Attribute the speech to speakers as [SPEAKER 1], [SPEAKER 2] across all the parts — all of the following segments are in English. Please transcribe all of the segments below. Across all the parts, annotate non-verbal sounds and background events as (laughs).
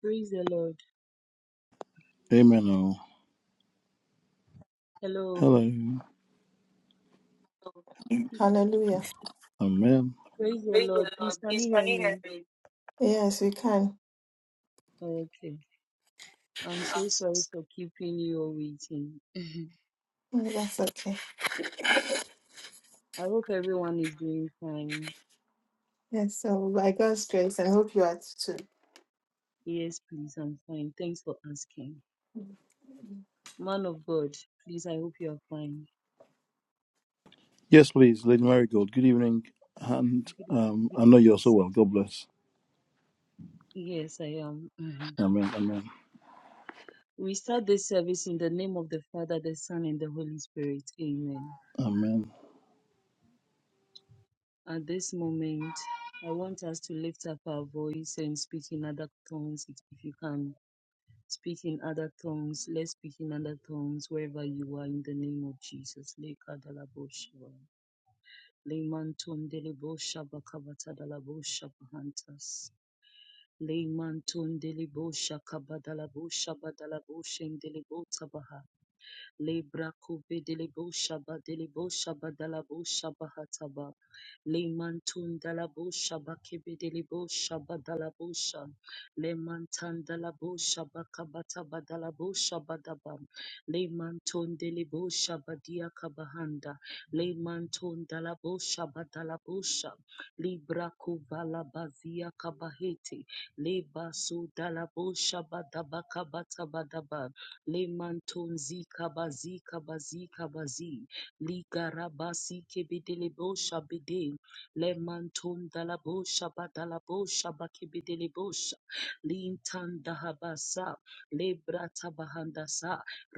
[SPEAKER 1] Praise the Lord.
[SPEAKER 2] Amen. all.
[SPEAKER 1] Hello.
[SPEAKER 2] Hello.
[SPEAKER 3] Hallelujah.
[SPEAKER 2] Amen.
[SPEAKER 1] Praise the
[SPEAKER 3] Praise
[SPEAKER 1] Lord.
[SPEAKER 3] the Lord.
[SPEAKER 1] Please, can
[SPEAKER 3] Please,
[SPEAKER 1] you
[SPEAKER 3] can
[SPEAKER 1] hear
[SPEAKER 3] you hear
[SPEAKER 1] me?
[SPEAKER 3] me? Yes, we can.
[SPEAKER 1] Okay. I'm
[SPEAKER 3] I'm
[SPEAKER 1] so
[SPEAKER 3] so
[SPEAKER 1] sorry for keeping you all waiting. (laughs)
[SPEAKER 3] sorry. Yeah, that's okay.
[SPEAKER 1] I hope everyone is doing fine.
[SPEAKER 3] Yes, so by God's grace, I hope you are too.
[SPEAKER 1] Yes, please, I'm fine. Thanks for asking. Man of God, please, I hope you are fine.
[SPEAKER 2] Yes, please, Lady Marigold. Good evening. And
[SPEAKER 1] Good, eve-
[SPEAKER 2] um,
[SPEAKER 1] good
[SPEAKER 2] I know you're
[SPEAKER 1] evening,
[SPEAKER 2] so
[SPEAKER 1] sir.
[SPEAKER 2] well. God bless.
[SPEAKER 1] Yes, I am. Mhm.
[SPEAKER 2] Amen. Amen.
[SPEAKER 1] We start this service in the name of the Father, the Son, and the Holy Spirit. Amen.
[SPEAKER 2] Amen.
[SPEAKER 1] At this moment, I want us to lift up our voice and speak in other tongues if if you can. Speak in other tongues. Let's speak in other tongues wherever you are in the name of Jesus. Lekadalabosha. Lemantondelebosha bakabatalalabosha bahantas. Lemantondelebosha kabadalabosha badalabosha ndelebota baha. Lebra kove delebo shaba delebo shaba dalabo shaba hataba. Lemantun dalabo shaba kebe delebo shaba dalabo sha. Lemantan dalabo shaba kabata badalabo shaba daba. Lemanton delebo shaba dia kabahanda. Lemanton dalabo shaba dalabo sha. Libra kovala bazia kabahete. Le basu dalabo shaba daba kabata badaba. Lemantonzi kabazi kabazi kabazi ligarabasi kebedelebo shabede lemanton dalabo shabadalabo shabakebedelebo sha lintan dahabasa lebrata bahandasa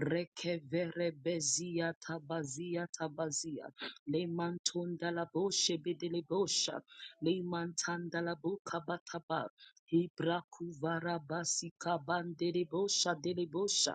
[SPEAKER 1] rekevere bezia tabazia tabazia lemanton dalabo shebedelebo sha lemantan dalabo kabataba Ibrakuvara basika bandelebosha delebosha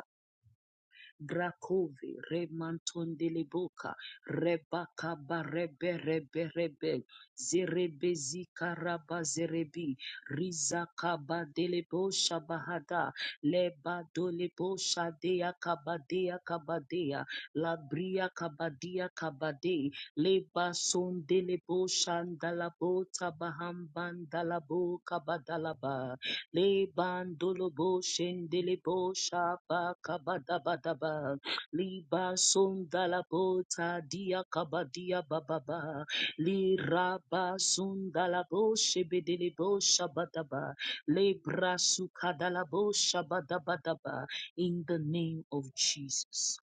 [SPEAKER 1] Grakovi Remantondeliboka Rebaka Barebe Rebe Rebe Zerebezi Karaba Zerebi Rizakaba Delebo Shabahada lebadolebo Dolebo Shadea Kabadea Kabadea Labria Kabadia Kabade Leba Sondelebo Shandalabo Tabahambandalabo Kabadalaba Le bandolo bo shendele bo shaba kabada badaba. Liba sundala bo tadia kabadia bababa. Li raba sundala bo shebedele bo shabadaba. Le brasu kadala bo shabadabadaba. In the name of Jesus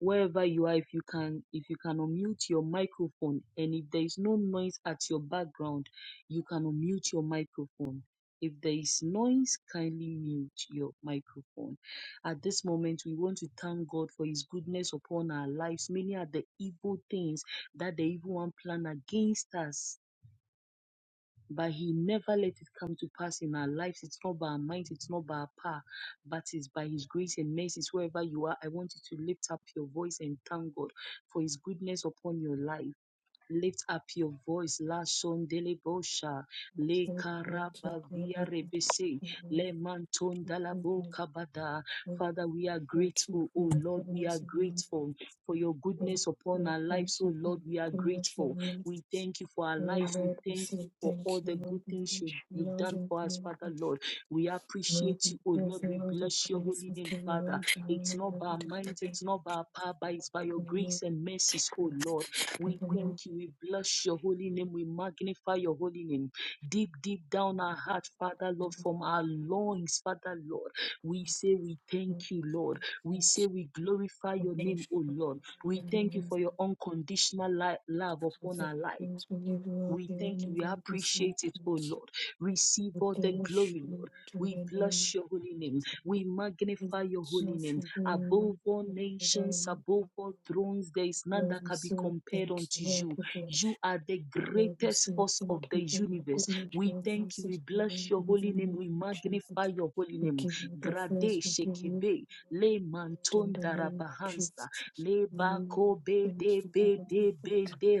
[SPEAKER 1] wherever you are if you can if you can unmute your microphone and if there is no noise at your background you can unmute your microphone if there is noise kindly mute your microphone at this moment we want to thank god for his goodness upon our lives many are the evil things that the evil one plan against us but He never let it come to pass in our lives. It's not by our might, it's not by our power, but it's by His grace and mercies. Wherever you are, I want you to lift up your voice and thank God for His goodness upon your life. Lift up your voice. La son bosha. Le
[SPEAKER 3] Thank you
[SPEAKER 1] karabavia rebese. Le mantonda la boka bada. Father, we are grateful.
[SPEAKER 3] for
[SPEAKER 1] Oh
[SPEAKER 3] your
[SPEAKER 1] Lord, we are
[SPEAKER 3] goodness and mercy.
[SPEAKER 1] grateful for your
[SPEAKER 3] Lord,
[SPEAKER 1] goodness upon
[SPEAKER 3] we
[SPEAKER 1] our
[SPEAKER 3] thank
[SPEAKER 1] lives. Oh
[SPEAKER 3] you for
[SPEAKER 1] Lord, we
[SPEAKER 3] your
[SPEAKER 1] are
[SPEAKER 3] goodness and
[SPEAKER 1] grateful. We
[SPEAKER 3] mercy.
[SPEAKER 1] thank you for our
[SPEAKER 3] Oh,
[SPEAKER 1] lives. We
[SPEAKER 3] Lord, we
[SPEAKER 1] thank
[SPEAKER 3] say
[SPEAKER 1] you for all
[SPEAKER 3] thank you.
[SPEAKER 1] the good
[SPEAKER 3] Lord, we
[SPEAKER 1] things
[SPEAKER 3] thank
[SPEAKER 1] you,
[SPEAKER 3] you.
[SPEAKER 1] you've
[SPEAKER 3] Lord,
[SPEAKER 1] done
[SPEAKER 3] we
[SPEAKER 1] for us,
[SPEAKER 3] thank
[SPEAKER 1] Father
[SPEAKER 3] you.
[SPEAKER 1] Lord. We
[SPEAKER 3] Lord,
[SPEAKER 1] appreciate
[SPEAKER 3] we
[SPEAKER 1] you, oh
[SPEAKER 3] thank
[SPEAKER 1] Lord.
[SPEAKER 3] you for
[SPEAKER 1] We
[SPEAKER 3] all the
[SPEAKER 1] bless your
[SPEAKER 3] praise
[SPEAKER 1] holy
[SPEAKER 3] we
[SPEAKER 1] name,
[SPEAKER 3] give you.
[SPEAKER 1] Father. It's not
[SPEAKER 3] Lord,
[SPEAKER 1] by our
[SPEAKER 3] we
[SPEAKER 1] might,
[SPEAKER 3] thank
[SPEAKER 1] it's
[SPEAKER 3] you.
[SPEAKER 1] not by our power, but it's by your
[SPEAKER 3] Lord,
[SPEAKER 1] grace and mercies,
[SPEAKER 3] we say
[SPEAKER 1] oh Lord. We thank you. We bless your holy name. We magnify your holy name. Deep, deep down our heart, Father, Lord, from our loins, Father, Lord, we say we thank you, Lord. We say we glorify your name, O Lord. We thank you for your unconditional li- love upon our life. We thank you. We appreciate it, O Lord. Receive all the glory, Lord. We bless your holy name. We magnify your holy name. Above all nations, above all thrones, there is none that can be compared
[SPEAKER 3] Thank you,
[SPEAKER 1] unto
[SPEAKER 3] Lord.
[SPEAKER 1] you.
[SPEAKER 3] We bless
[SPEAKER 1] You are the
[SPEAKER 3] Lord, we
[SPEAKER 1] greatest
[SPEAKER 3] say
[SPEAKER 1] force of
[SPEAKER 3] thank you
[SPEAKER 1] the
[SPEAKER 3] for your
[SPEAKER 1] universe.
[SPEAKER 3] goodness,
[SPEAKER 1] We
[SPEAKER 3] your
[SPEAKER 1] thank you.
[SPEAKER 3] mercy,
[SPEAKER 1] We
[SPEAKER 3] your love
[SPEAKER 1] bless your
[SPEAKER 3] in the
[SPEAKER 1] holy name.
[SPEAKER 3] name
[SPEAKER 1] We
[SPEAKER 3] of
[SPEAKER 1] magnify
[SPEAKER 3] Jesus.
[SPEAKER 1] your holy
[SPEAKER 3] We
[SPEAKER 1] name.
[SPEAKER 3] give you the first,
[SPEAKER 1] Grade
[SPEAKER 3] we give you
[SPEAKER 1] Shekebe,
[SPEAKER 3] the
[SPEAKER 1] Le
[SPEAKER 3] honor, Lord, in
[SPEAKER 1] Manton
[SPEAKER 3] the name of
[SPEAKER 1] Darabahansta,
[SPEAKER 3] Jesus.
[SPEAKER 1] Le
[SPEAKER 3] Amen.
[SPEAKER 1] Bako Be
[SPEAKER 3] we Thank
[SPEAKER 1] De
[SPEAKER 3] you for
[SPEAKER 1] Be
[SPEAKER 3] the
[SPEAKER 1] De
[SPEAKER 3] forgiveness.
[SPEAKER 1] Be
[SPEAKER 3] We
[SPEAKER 1] De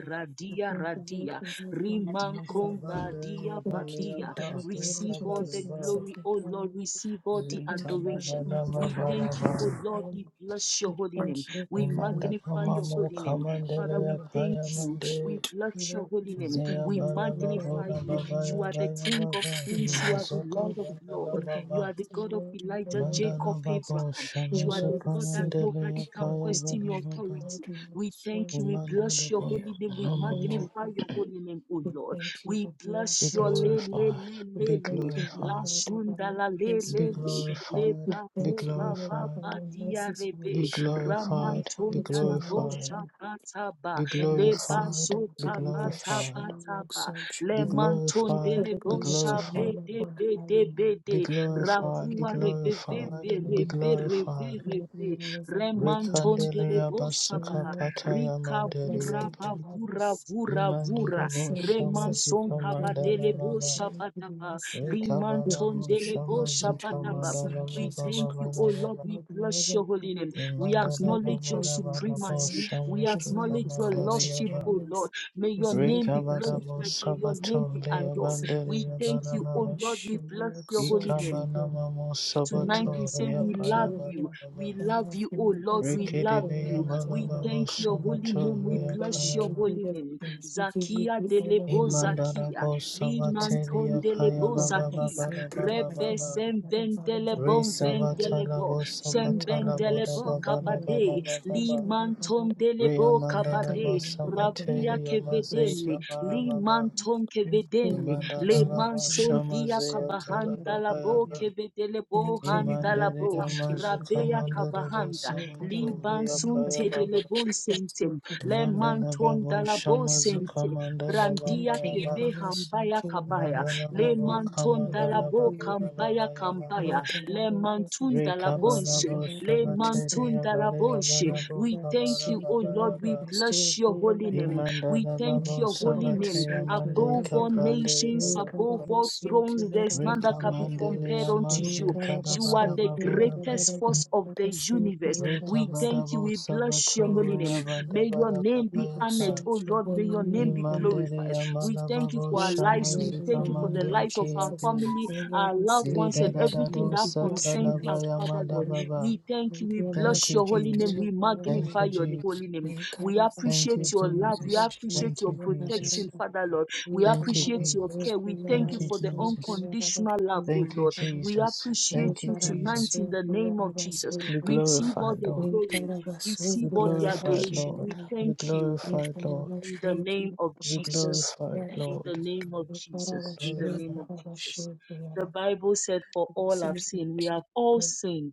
[SPEAKER 3] thank
[SPEAKER 1] Radia
[SPEAKER 3] you,
[SPEAKER 1] Radia.
[SPEAKER 3] Lord, for your forgiveness.
[SPEAKER 4] Nikabandaya
[SPEAKER 1] Rimankombadia
[SPEAKER 3] We Thank you for
[SPEAKER 1] Vadia.
[SPEAKER 4] Balayapa
[SPEAKER 3] delivering us
[SPEAKER 1] Receive
[SPEAKER 3] from
[SPEAKER 1] all
[SPEAKER 3] the
[SPEAKER 1] the
[SPEAKER 4] Rikabalaba
[SPEAKER 3] hands of
[SPEAKER 1] glory,
[SPEAKER 3] the
[SPEAKER 1] O
[SPEAKER 3] Father.
[SPEAKER 1] Lord. Receive all the
[SPEAKER 3] Thank you
[SPEAKER 4] Ritana
[SPEAKER 3] for
[SPEAKER 1] adoration.
[SPEAKER 4] Banama
[SPEAKER 3] the
[SPEAKER 1] We thank you,
[SPEAKER 4] Balaba
[SPEAKER 1] O Lord.
[SPEAKER 3] information
[SPEAKER 1] We bless your
[SPEAKER 3] we
[SPEAKER 1] holy name.
[SPEAKER 3] thank you,
[SPEAKER 1] We
[SPEAKER 3] Lord, for your
[SPEAKER 4] Imanda
[SPEAKER 1] magnify your
[SPEAKER 3] grace
[SPEAKER 4] Pamamu
[SPEAKER 1] holy
[SPEAKER 3] and
[SPEAKER 1] name. Father,
[SPEAKER 3] your
[SPEAKER 4] Kamandelaya
[SPEAKER 1] we thank
[SPEAKER 3] righteousness.
[SPEAKER 1] you.
[SPEAKER 4] Payamande
[SPEAKER 1] We
[SPEAKER 3] Shoot. We
[SPEAKER 1] bless your
[SPEAKER 3] love
[SPEAKER 1] holy
[SPEAKER 3] you, we
[SPEAKER 1] name.
[SPEAKER 3] thank
[SPEAKER 4] Zaya
[SPEAKER 1] We
[SPEAKER 3] you
[SPEAKER 4] Balaba
[SPEAKER 3] for your love
[SPEAKER 1] magnify
[SPEAKER 4] Bora
[SPEAKER 3] and
[SPEAKER 1] you.
[SPEAKER 3] the
[SPEAKER 4] Baba
[SPEAKER 3] name
[SPEAKER 1] You
[SPEAKER 3] of
[SPEAKER 1] are the
[SPEAKER 3] Jesus.
[SPEAKER 4] Yabaya
[SPEAKER 1] King of
[SPEAKER 4] Baba
[SPEAKER 3] We have
[SPEAKER 1] kings. You are the
[SPEAKER 3] the
[SPEAKER 4] Mazuka
[SPEAKER 1] Lord
[SPEAKER 3] faith
[SPEAKER 1] of
[SPEAKER 3] to
[SPEAKER 4] Mandala
[SPEAKER 1] lords.
[SPEAKER 3] open the
[SPEAKER 1] You
[SPEAKER 3] book
[SPEAKER 4] Baba
[SPEAKER 1] are the
[SPEAKER 3] of
[SPEAKER 1] God
[SPEAKER 3] the
[SPEAKER 1] of
[SPEAKER 3] Lord in the
[SPEAKER 1] Elijah,
[SPEAKER 3] name of
[SPEAKER 1] Jacob,
[SPEAKER 4] Mandala
[SPEAKER 3] Jesus.
[SPEAKER 4] Baba
[SPEAKER 1] Abraham.
[SPEAKER 3] Your
[SPEAKER 1] You are the
[SPEAKER 3] word
[SPEAKER 4] Shamazuka
[SPEAKER 3] is
[SPEAKER 1] God that
[SPEAKER 3] safe.
[SPEAKER 1] nobody
[SPEAKER 4] Mandelaya
[SPEAKER 1] can
[SPEAKER 3] Your
[SPEAKER 4] Paya
[SPEAKER 3] Thank
[SPEAKER 1] question
[SPEAKER 3] you
[SPEAKER 4] Bala
[SPEAKER 1] your
[SPEAKER 4] Baba
[SPEAKER 1] authority.
[SPEAKER 3] Lord, we
[SPEAKER 1] We
[SPEAKER 3] exalt
[SPEAKER 1] thank you. We
[SPEAKER 4] Imanda
[SPEAKER 1] bless
[SPEAKER 4] the
[SPEAKER 1] your
[SPEAKER 4] Boy
[SPEAKER 1] holy name. We
[SPEAKER 3] you. Thank you
[SPEAKER 4] Mamamu
[SPEAKER 1] magnify your
[SPEAKER 3] for
[SPEAKER 1] holy name, O
[SPEAKER 3] we
[SPEAKER 1] Lord.
[SPEAKER 3] thank you
[SPEAKER 1] We
[SPEAKER 3] that you are
[SPEAKER 4] Be
[SPEAKER 1] bless
[SPEAKER 3] here
[SPEAKER 1] your le
[SPEAKER 3] today.
[SPEAKER 1] le
[SPEAKER 4] glorified,
[SPEAKER 1] le
[SPEAKER 3] We
[SPEAKER 1] le
[SPEAKER 4] be
[SPEAKER 3] thank
[SPEAKER 1] le
[SPEAKER 3] you, Lord
[SPEAKER 1] la
[SPEAKER 4] glorified,
[SPEAKER 3] God, that by
[SPEAKER 1] shunda
[SPEAKER 3] your
[SPEAKER 1] la le
[SPEAKER 3] grace we
[SPEAKER 4] be
[SPEAKER 1] le
[SPEAKER 3] are
[SPEAKER 1] le
[SPEAKER 3] here.
[SPEAKER 1] le
[SPEAKER 4] glorified,
[SPEAKER 3] We
[SPEAKER 1] ba
[SPEAKER 4] be
[SPEAKER 1] ku
[SPEAKER 3] thank you,
[SPEAKER 1] ba
[SPEAKER 3] Lord,
[SPEAKER 1] ba
[SPEAKER 3] that by
[SPEAKER 4] glorified.
[SPEAKER 1] ba
[SPEAKER 3] your
[SPEAKER 1] dia
[SPEAKER 3] mercies we are
[SPEAKER 4] Be
[SPEAKER 1] rebe
[SPEAKER 3] here. Lord,
[SPEAKER 4] glorified,
[SPEAKER 3] I
[SPEAKER 4] be
[SPEAKER 3] lift
[SPEAKER 1] ramantunda
[SPEAKER 3] your
[SPEAKER 1] la
[SPEAKER 3] name up
[SPEAKER 4] glorified,
[SPEAKER 1] bosha
[SPEAKER 3] and
[SPEAKER 1] ba ta ba
[SPEAKER 4] be
[SPEAKER 3] Lord,
[SPEAKER 1] le
[SPEAKER 3] we say
[SPEAKER 1] ba
[SPEAKER 4] glorified,
[SPEAKER 1] so
[SPEAKER 3] thank
[SPEAKER 4] be
[SPEAKER 3] you.
[SPEAKER 1] ka
[SPEAKER 3] We
[SPEAKER 1] ba ta
[SPEAKER 3] bless
[SPEAKER 1] ba
[SPEAKER 4] glorified,
[SPEAKER 3] you. We
[SPEAKER 1] ta ba
[SPEAKER 3] exalt your
[SPEAKER 1] le
[SPEAKER 4] be
[SPEAKER 3] holy name.
[SPEAKER 1] mantonde
[SPEAKER 4] glorified,
[SPEAKER 3] Lord,
[SPEAKER 1] le
[SPEAKER 3] we
[SPEAKER 4] be
[SPEAKER 3] lift
[SPEAKER 1] bosha
[SPEAKER 3] your
[SPEAKER 1] be
[SPEAKER 4] glorified,
[SPEAKER 3] name up
[SPEAKER 1] de
[SPEAKER 3] on
[SPEAKER 1] be
[SPEAKER 3] high,
[SPEAKER 1] de be
[SPEAKER 3] Lord.
[SPEAKER 4] be
[SPEAKER 1] de
[SPEAKER 3] We will
[SPEAKER 4] glorified,
[SPEAKER 3] be
[SPEAKER 4] be
[SPEAKER 1] rakua
[SPEAKER 3] magnified
[SPEAKER 1] rebe be
[SPEAKER 3] your
[SPEAKER 1] be
[SPEAKER 4] glorified, be
[SPEAKER 3] name.
[SPEAKER 1] rebe rebe
[SPEAKER 4] glorified.
[SPEAKER 3] Lord,
[SPEAKER 1] rebe
[SPEAKER 3] we always are grateful unto
[SPEAKER 1] remantonde
[SPEAKER 3] you.
[SPEAKER 1] le
[SPEAKER 4] Rekandelea
[SPEAKER 3] O
[SPEAKER 1] bosha ba
[SPEAKER 4] basuka
[SPEAKER 3] Lord, and
[SPEAKER 4] pataya
[SPEAKER 3] the best
[SPEAKER 1] Rikavura
[SPEAKER 3] gift
[SPEAKER 4] mandeliapa.
[SPEAKER 3] we have
[SPEAKER 1] bavura
[SPEAKER 3] received.
[SPEAKER 1] vura vura.
[SPEAKER 3] Your
[SPEAKER 4] Imandelabo
[SPEAKER 3] son Jesus,
[SPEAKER 1] Remanson
[SPEAKER 3] for
[SPEAKER 4] shamazuka
[SPEAKER 3] us
[SPEAKER 4] mandala
[SPEAKER 3] from
[SPEAKER 1] kabadelebo
[SPEAKER 4] baba.
[SPEAKER 3] eternity. We
[SPEAKER 1] shabadaba.
[SPEAKER 3] are saved. We have
[SPEAKER 1] Limanton
[SPEAKER 4] Rekabalabo
[SPEAKER 1] delebo
[SPEAKER 3] salvation
[SPEAKER 4] shamazuka
[SPEAKER 3] through your
[SPEAKER 1] shabadaba.
[SPEAKER 3] son
[SPEAKER 4] mandala
[SPEAKER 1] We
[SPEAKER 4] baba
[SPEAKER 3] Jesus
[SPEAKER 1] thank you,
[SPEAKER 4] baba
[SPEAKER 1] O
[SPEAKER 3] Christ.
[SPEAKER 1] Lord.
[SPEAKER 4] baba.
[SPEAKER 1] We
[SPEAKER 3] Lord, we
[SPEAKER 1] bless
[SPEAKER 3] ever
[SPEAKER 1] your holy name.
[SPEAKER 3] thankful.
[SPEAKER 1] We
[SPEAKER 3] It's
[SPEAKER 4] Imandala
[SPEAKER 3] not
[SPEAKER 4] baba
[SPEAKER 1] acknowledge your
[SPEAKER 3] because we
[SPEAKER 4] baba baba
[SPEAKER 3] deserve,
[SPEAKER 1] supremacy.
[SPEAKER 3] it,
[SPEAKER 1] We
[SPEAKER 3] it's
[SPEAKER 4] shamazuka
[SPEAKER 3] only
[SPEAKER 1] acknowledge your
[SPEAKER 3] because of
[SPEAKER 1] lordship,
[SPEAKER 3] your
[SPEAKER 4] mandeliapa.
[SPEAKER 1] O Lord.
[SPEAKER 3] mercy.
[SPEAKER 1] May your
[SPEAKER 3] It's only
[SPEAKER 1] name be
[SPEAKER 3] because of
[SPEAKER 4] Rekabarabo
[SPEAKER 1] glorified.
[SPEAKER 3] your
[SPEAKER 1] May your
[SPEAKER 3] grace.
[SPEAKER 4] sabato
[SPEAKER 1] name be
[SPEAKER 3] Lord, we
[SPEAKER 1] adored.
[SPEAKER 3] say
[SPEAKER 1] We
[SPEAKER 4] leabanderia
[SPEAKER 3] thank
[SPEAKER 1] thank
[SPEAKER 3] you.
[SPEAKER 1] you,
[SPEAKER 3] We
[SPEAKER 1] O
[SPEAKER 4] barababa.
[SPEAKER 1] Lord.
[SPEAKER 3] bless
[SPEAKER 1] We
[SPEAKER 3] you.
[SPEAKER 1] bless
[SPEAKER 3] We
[SPEAKER 1] your holy
[SPEAKER 3] exalt
[SPEAKER 1] name.
[SPEAKER 3] you.
[SPEAKER 4] Ikabanamamo
[SPEAKER 3] Oh
[SPEAKER 1] Tonight
[SPEAKER 4] sabato
[SPEAKER 3] Lord,
[SPEAKER 1] we say we
[SPEAKER 3] oh
[SPEAKER 1] love you.
[SPEAKER 3] Julia,
[SPEAKER 4] leapayabarababa.
[SPEAKER 1] We
[SPEAKER 3] I
[SPEAKER 1] love
[SPEAKER 3] love
[SPEAKER 1] you, oh
[SPEAKER 3] you
[SPEAKER 1] Lord.
[SPEAKER 3] as much
[SPEAKER 1] We love
[SPEAKER 3] for your
[SPEAKER 4] Rekedevia
[SPEAKER 1] you.
[SPEAKER 3] love
[SPEAKER 1] We
[SPEAKER 3] and your
[SPEAKER 4] malababo
[SPEAKER 1] thank your holy
[SPEAKER 4] sabato
[SPEAKER 3] kindness.
[SPEAKER 1] name. We
[SPEAKER 3] Oh Lord,
[SPEAKER 1] bless
[SPEAKER 3] we
[SPEAKER 1] your
[SPEAKER 3] give
[SPEAKER 4] leapayama.
[SPEAKER 3] me
[SPEAKER 1] holy
[SPEAKER 3] the
[SPEAKER 1] name.
[SPEAKER 3] grace, give me
[SPEAKER 1] Zakia
[SPEAKER 3] the
[SPEAKER 1] delebo
[SPEAKER 3] energy
[SPEAKER 1] Zakia.
[SPEAKER 3] to
[SPEAKER 4] Imandarabo
[SPEAKER 3] do what you say.
[SPEAKER 4] sabateria
[SPEAKER 1] Limanton
[SPEAKER 3] To
[SPEAKER 4] paya
[SPEAKER 1] delebo
[SPEAKER 3] do what you want
[SPEAKER 4] bababa
[SPEAKER 1] Zakia.
[SPEAKER 3] me to do. To do what you say. To do
[SPEAKER 4] barababa
[SPEAKER 3] what
[SPEAKER 1] Rebe
[SPEAKER 3] you
[SPEAKER 4] baba.
[SPEAKER 3] want me to
[SPEAKER 1] sem
[SPEAKER 4] Re
[SPEAKER 3] do. To
[SPEAKER 1] vendelebon vendelebo.
[SPEAKER 4] sabatalabo
[SPEAKER 1] Sem
[SPEAKER 3] do what you
[SPEAKER 4] sabatalabo
[SPEAKER 3] say.
[SPEAKER 1] vendelebo
[SPEAKER 3] To do
[SPEAKER 4] dababa
[SPEAKER 3] what you want
[SPEAKER 1] kabade.
[SPEAKER 3] me to do. To do what you
[SPEAKER 4] bababa
[SPEAKER 3] say. To
[SPEAKER 4] baba.
[SPEAKER 3] do what
[SPEAKER 1] Limanton
[SPEAKER 4] Re
[SPEAKER 1] delebo
[SPEAKER 4] amandarabo
[SPEAKER 1] kabade. Ravia
[SPEAKER 4] sabateria
[SPEAKER 1] kevedele.
[SPEAKER 4] mazeka barababa.
[SPEAKER 1] Limanton kevedele. Le
[SPEAKER 4] Imandarababa
[SPEAKER 1] mansondia
[SPEAKER 4] Shamazeya
[SPEAKER 3] you
[SPEAKER 1] kabahanda
[SPEAKER 3] want me
[SPEAKER 1] labo
[SPEAKER 3] to do.
[SPEAKER 4] Parababayaba
[SPEAKER 1] kebedelebo
[SPEAKER 3] Thank you.
[SPEAKER 1] handa
[SPEAKER 3] Lord.
[SPEAKER 4] Imandere
[SPEAKER 1] labo
[SPEAKER 3] Thank you for
[SPEAKER 4] Yamazuka
[SPEAKER 1] rabea
[SPEAKER 3] coming.
[SPEAKER 4] Mandarabo
[SPEAKER 1] kabahanda
[SPEAKER 3] Oh, God, I
[SPEAKER 4] sabato
[SPEAKER 1] li
[SPEAKER 3] don't
[SPEAKER 4] Lea
[SPEAKER 3] know, God, I
[SPEAKER 1] bansunte
[SPEAKER 3] don't know.
[SPEAKER 4] Payababa
[SPEAKER 1] delebon
[SPEAKER 3] That's what
[SPEAKER 1] sentem
[SPEAKER 3] you do, God, I
[SPEAKER 1] le
[SPEAKER 3] don't
[SPEAKER 1] manton
[SPEAKER 4] Imandarababo
[SPEAKER 1] dalabo
[SPEAKER 3] know. So,
[SPEAKER 4] Shamazuka
[SPEAKER 1] sente
[SPEAKER 4] Mandarababa
[SPEAKER 1] brandia
[SPEAKER 3] thank you,
[SPEAKER 4] yama.
[SPEAKER 1] keve
[SPEAKER 3] Lord, I so
[SPEAKER 1] hambaya
[SPEAKER 3] thank you, Lord,
[SPEAKER 1] kabaya
[SPEAKER 3] I so
[SPEAKER 1] le
[SPEAKER 3] thank you, Lord, I
[SPEAKER 1] manton
[SPEAKER 3] so thank
[SPEAKER 1] dalabo
[SPEAKER 3] you,
[SPEAKER 1] kambaya
[SPEAKER 3] Lord. Oh,
[SPEAKER 1] kambaya
[SPEAKER 3] God, I
[SPEAKER 1] le
[SPEAKER 3] don't know, God,
[SPEAKER 1] mantun
[SPEAKER 3] I so thank you,
[SPEAKER 1] dalabonse
[SPEAKER 3] Lord,
[SPEAKER 1] le
[SPEAKER 3] I so
[SPEAKER 1] mantun dalabonse
[SPEAKER 3] thank you,
[SPEAKER 1] we
[SPEAKER 3] Lord, I
[SPEAKER 1] thank you
[SPEAKER 3] so thank
[SPEAKER 1] O
[SPEAKER 3] you,
[SPEAKER 1] Lord
[SPEAKER 3] Lord,
[SPEAKER 1] we
[SPEAKER 3] I so
[SPEAKER 1] bless your
[SPEAKER 3] thank
[SPEAKER 1] holy
[SPEAKER 3] you, Lord.
[SPEAKER 1] name
[SPEAKER 4] Imandana
[SPEAKER 1] we thank
[SPEAKER 4] babo
[SPEAKER 1] your holy name
[SPEAKER 4] sabate amande
[SPEAKER 1] above all
[SPEAKER 4] kaprandere
[SPEAKER 1] nations,
[SPEAKER 4] yaba
[SPEAKER 1] above all thrones. There is none that can be
[SPEAKER 4] Rekamandele
[SPEAKER 1] compared unto you.
[SPEAKER 4] amazita da
[SPEAKER 1] You are
[SPEAKER 4] bada
[SPEAKER 1] the
[SPEAKER 4] babu da ba.
[SPEAKER 1] greatest force of the universe. We
[SPEAKER 4] Rekabada
[SPEAKER 1] thank you.
[SPEAKER 4] bo
[SPEAKER 1] We bless
[SPEAKER 4] sabato
[SPEAKER 1] your holy name.
[SPEAKER 3] Yes,
[SPEAKER 4] reabanda
[SPEAKER 1] May
[SPEAKER 3] Lord.
[SPEAKER 1] your
[SPEAKER 4] bada baba
[SPEAKER 1] name
[SPEAKER 3] We
[SPEAKER 1] be honored,
[SPEAKER 4] yapa.
[SPEAKER 3] exalt
[SPEAKER 1] oh
[SPEAKER 3] your
[SPEAKER 1] Lord.
[SPEAKER 3] holy
[SPEAKER 1] May your name
[SPEAKER 3] name
[SPEAKER 1] be
[SPEAKER 3] in the name of
[SPEAKER 4] Imandele
[SPEAKER 1] glorified.
[SPEAKER 3] Jesus.
[SPEAKER 1] We
[SPEAKER 4] amala
[SPEAKER 1] thank you
[SPEAKER 4] babu
[SPEAKER 1] for our
[SPEAKER 3] Yes,
[SPEAKER 1] lives. We
[SPEAKER 3] Lord, in the
[SPEAKER 4] shamazika
[SPEAKER 1] thank you for the
[SPEAKER 3] name
[SPEAKER 4] mande
[SPEAKER 3] of
[SPEAKER 1] lives of
[SPEAKER 4] ike
[SPEAKER 1] our
[SPEAKER 3] Jesus.
[SPEAKER 4] abe.
[SPEAKER 1] family,
[SPEAKER 3] And Lord,
[SPEAKER 1] our
[SPEAKER 3] we
[SPEAKER 1] loved
[SPEAKER 3] say
[SPEAKER 1] ones,
[SPEAKER 4] Lida
[SPEAKER 1] and
[SPEAKER 4] da
[SPEAKER 3] thank you,
[SPEAKER 4] da
[SPEAKER 1] everything
[SPEAKER 4] do
[SPEAKER 3] Lord,
[SPEAKER 1] that
[SPEAKER 3] we bless your
[SPEAKER 1] concerns
[SPEAKER 4] satana
[SPEAKER 3] name.
[SPEAKER 1] us, Father
[SPEAKER 3] And
[SPEAKER 4] bayamada
[SPEAKER 1] Lord.
[SPEAKER 4] baba.
[SPEAKER 1] We
[SPEAKER 3] Lord, we
[SPEAKER 1] thank you. We
[SPEAKER 3] do
[SPEAKER 4] Thank
[SPEAKER 1] bless
[SPEAKER 3] bless
[SPEAKER 4] you,
[SPEAKER 1] your
[SPEAKER 3] and
[SPEAKER 1] holy
[SPEAKER 3] do
[SPEAKER 1] name.
[SPEAKER 4] Jesus.
[SPEAKER 1] We
[SPEAKER 3] it forever.
[SPEAKER 4] Thank
[SPEAKER 1] magnify
[SPEAKER 4] you,
[SPEAKER 1] your
[SPEAKER 3] Lord.
[SPEAKER 1] holy
[SPEAKER 4] Jesus.
[SPEAKER 1] name.
[SPEAKER 3] May God
[SPEAKER 1] We
[SPEAKER 3] have us
[SPEAKER 4] Thank
[SPEAKER 1] appreciate
[SPEAKER 3] with
[SPEAKER 4] you,
[SPEAKER 1] your
[SPEAKER 3] you
[SPEAKER 1] love.
[SPEAKER 3] and
[SPEAKER 1] We
[SPEAKER 4] Jesus.
[SPEAKER 3] bless you
[SPEAKER 1] appreciate
[SPEAKER 3] with
[SPEAKER 4] Thank
[SPEAKER 1] your
[SPEAKER 4] you,
[SPEAKER 3] you and
[SPEAKER 1] protection,
[SPEAKER 4] Jesus.
[SPEAKER 1] Father Lord.
[SPEAKER 3] Thank
[SPEAKER 1] We
[SPEAKER 3] you. can
[SPEAKER 4] Thank you,
[SPEAKER 1] appreciate
[SPEAKER 3] have
[SPEAKER 1] your
[SPEAKER 3] a soul
[SPEAKER 4] Jesus.
[SPEAKER 1] care. We
[SPEAKER 3] to your
[SPEAKER 1] thank
[SPEAKER 4] Thank
[SPEAKER 1] you
[SPEAKER 4] you,
[SPEAKER 3] other
[SPEAKER 1] for the
[SPEAKER 3] soul,
[SPEAKER 4] Jesus.
[SPEAKER 1] unconditional love, O
[SPEAKER 4] Thank you,
[SPEAKER 1] Lord. We
[SPEAKER 4] Jesus.
[SPEAKER 1] appreciate
[SPEAKER 3] You
[SPEAKER 4] Thank you,
[SPEAKER 1] you
[SPEAKER 3] can have a
[SPEAKER 4] Jesus.
[SPEAKER 1] tonight
[SPEAKER 3] soul
[SPEAKER 1] in the
[SPEAKER 3] to
[SPEAKER 1] name
[SPEAKER 3] your
[SPEAKER 1] of
[SPEAKER 3] other soul,
[SPEAKER 1] Jesus.
[SPEAKER 4] Be
[SPEAKER 1] Receive all
[SPEAKER 4] glorified,
[SPEAKER 1] the
[SPEAKER 4] Lord.
[SPEAKER 3] You can
[SPEAKER 1] glory.
[SPEAKER 3] have a soul
[SPEAKER 1] Receive
[SPEAKER 4] Be
[SPEAKER 3] to
[SPEAKER 1] all
[SPEAKER 3] your
[SPEAKER 1] the
[SPEAKER 3] other
[SPEAKER 4] glorified,
[SPEAKER 3] soul,
[SPEAKER 1] adoration.
[SPEAKER 4] Lord.
[SPEAKER 1] We
[SPEAKER 4] Be
[SPEAKER 1] thank
[SPEAKER 3] You
[SPEAKER 1] you
[SPEAKER 3] can have a
[SPEAKER 4] glorified,
[SPEAKER 3] soul to your
[SPEAKER 4] Lord.
[SPEAKER 3] other
[SPEAKER 1] in the name of
[SPEAKER 4] Be
[SPEAKER 1] Jesus.
[SPEAKER 4] glorified,
[SPEAKER 1] In the
[SPEAKER 4] Lord.
[SPEAKER 1] name of
[SPEAKER 4] Be
[SPEAKER 1] Jesus. In
[SPEAKER 3] soul,
[SPEAKER 1] the name
[SPEAKER 3] to
[SPEAKER 4] glorified.
[SPEAKER 1] of
[SPEAKER 3] your other soul, You can have a
[SPEAKER 1] Jesus.
[SPEAKER 3] soul to your other soul, to your other
[SPEAKER 1] The
[SPEAKER 3] soul,
[SPEAKER 1] Bible said, For all have sinned. We have all sinned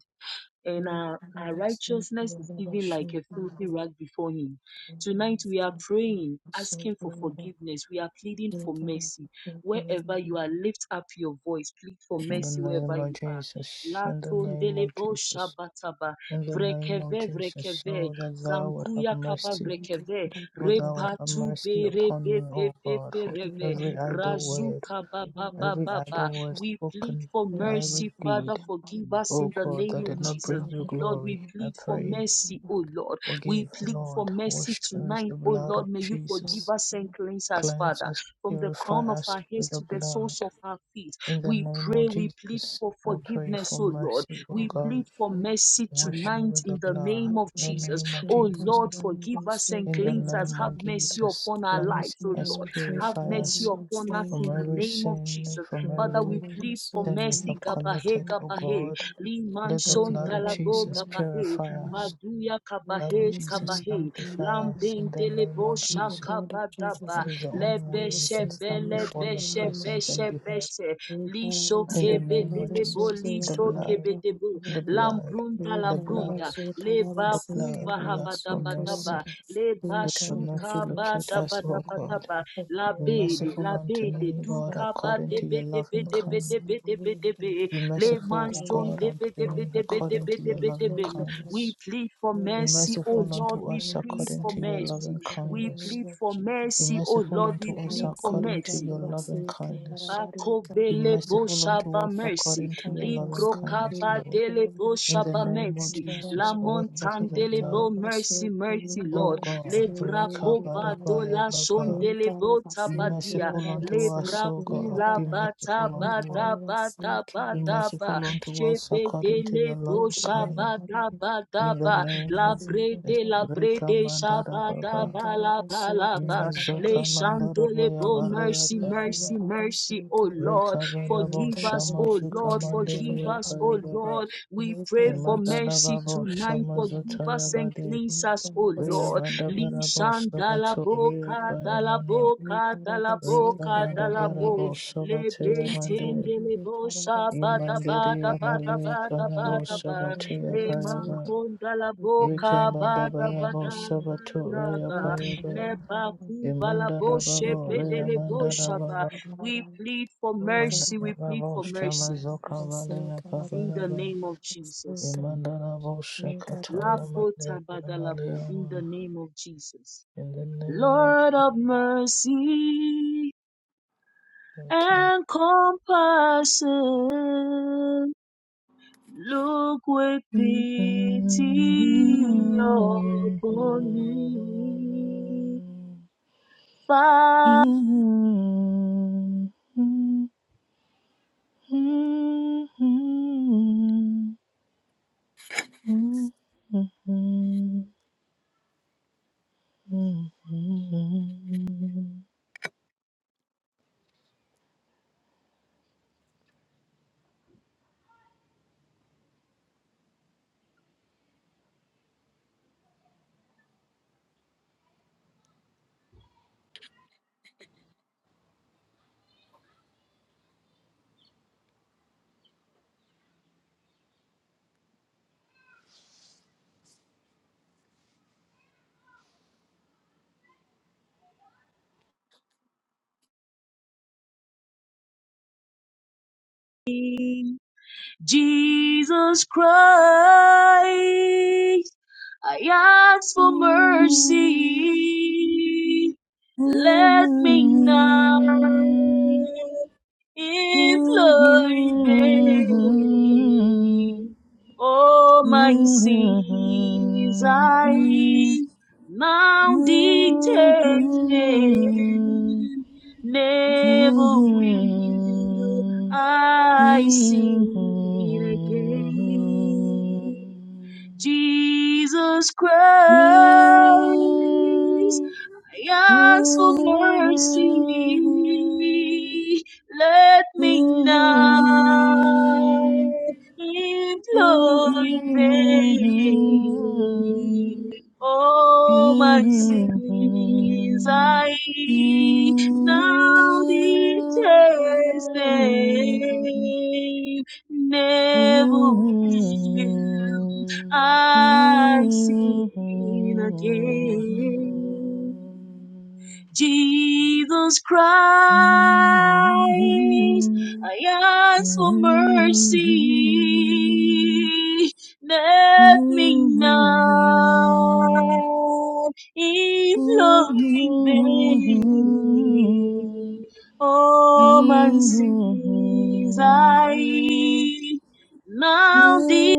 [SPEAKER 1] and
[SPEAKER 3] You
[SPEAKER 1] our,
[SPEAKER 3] can
[SPEAKER 1] our
[SPEAKER 3] have a soul to
[SPEAKER 1] righteousness
[SPEAKER 3] your
[SPEAKER 1] is
[SPEAKER 3] other
[SPEAKER 1] even like a filthy rag before him. Tonight we are praying,
[SPEAKER 3] soul,
[SPEAKER 1] asking for
[SPEAKER 3] to
[SPEAKER 1] forgiveness. We are pleading for mercy.
[SPEAKER 3] your other
[SPEAKER 1] Wherever
[SPEAKER 3] soul,
[SPEAKER 1] you are, lift up your voice. Plead for
[SPEAKER 4] In the
[SPEAKER 1] mercy
[SPEAKER 4] name
[SPEAKER 1] wherever
[SPEAKER 4] of
[SPEAKER 1] you are.
[SPEAKER 4] Jesus. In the name of
[SPEAKER 1] Latondelebo
[SPEAKER 4] Jesus.
[SPEAKER 1] shabataba
[SPEAKER 4] In the name of
[SPEAKER 1] vrekeve
[SPEAKER 4] Jesus.
[SPEAKER 1] vrekeve
[SPEAKER 4] Oh, that thou would have
[SPEAKER 1] zankuya kaba
[SPEAKER 4] mercy.
[SPEAKER 3] Thank you.
[SPEAKER 1] vrekeve
[SPEAKER 4] Oh, thou would have
[SPEAKER 1] repatu
[SPEAKER 4] mercy
[SPEAKER 1] bere
[SPEAKER 4] upon
[SPEAKER 1] be
[SPEAKER 4] me,
[SPEAKER 1] pe
[SPEAKER 4] O
[SPEAKER 1] pe
[SPEAKER 4] God,
[SPEAKER 1] pe
[SPEAKER 4] for
[SPEAKER 1] rebe
[SPEAKER 4] every idle
[SPEAKER 1] razu
[SPEAKER 4] word,
[SPEAKER 1] kaba ba ba
[SPEAKER 4] every
[SPEAKER 1] ba ba
[SPEAKER 4] idle word
[SPEAKER 1] we plead
[SPEAKER 4] spoken,
[SPEAKER 1] for
[SPEAKER 4] every
[SPEAKER 1] mercy, Father.
[SPEAKER 4] deed,
[SPEAKER 1] Forgive us
[SPEAKER 4] O
[SPEAKER 1] in the
[SPEAKER 4] God,
[SPEAKER 1] name
[SPEAKER 4] that
[SPEAKER 1] of
[SPEAKER 4] did not
[SPEAKER 1] Jesus.
[SPEAKER 4] bring you
[SPEAKER 1] Lord, we
[SPEAKER 4] glory. I
[SPEAKER 1] plead for
[SPEAKER 4] pray.
[SPEAKER 1] mercy, O Lord. We
[SPEAKER 4] Forgive,
[SPEAKER 1] plead for
[SPEAKER 4] Lord.
[SPEAKER 1] mercy
[SPEAKER 4] Wash me with
[SPEAKER 1] tonight,
[SPEAKER 4] the
[SPEAKER 1] O
[SPEAKER 4] blood of
[SPEAKER 1] Lord. May you
[SPEAKER 4] Jesus.
[SPEAKER 1] forgive us and cleanse us,
[SPEAKER 4] Cleanse
[SPEAKER 1] Father,
[SPEAKER 4] us,
[SPEAKER 1] from the
[SPEAKER 4] purify
[SPEAKER 1] crown of
[SPEAKER 4] us
[SPEAKER 1] our heads
[SPEAKER 4] with the
[SPEAKER 1] to the
[SPEAKER 4] blood.
[SPEAKER 1] soles of our feet.
[SPEAKER 4] In the
[SPEAKER 1] We
[SPEAKER 4] name
[SPEAKER 1] pray,
[SPEAKER 4] of
[SPEAKER 1] we plead
[SPEAKER 4] Jesus,
[SPEAKER 1] for
[SPEAKER 4] I pray
[SPEAKER 1] forgiveness,
[SPEAKER 4] for
[SPEAKER 1] O Lord.
[SPEAKER 4] mercy, O
[SPEAKER 1] We plead
[SPEAKER 4] God.
[SPEAKER 1] for mercy
[SPEAKER 4] Wash me
[SPEAKER 1] tonight
[SPEAKER 4] with
[SPEAKER 1] in
[SPEAKER 4] the
[SPEAKER 1] the
[SPEAKER 4] blood.
[SPEAKER 1] name of
[SPEAKER 4] In the
[SPEAKER 1] Jesus.
[SPEAKER 4] name of
[SPEAKER 1] O
[SPEAKER 4] Jesus,
[SPEAKER 1] Lord, forgive us and
[SPEAKER 4] in the
[SPEAKER 1] cleanse us.
[SPEAKER 4] name
[SPEAKER 1] Have
[SPEAKER 4] of
[SPEAKER 1] mercy
[SPEAKER 4] Jesus,
[SPEAKER 1] upon our
[SPEAKER 4] cleanse
[SPEAKER 1] lives, O
[SPEAKER 4] us,
[SPEAKER 1] Lord. Have
[SPEAKER 4] purify
[SPEAKER 1] mercy
[SPEAKER 4] us
[SPEAKER 1] upon us
[SPEAKER 4] from
[SPEAKER 1] in the
[SPEAKER 4] every
[SPEAKER 1] name of Jesus.
[SPEAKER 4] sin, from
[SPEAKER 1] Father,
[SPEAKER 3] Thank
[SPEAKER 1] we
[SPEAKER 4] every
[SPEAKER 1] plead for
[SPEAKER 4] sin we
[SPEAKER 1] mercy.
[SPEAKER 4] have
[SPEAKER 1] Gabahe,
[SPEAKER 4] committed, O
[SPEAKER 1] Gabahe,
[SPEAKER 4] God.
[SPEAKER 1] Liman
[SPEAKER 4] Let the
[SPEAKER 1] Son
[SPEAKER 4] blood of
[SPEAKER 1] Dalabo,
[SPEAKER 4] Jesus
[SPEAKER 1] Gabahe,
[SPEAKER 4] purify us.
[SPEAKER 3] you.
[SPEAKER 1] Baduya
[SPEAKER 3] Lord,
[SPEAKER 4] Blood of
[SPEAKER 1] Kabahe,
[SPEAKER 3] cleanse me,
[SPEAKER 4] Jesus
[SPEAKER 3] Lord,
[SPEAKER 1] Kabahe,
[SPEAKER 3] cleanse me,
[SPEAKER 4] sanctify us
[SPEAKER 1] Lambin
[SPEAKER 4] in
[SPEAKER 3] Lord.
[SPEAKER 4] the name
[SPEAKER 1] Delebo
[SPEAKER 4] of
[SPEAKER 3] Through the
[SPEAKER 4] Jesus.
[SPEAKER 3] blood of Jesus,
[SPEAKER 1] Shakabadaba,
[SPEAKER 4] That
[SPEAKER 3] I
[SPEAKER 4] is the only
[SPEAKER 3] cleanse from
[SPEAKER 4] way
[SPEAKER 3] my
[SPEAKER 4] we
[SPEAKER 1] Lebeshe,
[SPEAKER 4] can
[SPEAKER 3] sins,
[SPEAKER 4] stand
[SPEAKER 3] Lord,
[SPEAKER 4] before
[SPEAKER 3] in the
[SPEAKER 4] your
[SPEAKER 1] Belebeshe,
[SPEAKER 3] name of
[SPEAKER 4] presence
[SPEAKER 3] Jesus.
[SPEAKER 4] and
[SPEAKER 1] Beshe,
[SPEAKER 4] be heard.
[SPEAKER 1] Beshe,
[SPEAKER 3] We
[SPEAKER 1] Lisho
[SPEAKER 4] In the
[SPEAKER 3] Karabasur
[SPEAKER 1] Kebe
[SPEAKER 4] name of
[SPEAKER 3] Karabasur
[SPEAKER 1] Delebo,
[SPEAKER 4] Jesus, the
[SPEAKER 1] Lisho
[SPEAKER 4] blood,
[SPEAKER 1] Kebe
[SPEAKER 3] Karabasur
[SPEAKER 1] Debo,
[SPEAKER 4] the blood,
[SPEAKER 1] Lambrunda,
[SPEAKER 3] We
[SPEAKER 4] the blood,
[SPEAKER 1] Lambrunda,
[SPEAKER 3] Karabasur
[SPEAKER 1] Leba
[SPEAKER 4] the
[SPEAKER 3] Karabasur Karabasur
[SPEAKER 4] blood,
[SPEAKER 1] Kuva
[SPEAKER 4] we ask
[SPEAKER 3] Karabasur
[SPEAKER 4] for mercy.
[SPEAKER 1] Habadabadaba, Leba
[SPEAKER 3] We
[SPEAKER 4] Let your
[SPEAKER 1] shuka
[SPEAKER 4] mercy
[SPEAKER 3] Karabasur
[SPEAKER 4] locate us, O God.
[SPEAKER 1] Shukabadabadabadaba, La
[SPEAKER 4] Be
[SPEAKER 1] bede,
[SPEAKER 4] merciful
[SPEAKER 1] la
[SPEAKER 4] unto
[SPEAKER 1] bede,
[SPEAKER 4] me,
[SPEAKER 1] du
[SPEAKER 4] God,
[SPEAKER 1] ba
[SPEAKER 4] according
[SPEAKER 1] de
[SPEAKER 4] to your
[SPEAKER 1] be de
[SPEAKER 4] loving
[SPEAKER 1] be de be de
[SPEAKER 4] kindness.
[SPEAKER 1] be de be de
[SPEAKER 4] Be
[SPEAKER 1] Le
[SPEAKER 4] merciful, O
[SPEAKER 1] manson
[SPEAKER 4] God,
[SPEAKER 1] de
[SPEAKER 4] unto
[SPEAKER 1] be de be
[SPEAKER 4] me,
[SPEAKER 1] de be de
[SPEAKER 4] according
[SPEAKER 1] be
[SPEAKER 4] to
[SPEAKER 1] de
[SPEAKER 4] your
[SPEAKER 1] be
[SPEAKER 4] loving
[SPEAKER 3] Karabasur
[SPEAKER 1] We
[SPEAKER 4] kindness.
[SPEAKER 1] plead for
[SPEAKER 4] Be
[SPEAKER 3] Glory
[SPEAKER 1] mercy, O
[SPEAKER 3] for
[SPEAKER 4] merciful
[SPEAKER 3] Jesus,
[SPEAKER 1] Lord,
[SPEAKER 4] unto
[SPEAKER 1] we
[SPEAKER 4] us,
[SPEAKER 3] we
[SPEAKER 1] plead
[SPEAKER 4] according
[SPEAKER 1] for
[SPEAKER 3] send
[SPEAKER 4] to
[SPEAKER 3] out
[SPEAKER 4] your
[SPEAKER 3] to
[SPEAKER 1] mercy.
[SPEAKER 4] loving
[SPEAKER 3] God in the
[SPEAKER 1] We
[SPEAKER 4] kindness.
[SPEAKER 3] name
[SPEAKER 1] plead
[SPEAKER 3] of
[SPEAKER 1] for
[SPEAKER 3] Jesus.
[SPEAKER 4] Be
[SPEAKER 1] mercy, O
[SPEAKER 4] merciful
[SPEAKER 3] Glory
[SPEAKER 1] Lord,
[SPEAKER 4] unto
[SPEAKER 1] we
[SPEAKER 3] to
[SPEAKER 4] us,
[SPEAKER 3] God,
[SPEAKER 1] plead
[SPEAKER 3] I
[SPEAKER 1] for
[SPEAKER 3] say,
[SPEAKER 4] according to
[SPEAKER 1] mercy.
[SPEAKER 3] God,
[SPEAKER 4] your
[SPEAKER 3] I
[SPEAKER 4] loving
[SPEAKER 3] say, God, I
[SPEAKER 4] kindness.
[SPEAKER 3] want to come
[SPEAKER 4] Be
[SPEAKER 3] and
[SPEAKER 1] Bakovele
[SPEAKER 3] find
[SPEAKER 4] merciful
[SPEAKER 3] you.
[SPEAKER 4] unto
[SPEAKER 1] Boshaba
[SPEAKER 4] us,
[SPEAKER 1] Mercy,
[SPEAKER 4] according to
[SPEAKER 3] God,
[SPEAKER 4] your
[SPEAKER 3] I
[SPEAKER 4] loving
[SPEAKER 3] say,
[SPEAKER 4] kindness,
[SPEAKER 1] Ligrokaba
[SPEAKER 4] Lord.
[SPEAKER 3] God, I
[SPEAKER 1] Dele
[SPEAKER 3] want
[SPEAKER 4] In
[SPEAKER 3] to worship
[SPEAKER 4] the
[SPEAKER 1] Boshaba
[SPEAKER 4] name of
[SPEAKER 3] you.
[SPEAKER 1] Mercy,
[SPEAKER 3] God, I
[SPEAKER 1] La
[SPEAKER 4] Jesus,
[SPEAKER 3] want to
[SPEAKER 4] wash
[SPEAKER 3] thank
[SPEAKER 4] us with the
[SPEAKER 3] you.
[SPEAKER 1] Montandele
[SPEAKER 3] God,
[SPEAKER 4] blood.
[SPEAKER 3] I
[SPEAKER 1] Bo
[SPEAKER 3] want to
[SPEAKER 1] Mercy,
[SPEAKER 3] serve you.
[SPEAKER 1] Mercy
[SPEAKER 3] God,
[SPEAKER 1] Lord,
[SPEAKER 4] O
[SPEAKER 3] I want to
[SPEAKER 4] God,
[SPEAKER 3] serve God, I
[SPEAKER 1] Lebrakova
[SPEAKER 3] want to-
[SPEAKER 4] Rekabarabaya
[SPEAKER 1] Dola
[SPEAKER 4] Baba.
[SPEAKER 3] Oh,
[SPEAKER 1] Shondele
[SPEAKER 3] God, I want to
[SPEAKER 4] Be
[SPEAKER 3] serve
[SPEAKER 1] Botabadia,
[SPEAKER 3] God,
[SPEAKER 4] merciful
[SPEAKER 3] I want to
[SPEAKER 4] unto us, O God.
[SPEAKER 3] God,
[SPEAKER 1] Lebrakula
[SPEAKER 3] I
[SPEAKER 4] Be
[SPEAKER 3] want to-
[SPEAKER 1] Bata
[SPEAKER 4] merciful
[SPEAKER 3] Oh, God,
[SPEAKER 4] unto us.
[SPEAKER 1] Bada
[SPEAKER 3] I want to God, I want to serve
[SPEAKER 1] Bada
[SPEAKER 4] Be
[SPEAKER 1] Bada Ba,
[SPEAKER 4] merciful unto us according to
[SPEAKER 1] Shebedele
[SPEAKER 4] your loving
[SPEAKER 3] God, I
[SPEAKER 4] kindness.
[SPEAKER 1] Boshaba
[SPEAKER 3] want to-
[SPEAKER 1] Daba
[SPEAKER 4] In the
[SPEAKER 3] Oh,
[SPEAKER 1] Daba,
[SPEAKER 4] name
[SPEAKER 3] God,
[SPEAKER 1] La
[SPEAKER 4] of Jesus,
[SPEAKER 1] Brede
[SPEAKER 3] I
[SPEAKER 1] La
[SPEAKER 3] want to-
[SPEAKER 1] Brede
[SPEAKER 4] Rekamandara
[SPEAKER 1] Shabada
[SPEAKER 4] Baba.
[SPEAKER 3] Thank
[SPEAKER 1] Bala
[SPEAKER 3] you.
[SPEAKER 1] Bala Le
[SPEAKER 4] Imazoka Mandara Baya
[SPEAKER 1] Shandolebo,
[SPEAKER 4] Balea
[SPEAKER 1] mercy,
[SPEAKER 4] Parama.
[SPEAKER 1] mercy, mercy, O Lord.
[SPEAKER 4] Rekabarabo
[SPEAKER 1] Forgive us, O
[SPEAKER 4] Shamazuka
[SPEAKER 1] Lord. Forgive
[SPEAKER 4] Mandaria
[SPEAKER 1] us, O
[SPEAKER 4] Paya Baba.
[SPEAKER 1] Lord. We pray for
[SPEAKER 4] Imandara
[SPEAKER 1] mercy
[SPEAKER 4] Babo
[SPEAKER 1] tonight. Forgive
[SPEAKER 4] Shamazutaya
[SPEAKER 1] us and cleanse us, O
[SPEAKER 4] Ria
[SPEAKER 1] Lord.
[SPEAKER 4] banda
[SPEAKER 1] Li
[SPEAKER 4] bara bato
[SPEAKER 1] Shandalabo,
[SPEAKER 4] ria paya
[SPEAKER 1] Kadalabo, Kadalabo,
[SPEAKER 4] Rika banda bara
[SPEAKER 1] Kadalabo. Le
[SPEAKER 4] batea mande.
[SPEAKER 1] Bentendelebo, Shabada,
[SPEAKER 4] Imande
[SPEAKER 1] Bada, Bada,
[SPEAKER 4] malia
[SPEAKER 1] Bada,
[SPEAKER 4] pana
[SPEAKER 1] Bada, Bada.
[SPEAKER 4] batea
[SPEAKER 1] Le
[SPEAKER 4] paya
[SPEAKER 1] Mankondalabo,
[SPEAKER 4] Rika banda
[SPEAKER 1] Kabada,
[SPEAKER 4] bara
[SPEAKER 1] Bada,
[SPEAKER 4] bato
[SPEAKER 1] Bada,
[SPEAKER 4] ria
[SPEAKER 1] Bada.
[SPEAKER 4] paya Imanda da
[SPEAKER 3] Amen.
[SPEAKER 4] ria manda da
[SPEAKER 1] We plead for
[SPEAKER 4] Manda
[SPEAKER 1] mercy.
[SPEAKER 4] da
[SPEAKER 1] We plead for
[SPEAKER 4] shama
[SPEAKER 1] mercy
[SPEAKER 4] zoka valea
[SPEAKER 1] in
[SPEAKER 4] pabaya
[SPEAKER 1] the name of Jesus.
[SPEAKER 4] Imanda da kataya mande ria
[SPEAKER 1] Lapotabadalabo, In the name of Jesus.
[SPEAKER 4] In the name of
[SPEAKER 1] Lord of mercy
[SPEAKER 4] Jesus.
[SPEAKER 1] and compassion, look with pity upon me. Jesus Christ. I ask for mercy. Let me not implore in vain. All my sins I now detested. Never will I sin again. Jesus Christ. I Ask for mercy, let me not implore in vain. All my
[SPEAKER 4] Mm-hmm.
[SPEAKER 1] sins I now detest them. Never will I sin again. Jesus Christ, I ask for mercy. Let me not implore in vain. Oh, man,
[SPEAKER 4] Mm-hmm.
[SPEAKER 1] sins I now the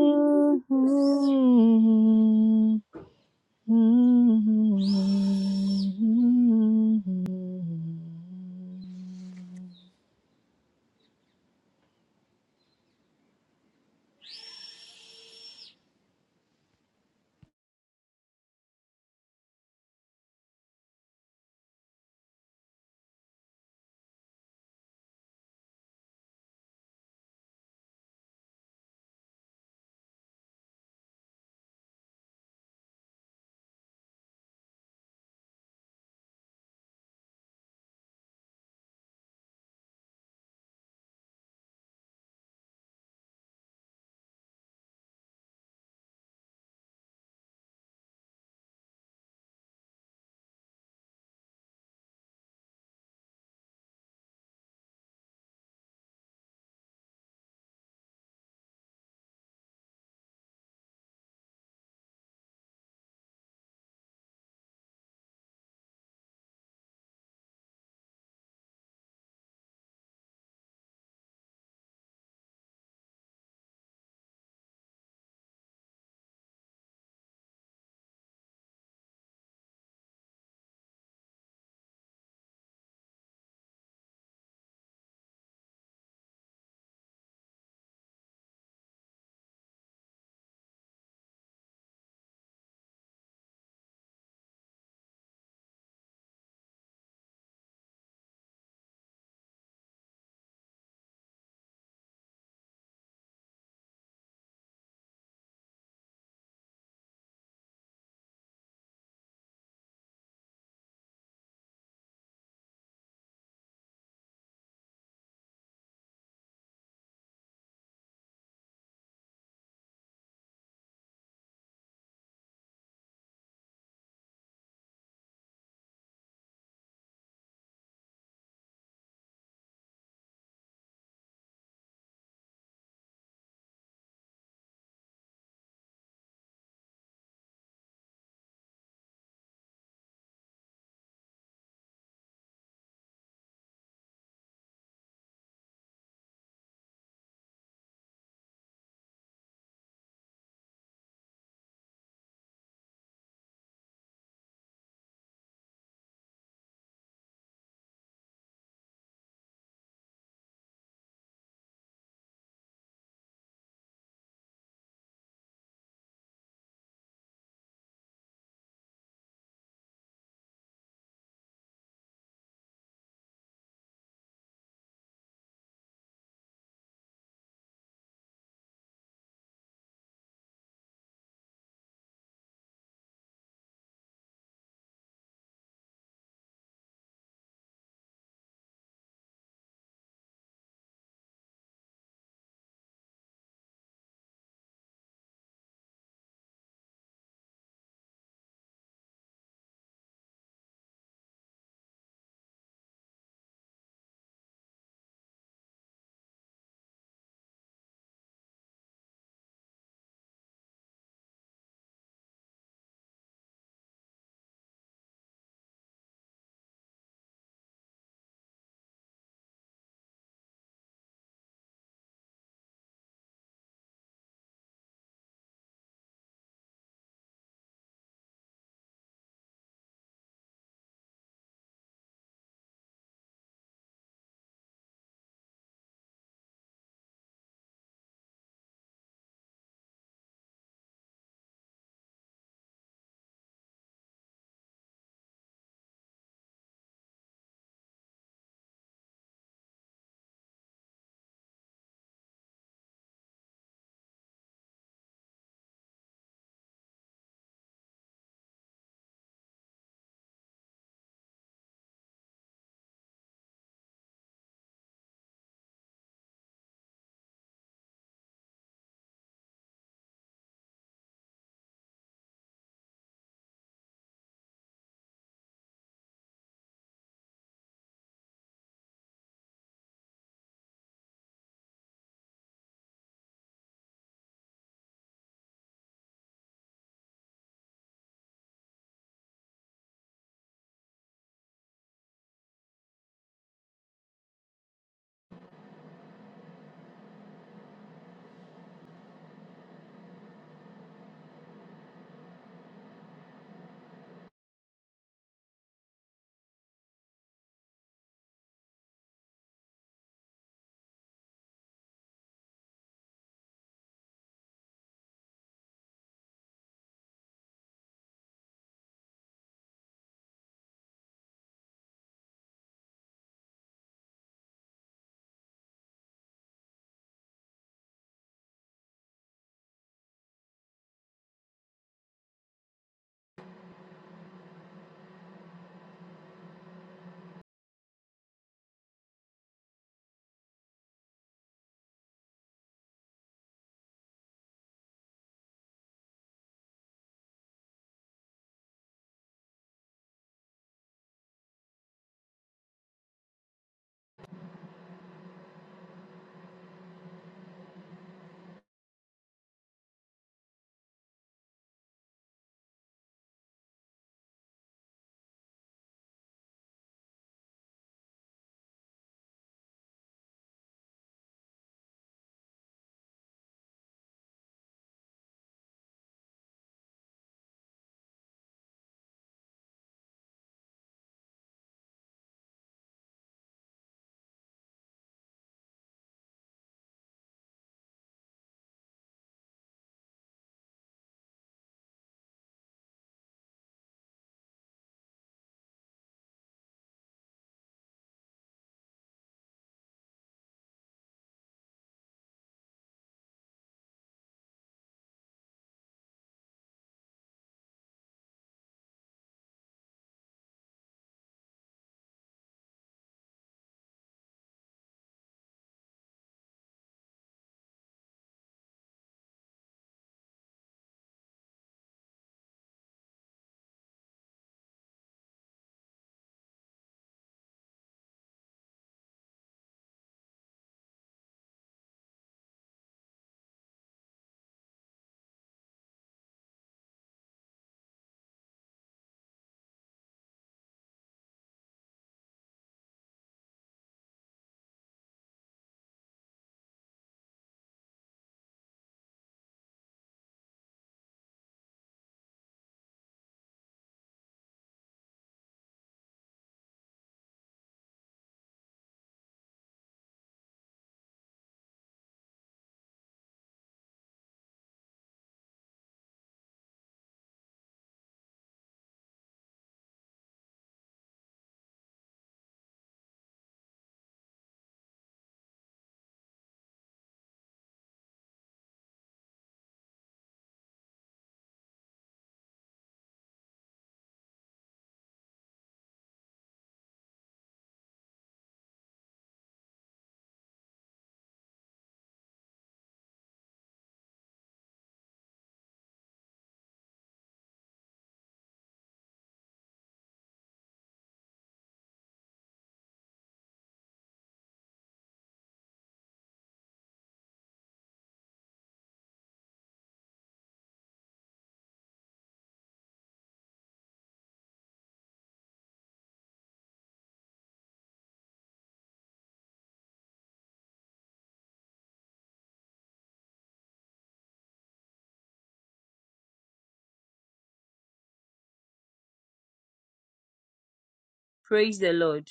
[SPEAKER 1] Praise the Lord.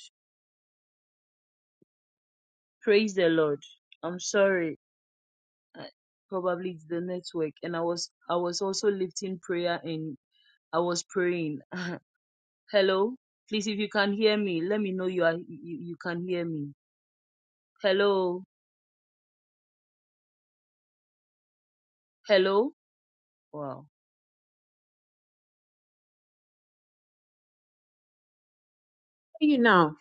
[SPEAKER 1] Praise the Lord. I'm sorry. uh, probably it's the network and i was i was also lifting prayer and i was praying (laughs) hello please if you can hear me let me know you are you, you can hear me hello hello wow
[SPEAKER 5] you now.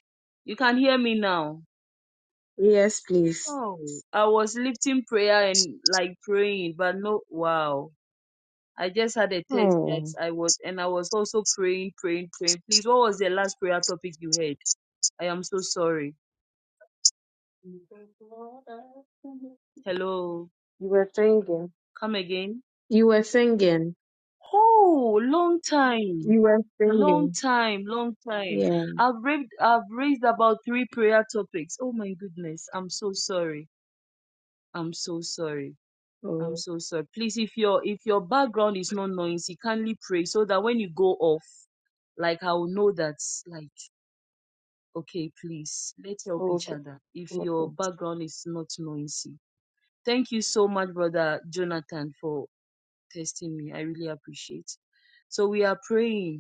[SPEAKER 1] you can hear me now
[SPEAKER 5] Yes, please.
[SPEAKER 1] oh i was lifting prayer and like praying but no wow I just had a text that
[SPEAKER 5] Oh,
[SPEAKER 1] I was, and I was also praying, praying, praying. Please, what was the last prayer topic you had? I am so sorry.
[SPEAKER 5] you
[SPEAKER 1] Hello,
[SPEAKER 5] were singing.
[SPEAKER 1] come again.
[SPEAKER 5] You were singing.
[SPEAKER 1] Oh, long time.
[SPEAKER 5] You were
[SPEAKER 1] Long
[SPEAKER 5] singing.
[SPEAKER 1] time, long time.
[SPEAKER 5] Yeah.
[SPEAKER 1] I've raised I've raised about three prayer topics. Oh my goodness. I'm so sorry. I'm so sorry. I'm
[SPEAKER 5] Oh,
[SPEAKER 1] so sorry. Please, if your if your background is not noisy, kindly pray so that when you go off, like I will know that's like okay, please, let's help each
[SPEAKER 5] okay.
[SPEAKER 1] other if your
[SPEAKER 5] Okay.
[SPEAKER 1] background is not noisy. Thank you so much, brother Jonathan, for testing me. I really appreciate. So we are praying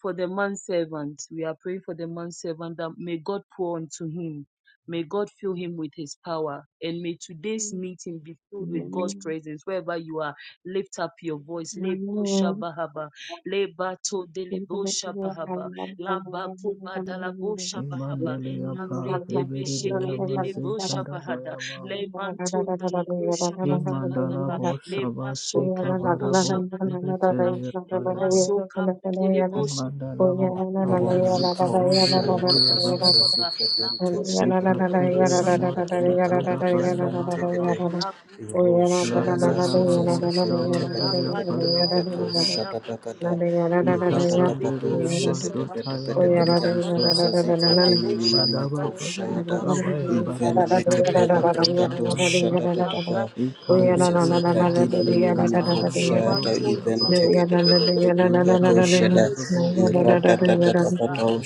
[SPEAKER 1] for the manservant. We are praying for the manservant that may God pour unto him. May God fill him with his power. And may today's meeting be filled with God's presence. Wherever you are, lift up your voice. Lebo shabahaba. Leba to delebo shabahaba. Laba kuba dalabo shabahaba. Labre
[SPEAKER 4] Imandeleyapa,
[SPEAKER 1] debe sheke
[SPEAKER 4] Ibelebeyama,
[SPEAKER 1] delebo shabahada.
[SPEAKER 4] Zetandavayama,
[SPEAKER 1] Le manton dalebo shabatabadaba.
[SPEAKER 4] Imandalabo, Shaba,
[SPEAKER 1] Leba
[SPEAKER 5] Oh,
[SPEAKER 1] shon dalabo
[SPEAKER 4] Sekabarabo,
[SPEAKER 1] shabadabadaba.
[SPEAKER 4] Ibeteyapayama,
[SPEAKER 1] Lebasoka Bedelebosha Badaba,
[SPEAKER 4] Imandalabo, Shama,
[SPEAKER 1] Lebasa
[SPEAKER 4] Zuka,
[SPEAKER 6] Romanov shut
[SPEAKER 1] Bedelebosha
[SPEAKER 6] up as his
[SPEAKER 1] Badabadaba,
[SPEAKER 6] secret
[SPEAKER 1] La
[SPEAKER 6] and take it
[SPEAKER 1] Boshe
[SPEAKER 6] a bit of it or
[SPEAKER 4] Ikatele
[SPEAKER 1] Bedelebosha
[SPEAKER 6] shut up
[SPEAKER 1] Manda
[SPEAKER 4] amasi
[SPEAKER 6] at the
[SPEAKER 1] Bunda
[SPEAKER 6] Patria
[SPEAKER 4] tadabaya
[SPEAKER 6] and take
[SPEAKER 1] Sabadaba,
[SPEAKER 6] it
[SPEAKER 4] malababa.
[SPEAKER 1] La
[SPEAKER 6] a
[SPEAKER 1] Boka
[SPEAKER 6] Roshaya
[SPEAKER 4] Randa
[SPEAKER 1] Bedelebosha
[SPEAKER 6] Zazuza
[SPEAKER 4] lababo
[SPEAKER 6] secret
[SPEAKER 1] Badabadaba,
[SPEAKER 6] to take it
[SPEAKER 1] La
[SPEAKER 6] a bit
[SPEAKER 4] shabazeya
[SPEAKER 6] of
[SPEAKER 1] Bate
[SPEAKER 6] a
[SPEAKER 4] kaya
[SPEAKER 1] Bata
[SPEAKER 6] picato
[SPEAKER 4] maloria.
[SPEAKER 1] Bada
[SPEAKER 6] shut up at the
[SPEAKER 1] Bedaba,
[SPEAKER 4] Ika
[SPEAKER 1] Lebese
[SPEAKER 6] Ratatapato
[SPEAKER 4] panderia
[SPEAKER 6] shut
[SPEAKER 1] Bedelebosha
[SPEAKER 6] it a bit of
[SPEAKER 4] mazotaya
[SPEAKER 1] Badaba,
[SPEAKER 6] a
[SPEAKER 1] La
[SPEAKER 6] picam
[SPEAKER 1] Basa
[SPEAKER 4] maleba.
[SPEAKER 6] sosa
[SPEAKER 1] Bada
[SPEAKER 6] secret
[SPEAKER 1] La
[SPEAKER 6] in
[SPEAKER 1] Bosha
[SPEAKER 6] Nimiko
[SPEAKER 4] Badaba
[SPEAKER 1] Badalati,
[SPEAKER 4] babu
[SPEAKER 6] Shayada
[SPEAKER 1] La
[SPEAKER 4] kawaya
[SPEAKER 1] Bati
[SPEAKER 4] bado
[SPEAKER 6] even make a pet
[SPEAKER 1] Bedelebosha
[SPEAKER 6] of
[SPEAKER 4] shamazi
[SPEAKER 6] brigato
[SPEAKER 4] tanabaya
[SPEAKER 1] Badabadaba,
[SPEAKER 6] shut
[SPEAKER 4] ba.
[SPEAKER 6] up
[SPEAKER 1] La
[SPEAKER 6] at a
[SPEAKER 1] Brati
[SPEAKER 6] loses
[SPEAKER 4] Ikanderia
[SPEAKER 6] it.
[SPEAKER 1] Bedelebosha
[SPEAKER 6] That didn't
[SPEAKER 4] mazi
[SPEAKER 6] even make
[SPEAKER 1] Badabadaba,
[SPEAKER 6] hope
[SPEAKER 4] tataya
[SPEAKER 1] Le
[SPEAKER 6] shadow
[SPEAKER 1] Manton
[SPEAKER 4] maloria
[SPEAKER 1] de
[SPEAKER 6] even
[SPEAKER 1] la
[SPEAKER 4] ba.
[SPEAKER 5] Name
[SPEAKER 6] take
[SPEAKER 1] voz,
[SPEAKER 5] of
[SPEAKER 6] it a bit of a
[SPEAKER 1] Father,
[SPEAKER 6] bit of
[SPEAKER 4] Reka
[SPEAKER 6] a shadow.
[SPEAKER 4] mandorabo lea kaya
[SPEAKER 6] Iratatatatatatao
[SPEAKER 4] maloria.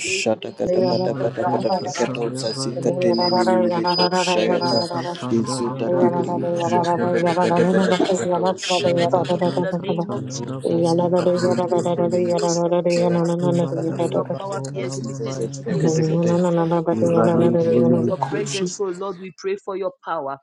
[SPEAKER 4] Imaze tataya balea pa.
[SPEAKER 6] sasikatenenenenemeko shayata.
[SPEAKER 4] Reka pandada
[SPEAKER 1] Lord,
[SPEAKER 4] bole
[SPEAKER 1] may
[SPEAKER 6] Dizutatatibri
[SPEAKER 1] you
[SPEAKER 4] vila
[SPEAKER 1] use your mighty
[SPEAKER 4] babaya
[SPEAKER 1] one
[SPEAKER 4] pa.
[SPEAKER 1] to me, Father,
[SPEAKER 6] ikantepetepetepetepatao
[SPEAKER 1] your throne to him
[SPEAKER 6] shatatatapa.
[SPEAKER 1] in the
[SPEAKER 4] Imazita
[SPEAKER 1] name of
[SPEAKER 4] tana da
[SPEAKER 1] Jesus.
[SPEAKER 4] bola babaya ba.
[SPEAKER 6] Irusasikatenenenenemeko
[SPEAKER 1] And may
[SPEAKER 4] Imandara
[SPEAKER 1] your power be
[SPEAKER 6] shayatapatapatapatapatapatao
[SPEAKER 4] babora
[SPEAKER 1] exhibited in
[SPEAKER 4] mamaya
[SPEAKER 1] today's
[SPEAKER 4] ba.
[SPEAKER 6] sisasekatekate.
[SPEAKER 1] meeting, Father,
[SPEAKER 5] Jesus.
[SPEAKER 1] Lord. We
[SPEAKER 4] Ikara
[SPEAKER 1] pray for your
[SPEAKER 4] babaya
[SPEAKER 6] Iranenenenemeko
[SPEAKER 4] ba.
[SPEAKER 6] shayata.
[SPEAKER 1] presence, oh Lord, we pray for your power.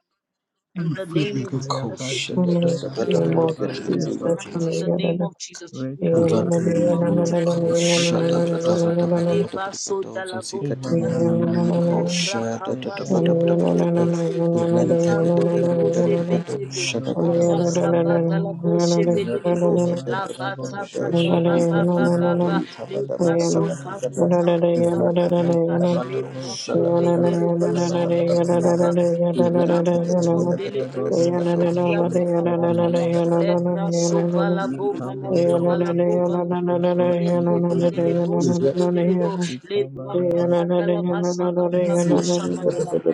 [SPEAKER 1] In
[SPEAKER 6] Shut
[SPEAKER 1] the name of
[SPEAKER 4] Kaya
[SPEAKER 1] Jesus,
[SPEAKER 4] bazi
[SPEAKER 1] we
[SPEAKER 4] kaya
[SPEAKER 1] pray for
[SPEAKER 4] baya
[SPEAKER 1] your presence
[SPEAKER 4] baya ba.
[SPEAKER 1] tonight. In the name of Jesus, we
[SPEAKER 4] Reka
[SPEAKER 1] pray for your
[SPEAKER 4] pandara
[SPEAKER 1] power
[SPEAKER 4] bosha
[SPEAKER 1] tonight. In the name
[SPEAKER 4] baya
[SPEAKER 1] of
[SPEAKER 4] ba.
[SPEAKER 1] Jesus, Leba so dalabo
[SPEAKER 4] Imandara
[SPEAKER 1] kabataba,
[SPEAKER 4] babosha
[SPEAKER 1] lebra kaba
[SPEAKER 5] Yeah.
[SPEAKER 4] baya ba.
[SPEAKER 1] sebe sebe se, itando
[SPEAKER 4] Ikamandara
[SPEAKER 1] lebo zebe
[SPEAKER 4] bosha
[SPEAKER 1] zebe,
[SPEAKER 4] mazota ya
[SPEAKER 1] laba saba
[SPEAKER 4] malaya ba.
[SPEAKER 1] dalabo shebe delebo,
[SPEAKER 4] Imandara
[SPEAKER 1] laba
[SPEAKER 4] bosha
[SPEAKER 1] taba ba ba
[SPEAKER 4] mazota
[SPEAKER 1] ba ba
[SPEAKER 4] para
[SPEAKER 1] ba ba,
[SPEAKER 4] bosha
[SPEAKER 1] lebra
[SPEAKER 4] mazota
[SPEAKER 1] so
[SPEAKER 4] ya
[SPEAKER 1] kaba
[SPEAKER 4] malaya
[SPEAKER 1] taba ba ba ba ba, Le
[SPEAKER 4] Rekabalabo
[SPEAKER 1] brako
[SPEAKER 4] Shamadu
[SPEAKER 1] bedele bosa badia
[SPEAKER 4] Tayamalabhavarana
[SPEAKER 1] babebe. La mantondele bosa
[SPEAKER 4] Mandalababo
[SPEAKER 1] badia
[SPEAKER 4] Shamadu
[SPEAKER 1] babababa. Le
[SPEAKER 4] Parabhavarana
[SPEAKER 1] braso vala
[SPEAKER 6] In
[SPEAKER 1] bo vala bo
[SPEAKER 6] the
[SPEAKER 4] Ekamandabanabo Sabato
[SPEAKER 1] Reke bedele
[SPEAKER 4] Vyavariyadu
[SPEAKER 1] bosu bedele bo. Le braka
[SPEAKER 4] Ekamandabhaya
[SPEAKER 1] badala basa badala bosha badala bo.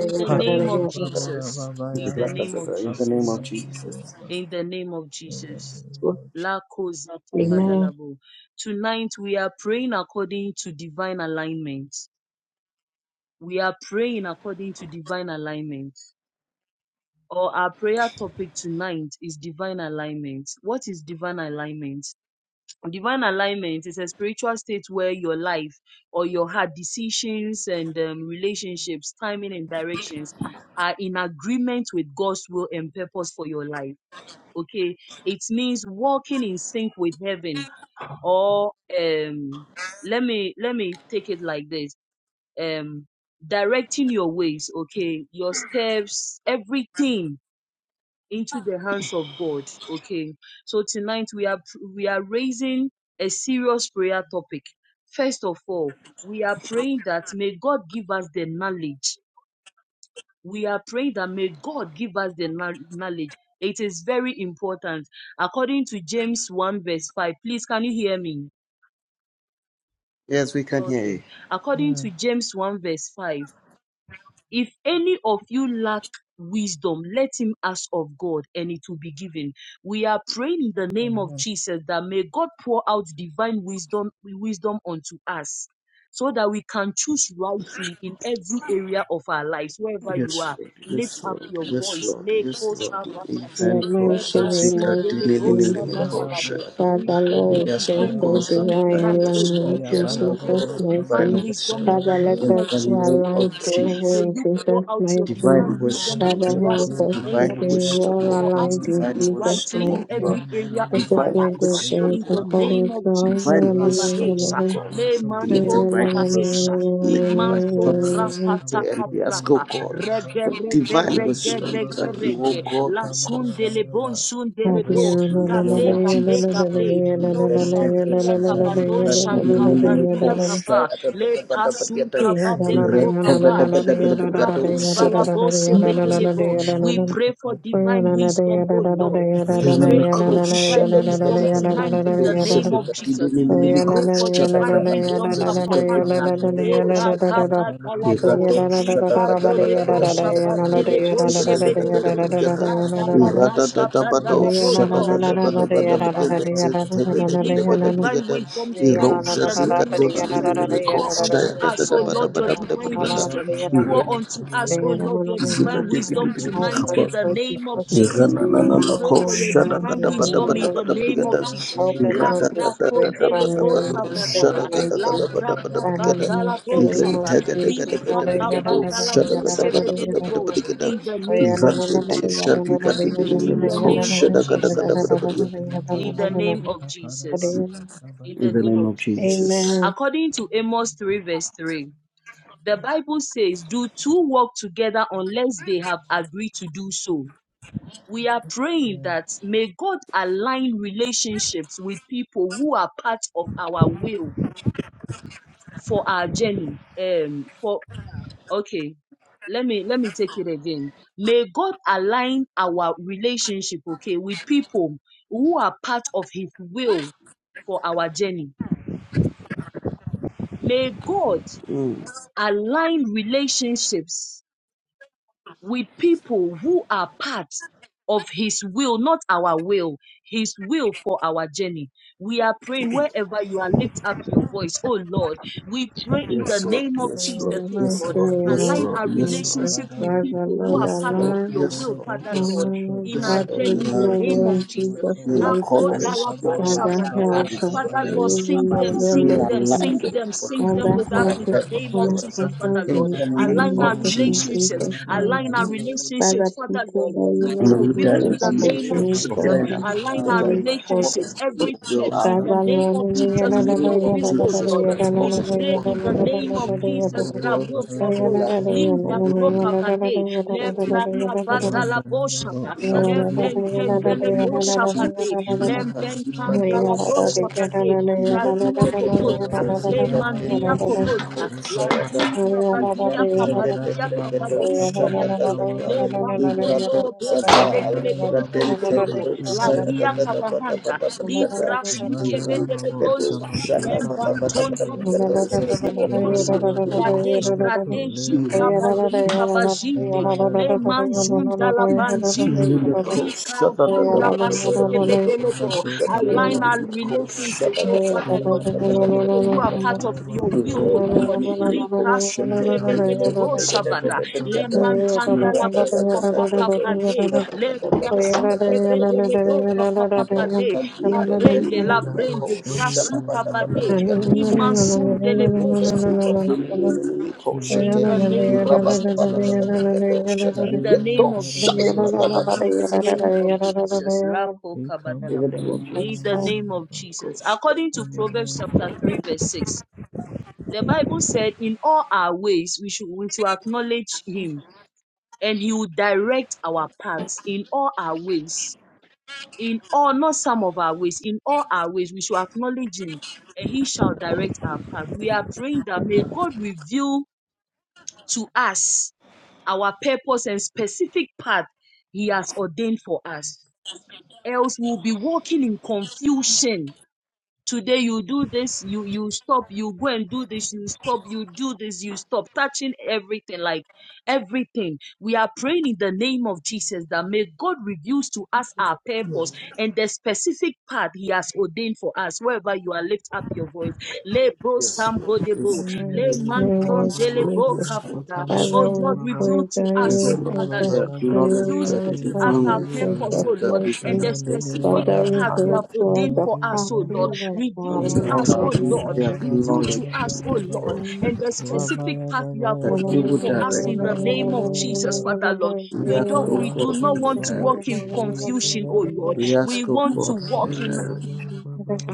[SPEAKER 1] In the name of
[SPEAKER 4] Handalababo
[SPEAKER 1] Jesus. In the
[SPEAKER 4] Rabhavayama
[SPEAKER 1] name of
[SPEAKER 6] name
[SPEAKER 1] Jesus.
[SPEAKER 6] of Jesus.
[SPEAKER 4] Sukhapayamalabha
[SPEAKER 1] In the name of
[SPEAKER 4] In the
[SPEAKER 1] Jesus.
[SPEAKER 4] name of
[SPEAKER 1] La kozata
[SPEAKER 6] Amen.
[SPEAKER 5] Amen.
[SPEAKER 1] badalabo. Tonight we are praying according to divine alignment. We are praying according to divine alignment. Or our prayer topic tonight is divine alignment. What is divine alignment? Divine alignment is a spiritual state where your life or your heart decisions and um, relationships, timing and directions are in agreement with God's will and purpose for your life. Okay, it means walking in sync with heaven or um let me let me take it like this um directing your ways okay your steps everything into the hands of god okay so tonight we are we are raising a serious prayer topic first of all we are praying that may god give us the knowledge we are praying that may god give us the kno- knowledge it is very important according to james 1 verse 5 please can you hear me
[SPEAKER 6] Yes, we can hear you.
[SPEAKER 1] okay according to
[SPEAKER 4] Jesus.
[SPEAKER 1] james 1 verse 5 If any of you lack wisdom, let him ask of God and it will be given. We are praying in the name of
[SPEAKER 4] Amen.
[SPEAKER 1] Jesus that may God pour out divine wisdom, wisdom unto us so that we can choose rightly in every area of our lives, wherever you
[SPEAKER 6] Yes,
[SPEAKER 1] are.
[SPEAKER 6] Lord. Yes,
[SPEAKER 1] Lift up
[SPEAKER 6] Lord.
[SPEAKER 1] your
[SPEAKER 6] Yes,
[SPEAKER 1] voice.
[SPEAKER 6] Lord. Yes,
[SPEAKER 1] Leko
[SPEAKER 6] Lord.
[SPEAKER 1] sabataba,
[SPEAKER 5] In the
[SPEAKER 6] Event for
[SPEAKER 5] mighty name
[SPEAKER 6] Sasika
[SPEAKER 5] of
[SPEAKER 1] lebasindelebo
[SPEAKER 5] Jesus,
[SPEAKER 6] Dinilimico
[SPEAKER 4] Inalabo
[SPEAKER 1] sababalabo. We
[SPEAKER 5] Father,
[SPEAKER 1] pray
[SPEAKER 4] Sekhetiri
[SPEAKER 1] for
[SPEAKER 5] Lord,
[SPEAKER 6] Yes,
[SPEAKER 5] we
[SPEAKER 6] O
[SPEAKER 5] pray
[SPEAKER 1] divine
[SPEAKER 5] for
[SPEAKER 6] God, for
[SPEAKER 4] Vayabhava
[SPEAKER 1] wisdom
[SPEAKER 5] divine
[SPEAKER 6] divine
[SPEAKER 1] tonight, O
[SPEAKER 5] alignment
[SPEAKER 6] wisdom.
[SPEAKER 1] Lord.
[SPEAKER 5] in
[SPEAKER 6] Yes,
[SPEAKER 1] We
[SPEAKER 6] O
[SPEAKER 1] pray
[SPEAKER 5] Jesus'
[SPEAKER 1] for
[SPEAKER 6] God,
[SPEAKER 4] Vyabalabhavo
[SPEAKER 6] for
[SPEAKER 5] mighty
[SPEAKER 1] divine
[SPEAKER 6] divine
[SPEAKER 5] name.
[SPEAKER 1] wisdom
[SPEAKER 6] wisdom.
[SPEAKER 1] in the
[SPEAKER 5] Father, let
[SPEAKER 4] Kabalabhavo
[SPEAKER 6] In
[SPEAKER 1] name of
[SPEAKER 5] us
[SPEAKER 6] the
[SPEAKER 5] be
[SPEAKER 1] Jesus,
[SPEAKER 6] name
[SPEAKER 1] O
[SPEAKER 6] of
[SPEAKER 5] aligned to
[SPEAKER 1] Lord.
[SPEAKER 5] your
[SPEAKER 6] Jesus.
[SPEAKER 1] May
[SPEAKER 5] will in
[SPEAKER 1] you pour
[SPEAKER 5] Jesus'
[SPEAKER 1] out your
[SPEAKER 5] mighty name.
[SPEAKER 6] Divine
[SPEAKER 1] divine wisdom
[SPEAKER 6] wisdom,
[SPEAKER 4] Imandara
[SPEAKER 5] Father,
[SPEAKER 6] O
[SPEAKER 1] unto us in
[SPEAKER 5] help
[SPEAKER 6] God.
[SPEAKER 1] the
[SPEAKER 5] us
[SPEAKER 1] name
[SPEAKER 5] to
[SPEAKER 1] of
[SPEAKER 6] Divine
[SPEAKER 5] be
[SPEAKER 1] Jesus.
[SPEAKER 6] wisdom,
[SPEAKER 5] well
[SPEAKER 6] O
[SPEAKER 1] For
[SPEAKER 6] God.
[SPEAKER 1] us
[SPEAKER 5] aligned
[SPEAKER 1] to
[SPEAKER 5] in
[SPEAKER 6] Divine
[SPEAKER 1] choose
[SPEAKER 5] Jesus'
[SPEAKER 1] rightly
[SPEAKER 6] wisdom,
[SPEAKER 5] mighty
[SPEAKER 1] in
[SPEAKER 6] O
[SPEAKER 5] name.
[SPEAKER 6] God.
[SPEAKER 1] every area
[SPEAKER 5] Let
[SPEAKER 1] of
[SPEAKER 5] us
[SPEAKER 1] our
[SPEAKER 6] Divine
[SPEAKER 5] not
[SPEAKER 1] lives.
[SPEAKER 5] do
[SPEAKER 1] uh,
[SPEAKER 6] wisdom,
[SPEAKER 5] things
[SPEAKER 1] In the
[SPEAKER 6] O God.
[SPEAKER 1] name
[SPEAKER 5] according to
[SPEAKER 1] of
[SPEAKER 5] our
[SPEAKER 1] Jesus,
[SPEAKER 5] will.
[SPEAKER 6] Divine wisdom,
[SPEAKER 1] Kabahesha,
[SPEAKER 6] O
[SPEAKER 5] Amen.
[SPEAKER 6] God.
[SPEAKER 1] Le
[SPEAKER 6] To
[SPEAKER 5] Amen.
[SPEAKER 6] make the
[SPEAKER 1] Manton
[SPEAKER 5] Amen.
[SPEAKER 6] right
[SPEAKER 5] Amen.
[SPEAKER 6] decisions,
[SPEAKER 1] Kabahesha,
[SPEAKER 6] to
[SPEAKER 1] Le
[SPEAKER 6] make the right
[SPEAKER 1] Manson
[SPEAKER 5] Amen.
[SPEAKER 6] choices.
[SPEAKER 5] Amen.
[SPEAKER 6] We
[SPEAKER 1] Krapata
[SPEAKER 6] pray and we ask, O
[SPEAKER 1] Kaprapa,
[SPEAKER 6] God,
[SPEAKER 1] Rege
[SPEAKER 6] for
[SPEAKER 1] Rebe
[SPEAKER 6] divine
[SPEAKER 1] Rege
[SPEAKER 6] wisdom
[SPEAKER 1] Rege
[SPEAKER 6] that you, O
[SPEAKER 1] Rege,
[SPEAKER 6] God,
[SPEAKER 1] La
[SPEAKER 6] will cause us
[SPEAKER 1] Sundele Bon
[SPEAKER 6] help
[SPEAKER 1] Sundelebo,
[SPEAKER 6] us
[SPEAKER 5] Yeah.
[SPEAKER 6] in the name
[SPEAKER 1] Gabe
[SPEAKER 6] of
[SPEAKER 1] Gabe
[SPEAKER 6] Jesus.
[SPEAKER 1] Gabe,
[SPEAKER 6] We
[SPEAKER 1] Lon
[SPEAKER 6] send
[SPEAKER 1] Sandia
[SPEAKER 6] temptations and
[SPEAKER 1] Kabalon
[SPEAKER 6] feedback to the enemy
[SPEAKER 1] Shankambandia
[SPEAKER 6] coast. We
[SPEAKER 1] Kapa, le pasunka
[SPEAKER 6] red
[SPEAKER 1] badelebo
[SPEAKER 6] tether, the
[SPEAKER 1] papa
[SPEAKER 6] better, better, better,
[SPEAKER 1] librati
[SPEAKER 6] those sugar.
[SPEAKER 1] valabo
[SPEAKER 4] Rika
[SPEAKER 6] The
[SPEAKER 1] sebedelebo. We
[SPEAKER 4] Balabu
[SPEAKER 1] pray for
[SPEAKER 4] Sabato
[SPEAKER 1] divine
[SPEAKER 4] Dea
[SPEAKER 1] wisdom, O
[SPEAKER 4] Balabu
[SPEAKER 1] Lord. We pray
[SPEAKER 4] Randa
[SPEAKER 6] enemy
[SPEAKER 1] for your
[SPEAKER 6] coast, Shut
[SPEAKER 1] divine
[SPEAKER 6] up, the
[SPEAKER 1] wisdom
[SPEAKER 6] better, better,
[SPEAKER 1] tonight
[SPEAKER 6] better,
[SPEAKER 1] in the
[SPEAKER 6] those
[SPEAKER 1] name
[SPEAKER 6] sugar.
[SPEAKER 1] of Jesus.
[SPEAKER 6] The
[SPEAKER 1] We
[SPEAKER 6] enemy
[SPEAKER 1] pray for
[SPEAKER 6] coast, shut up, the better,
[SPEAKER 1] divine
[SPEAKER 6] better, better,
[SPEAKER 1] wisdom,
[SPEAKER 6] those sugar. The
[SPEAKER 1] Kapahanda.
[SPEAKER 6] enemy coast,
[SPEAKER 1] Leba
[SPEAKER 6] shut up.
[SPEAKER 1] kabadalabo,
[SPEAKER 6] Irato shata kata
[SPEAKER 1] likado
[SPEAKER 6] pata pata
[SPEAKER 1] lebo
[SPEAKER 6] brigata
[SPEAKER 1] shabadelebo
[SPEAKER 6] irato shata kata pata
[SPEAKER 1] shebedelebo,
[SPEAKER 6] brigata
[SPEAKER 1] ladalaba
[SPEAKER 6] irata tata
[SPEAKER 5] Oh,
[SPEAKER 6] pato
[SPEAKER 5] first Lord
[SPEAKER 1] shabadalabo,
[SPEAKER 6] shata
[SPEAKER 1] Lord.
[SPEAKER 6] kata
[SPEAKER 5] Jesus,
[SPEAKER 1] We
[SPEAKER 6] pata pata
[SPEAKER 1] plead. um,
[SPEAKER 6] brigata shata
[SPEAKER 1] we
[SPEAKER 6] kata
[SPEAKER 1] plead
[SPEAKER 6] kata
[SPEAKER 1] for
[SPEAKER 6] pata
[SPEAKER 1] divine
[SPEAKER 6] brigata
[SPEAKER 1] wisdom
[SPEAKER 6] iro
[SPEAKER 1] tonight in the
[SPEAKER 6] shasi
[SPEAKER 1] name
[SPEAKER 6] kato
[SPEAKER 1] of
[SPEAKER 6] na
[SPEAKER 1] Jesus.
[SPEAKER 6] mimi mimi
[SPEAKER 1] Pour
[SPEAKER 6] kof
[SPEAKER 1] unto
[SPEAKER 6] shaya tata
[SPEAKER 1] us, O
[SPEAKER 6] tata pata
[SPEAKER 1] Lord, your
[SPEAKER 6] pata pata
[SPEAKER 1] divine
[SPEAKER 6] brigata
[SPEAKER 1] wisdom. Pour
[SPEAKER 4] Mayamalo
[SPEAKER 6] irata
[SPEAKER 1] unto us, O Lord, your
[SPEAKER 6] zita
[SPEAKER 1] divine
[SPEAKER 6] diki
[SPEAKER 1] wisdom
[SPEAKER 6] diki diki
[SPEAKER 4] Rita
[SPEAKER 1] tonight
[SPEAKER 6] kapa
[SPEAKER 4] Vada
[SPEAKER 1] in the
[SPEAKER 4] Bosta
[SPEAKER 1] name of
[SPEAKER 6] in
[SPEAKER 1] Jesus.
[SPEAKER 6] the
[SPEAKER 1] We
[SPEAKER 4] Batora.
[SPEAKER 1] pray for your divine wisdom in
[SPEAKER 5] Lord
[SPEAKER 1] the name
[SPEAKER 5] Jesus,
[SPEAKER 1] of Jesus.
[SPEAKER 5] help us
[SPEAKER 1] La
[SPEAKER 5] not to
[SPEAKER 1] grapo
[SPEAKER 5] stray
[SPEAKER 1] dele
[SPEAKER 5] from
[SPEAKER 1] bo
[SPEAKER 5] you, Jesus,
[SPEAKER 1] sabakaba.
[SPEAKER 5] my
[SPEAKER 1] La braba ba dala bo saba. Li braka ba dala bo sebe dele
[SPEAKER 5] Jesus.
[SPEAKER 1] In the name
[SPEAKER 5] Amen.
[SPEAKER 1] of
[SPEAKER 5] May
[SPEAKER 1] Jesus. In the name of Jesus. In the name of Jesus in the name
[SPEAKER 6] name
[SPEAKER 1] of
[SPEAKER 6] of
[SPEAKER 1] Jesus.
[SPEAKER 6] Jesus.
[SPEAKER 1] According to Amos 3, verse 3, the Bible says, Do two work together unless they have agreed to do so. We are praying that
[SPEAKER 4] Rekabala
[SPEAKER 1] may God align relationships with people who are part of our will for our journey. Um, for okay, let me let me take it again. May God align our relationship, okay, with people who are part of His will for our journey. May God
[SPEAKER 6] Mm.
[SPEAKER 1] align relationships with people who are part of His will, not our will, His will for our journey. We are praying wherever you are, lift up your voice, oh Lord. We pray in the
[SPEAKER 6] Yes, Lord.
[SPEAKER 1] name of
[SPEAKER 6] Yes,
[SPEAKER 1] Jesus,
[SPEAKER 6] Lord.
[SPEAKER 5] the
[SPEAKER 1] oh
[SPEAKER 6] Yes,
[SPEAKER 1] Lord.
[SPEAKER 5] mighty
[SPEAKER 6] Lord.
[SPEAKER 5] name
[SPEAKER 6] Yes,
[SPEAKER 5] of
[SPEAKER 1] Align
[SPEAKER 6] Lord.
[SPEAKER 1] our
[SPEAKER 6] Yes, Lord. Yes, Lord.
[SPEAKER 5] Jesus
[SPEAKER 1] relationships with
[SPEAKER 5] Christ, our
[SPEAKER 1] people who
[SPEAKER 5] Lord,
[SPEAKER 1] are
[SPEAKER 5] our
[SPEAKER 6] Yes,
[SPEAKER 1] part of
[SPEAKER 5] Lord.
[SPEAKER 1] your will,
[SPEAKER 6] Lord.
[SPEAKER 1] Father
[SPEAKER 6] Yes,
[SPEAKER 1] Lord,
[SPEAKER 5] Um,
[SPEAKER 1] in our
[SPEAKER 6] Yes,
[SPEAKER 5] back
[SPEAKER 6] Lord,
[SPEAKER 5] with
[SPEAKER 1] journey in
[SPEAKER 6] we
[SPEAKER 5] you,
[SPEAKER 6] are
[SPEAKER 1] the name
[SPEAKER 6] relieved.
[SPEAKER 1] of
[SPEAKER 5] Lord
[SPEAKER 1] Jesus.
[SPEAKER 5] Jesus,
[SPEAKER 6] in
[SPEAKER 1] La
[SPEAKER 5] name to
[SPEAKER 7] Rasta
[SPEAKER 5] you.
[SPEAKER 6] accordance
[SPEAKER 1] kodala
[SPEAKER 6] with your
[SPEAKER 1] bo
[SPEAKER 6] will
[SPEAKER 5] Father,
[SPEAKER 7] Kataya
[SPEAKER 1] shabadala.
[SPEAKER 5] help
[SPEAKER 6] and
[SPEAKER 7] Kabala,
[SPEAKER 5] us
[SPEAKER 1] Father Lord,
[SPEAKER 5] delivering
[SPEAKER 1] sing
[SPEAKER 7] Baba,
[SPEAKER 5] your
[SPEAKER 1] them,
[SPEAKER 5] will,
[SPEAKER 1] sing
[SPEAKER 6] being
[SPEAKER 5] Lord
[SPEAKER 1] them,
[SPEAKER 6] aligned
[SPEAKER 1] sing
[SPEAKER 5] Jesus.
[SPEAKER 1] them,
[SPEAKER 6] with what
[SPEAKER 1] sing
[SPEAKER 6] you
[SPEAKER 1] them
[SPEAKER 5] Father,
[SPEAKER 1] with
[SPEAKER 6] all God,
[SPEAKER 1] us
[SPEAKER 5] help
[SPEAKER 1] in
[SPEAKER 6] the
[SPEAKER 5] us
[SPEAKER 1] the
[SPEAKER 5] to
[SPEAKER 1] name
[SPEAKER 6] purpose
[SPEAKER 1] of
[SPEAKER 6] for
[SPEAKER 5] come
[SPEAKER 6] us.
[SPEAKER 1] Jesus,
[SPEAKER 5] across
[SPEAKER 1] Father
[SPEAKER 5] out
[SPEAKER 1] Lord.
[SPEAKER 6] In
[SPEAKER 5] and
[SPEAKER 6] the name
[SPEAKER 1] Align
[SPEAKER 5] healing of
[SPEAKER 1] our
[SPEAKER 6] of
[SPEAKER 5] the
[SPEAKER 6] Jesus
[SPEAKER 5] Jesus'
[SPEAKER 1] relationships.
[SPEAKER 6] Christ,
[SPEAKER 7] In the
[SPEAKER 5] name.
[SPEAKER 1] Align our
[SPEAKER 7] mighty
[SPEAKER 5] Jesus.
[SPEAKER 7] name of
[SPEAKER 1] relationships,
[SPEAKER 5] Father,
[SPEAKER 7] Jesus.
[SPEAKER 1] Father
[SPEAKER 5] people
[SPEAKER 1] God,
[SPEAKER 7] In
[SPEAKER 5] that
[SPEAKER 7] the
[SPEAKER 5] you
[SPEAKER 1] with
[SPEAKER 6] and
[SPEAKER 5] know
[SPEAKER 7] mighty
[SPEAKER 6] may
[SPEAKER 1] your
[SPEAKER 6] we
[SPEAKER 7] name of
[SPEAKER 1] will in
[SPEAKER 5] Jesus
[SPEAKER 6] direct
[SPEAKER 4] Mandala
[SPEAKER 1] the
[SPEAKER 5] have
[SPEAKER 7] Jesus. Oh,
[SPEAKER 1] name
[SPEAKER 7] Lord,
[SPEAKER 1] of
[SPEAKER 5] ordained
[SPEAKER 6] relationship
[SPEAKER 8] Prophet
[SPEAKER 1] Jesus.
[SPEAKER 5] for
[SPEAKER 6] turn
[SPEAKER 8] Dave.
[SPEAKER 6] up
[SPEAKER 7] my
[SPEAKER 5] him
[SPEAKER 1] Align
[SPEAKER 7] God,
[SPEAKER 5] to
[SPEAKER 6] that
[SPEAKER 1] our
[SPEAKER 7] oh,
[SPEAKER 6] are in
[SPEAKER 5] reach for
[SPEAKER 1] relationships,
[SPEAKER 6] accordance with
[SPEAKER 1] every
[SPEAKER 5] Jesus.
[SPEAKER 6] your will
[SPEAKER 1] steps
[SPEAKER 6] our
[SPEAKER 1] in the
[SPEAKER 6] will.
[SPEAKER 5] Father,
[SPEAKER 1] name of
[SPEAKER 6] In the
[SPEAKER 1] Jesus with
[SPEAKER 6] name
[SPEAKER 1] your
[SPEAKER 6] of
[SPEAKER 1] will, oh
[SPEAKER 6] Jesus
[SPEAKER 1] Lord.
[SPEAKER 6] Christ,
[SPEAKER 1] We
[SPEAKER 6] cause us to
[SPEAKER 1] pray
[SPEAKER 6] walk
[SPEAKER 1] in
[SPEAKER 6] in
[SPEAKER 1] the
[SPEAKER 6] the
[SPEAKER 1] name of
[SPEAKER 6] relationship
[SPEAKER 1] Jesus.
[SPEAKER 6] of God
[SPEAKER 1] Grabo,
[SPEAKER 6] and
[SPEAKER 1] grabo.
[SPEAKER 6] that
[SPEAKER 1] Linda
[SPEAKER 6] will be
[SPEAKER 1] krokabade. Le
[SPEAKER 6] effective will for
[SPEAKER 5] Lord, (laughs)
[SPEAKER 6] us.
[SPEAKER 1] brakabadala boshaba.
[SPEAKER 5] Thank
[SPEAKER 6] Help
[SPEAKER 1] Le
[SPEAKER 6] us walk in the
[SPEAKER 1] benkendele
[SPEAKER 6] name of Jesus.
[SPEAKER 1] boshabade. Le
[SPEAKER 6] Lucas, Ibrado,
[SPEAKER 1] benkandala
[SPEAKER 6] Shayada.
[SPEAKER 1] boshaba.
[SPEAKER 6] Ibrado,
[SPEAKER 1] Radia
[SPEAKER 6] Shayada,
[SPEAKER 1] Kobosta, Le Mandia Kobosta,
[SPEAKER 6] Ibrado, Shayada.
[SPEAKER 1] Langin Kabadia
[SPEAKER 6] Ibrado, Shayada, Ibrado, the
[SPEAKER 1] Kabadia
[SPEAKER 4] Babu
[SPEAKER 6] Ibrado,
[SPEAKER 1] Kabadia
[SPEAKER 6] Shayada, Ibrado,
[SPEAKER 1] Kabade, Le Bantondolobo Sebedele Bontondolobo, Lagia
[SPEAKER 4] Shabba
[SPEAKER 1] Kabahanda, Libra
[SPEAKER 4] Mandala
[SPEAKER 6] Ibrado,
[SPEAKER 1] Sukebedele
[SPEAKER 4] Babo
[SPEAKER 1] Bonsa,
[SPEAKER 6] Shada,
[SPEAKER 4] Shamazuka
[SPEAKER 6] Ibrado,
[SPEAKER 1] Lembantondolobo
[SPEAKER 4] Barabayaba
[SPEAKER 1] Kebedele
[SPEAKER 6] Zaziba,
[SPEAKER 1] Bonsa,
[SPEAKER 4] Imandala Babo
[SPEAKER 1] Bradesh
[SPEAKER 4] Sabatu
[SPEAKER 1] Bradeji
[SPEAKER 4] Lea
[SPEAKER 1] Kabazi
[SPEAKER 6] Ibrado,
[SPEAKER 4] Barababo
[SPEAKER 1] Kabazide,
[SPEAKER 4] Imandala
[SPEAKER 1] Le
[SPEAKER 4] Babo
[SPEAKER 1] Manjunda
[SPEAKER 4] Sabate
[SPEAKER 6] Thank
[SPEAKER 4] Kepiya
[SPEAKER 1] Labanjinde,
[SPEAKER 4] Mala
[SPEAKER 1] Rika Vura
[SPEAKER 4] Rika Barabo
[SPEAKER 1] Basekebedele Bo,
[SPEAKER 4] Shamazotaya
[SPEAKER 5] you.
[SPEAKER 1] Align our
[SPEAKER 4] Mandaliaba
[SPEAKER 1] relationships, oh
[SPEAKER 5] Amen.
[SPEAKER 1] Father Lord, with
[SPEAKER 4] Imandala
[SPEAKER 1] people who are
[SPEAKER 6] you.
[SPEAKER 1] part of your
[SPEAKER 4] Babarabayama
[SPEAKER 6] Yes,
[SPEAKER 1] will, oh
[SPEAKER 6] Lord.
[SPEAKER 1] Lord. Rika sukebedele
[SPEAKER 4] Ikamanda
[SPEAKER 1] bo shabada.
[SPEAKER 4] Babo
[SPEAKER 1] Le
[SPEAKER 4] Sabatu
[SPEAKER 1] mantanda
[SPEAKER 4] Lea
[SPEAKER 1] la bo papa papa de. Le brasu kebedele bo papa papa de. La brende la
[SPEAKER 4] Labo
[SPEAKER 1] brende grasu
[SPEAKER 4] Shamazia
[SPEAKER 1] kabade.
[SPEAKER 4] Malia Paramandoriya
[SPEAKER 1] Rimansunde le bo
[SPEAKER 4] Malababa
[SPEAKER 1] shabahamba. In the
[SPEAKER 4] Imandalaya
[SPEAKER 1] name of
[SPEAKER 4] Marika
[SPEAKER 1] Jesus.
[SPEAKER 4] Baramo
[SPEAKER 1] In the name of
[SPEAKER 4] Ziyamandarababa,
[SPEAKER 1] Jesus. In the name of Jesus. Lapo kabadalabo. In the name of
[SPEAKER 4] Ikamandarababa,
[SPEAKER 1] Jesus. According to
[SPEAKER 4] In the
[SPEAKER 1] Proverbs
[SPEAKER 4] name of
[SPEAKER 1] chapter 3, verse 6, the Bible said, In all our ways we should, we should acknowledge him, and he will direct our paths in all our ways. In all, not some of our ways, in all our ways, we should acknowledge him, and he shall direct our path. We are praying that may God reveal to us our purpose and specific path He has ordained for us. Else, we'll be walking in confusion Today you do this, you you stop, you go and do this, you stop, you do this, you stop, touching everything, like everything. We are praying in the name of Jesus that may God reveal to us our purpose and the specific path He has ordained for us. Wherever you are, lift up your voice. Le bo
[SPEAKER 6] Yes, Lord.
[SPEAKER 1] sambodebo,
[SPEAKER 6] Yes,
[SPEAKER 1] le mantron
[SPEAKER 6] Lord.
[SPEAKER 1] delebo
[SPEAKER 5] Amen.
[SPEAKER 6] Yes, Lord.
[SPEAKER 1] kabada.
[SPEAKER 6] Yes, Lord.
[SPEAKER 5] Father,
[SPEAKER 1] Oh Lord,
[SPEAKER 5] we
[SPEAKER 4] Niviramanabushamusukamandarababa,
[SPEAKER 5] pray
[SPEAKER 1] reveal to
[SPEAKER 5] that
[SPEAKER 1] us,
[SPEAKER 6] Yes,
[SPEAKER 5] you
[SPEAKER 1] oh
[SPEAKER 6] Lord,
[SPEAKER 5] help
[SPEAKER 1] Father
[SPEAKER 5] us
[SPEAKER 6] we
[SPEAKER 1] Lord,
[SPEAKER 5] to
[SPEAKER 6] acknowledge
[SPEAKER 5] live
[SPEAKER 1] reveal
[SPEAKER 6] that
[SPEAKER 5] your
[SPEAKER 6] it
[SPEAKER 1] to
[SPEAKER 6] is
[SPEAKER 5] life
[SPEAKER 1] us our
[SPEAKER 6] only
[SPEAKER 5] in
[SPEAKER 6] through
[SPEAKER 4] Vinavabalabosantiyamandariyama,
[SPEAKER 1] purpose,
[SPEAKER 5] Jesus'
[SPEAKER 6] you
[SPEAKER 1] oh Lord,
[SPEAKER 6] that we
[SPEAKER 1] and
[SPEAKER 6] can
[SPEAKER 5] name.
[SPEAKER 1] the
[SPEAKER 6] identify
[SPEAKER 1] specific
[SPEAKER 5] Father,
[SPEAKER 6] our
[SPEAKER 1] path you
[SPEAKER 6] path.
[SPEAKER 5] reveal
[SPEAKER 1] have ordained
[SPEAKER 5] the
[SPEAKER 1] for
[SPEAKER 5] path
[SPEAKER 1] us, oh
[SPEAKER 4] Imandaliyamanabushamaziyamande,
[SPEAKER 1] Lord.
[SPEAKER 5] of our
[SPEAKER 1] Reveal
[SPEAKER 6] For In
[SPEAKER 1] to
[SPEAKER 5] life
[SPEAKER 6] all
[SPEAKER 1] us,
[SPEAKER 6] our
[SPEAKER 5] with
[SPEAKER 1] oh
[SPEAKER 6] ways,
[SPEAKER 1] Lord.
[SPEAKER 6] we
[SPEAKER 5] Jesus.
[SPEAKER 1] Reveal
[SPEAKER 6] acknowledge
[SPEAKER 1] to
[SPEAKER 6] you,
[SPEAKER 1] us, oh
[SPEAKER 4] Imakayamanababarababa,
[SPEAKER 6] O
[SPEAKER 1] Lord.
[SPEAKER 6] God,
[SPEAKER 1] And the specific path you have
[SPEAKER 6] that
[SPEAKER 4] Rabarababayaba,
[SPEAKER 6] you
[SPEAKER 1] ordained
[SPEAKER 6] will
[SPEAKER 1] for us
[SPEAKER 6] direct
[SPEAKER 1] in the
[SPEAKER 6] our path.
[SPEAKER 1] name of
[SPEAKER 4] Ikabarababayaba,
[SPEAKER 1] Jesus, Father Lord.
[SPEAKER 6] We
[SPEAKER 1] We
[SPEAKER 6] ask,
[SPEAKER 1] don't
[SPEAKER 6] O
[SPEAKER 1] we do
[SPEAKER 6] God,
[SPEAKER 1] not
[SPEAKER 6] for your
[SPEAKER 1] want to walk in
[SPEAKER 6] direction.
[SPEAKER 1] confusion, oh Lord.
[SPEAKER 4] Vikavalabosabatuviyabarabaraba,
[SPEAKER 6] We
[SPEAKER 1] We
[SPEAKER 6] ask, O
[SPEAKER 1] want to
[SPEAKER 6] God, for
[SPEAKER 4] Imanda
[SPEAKER 6] your
[SPEAKER 1] walk in
[SPEAKER 4] la
[SPEAKER 6] direction.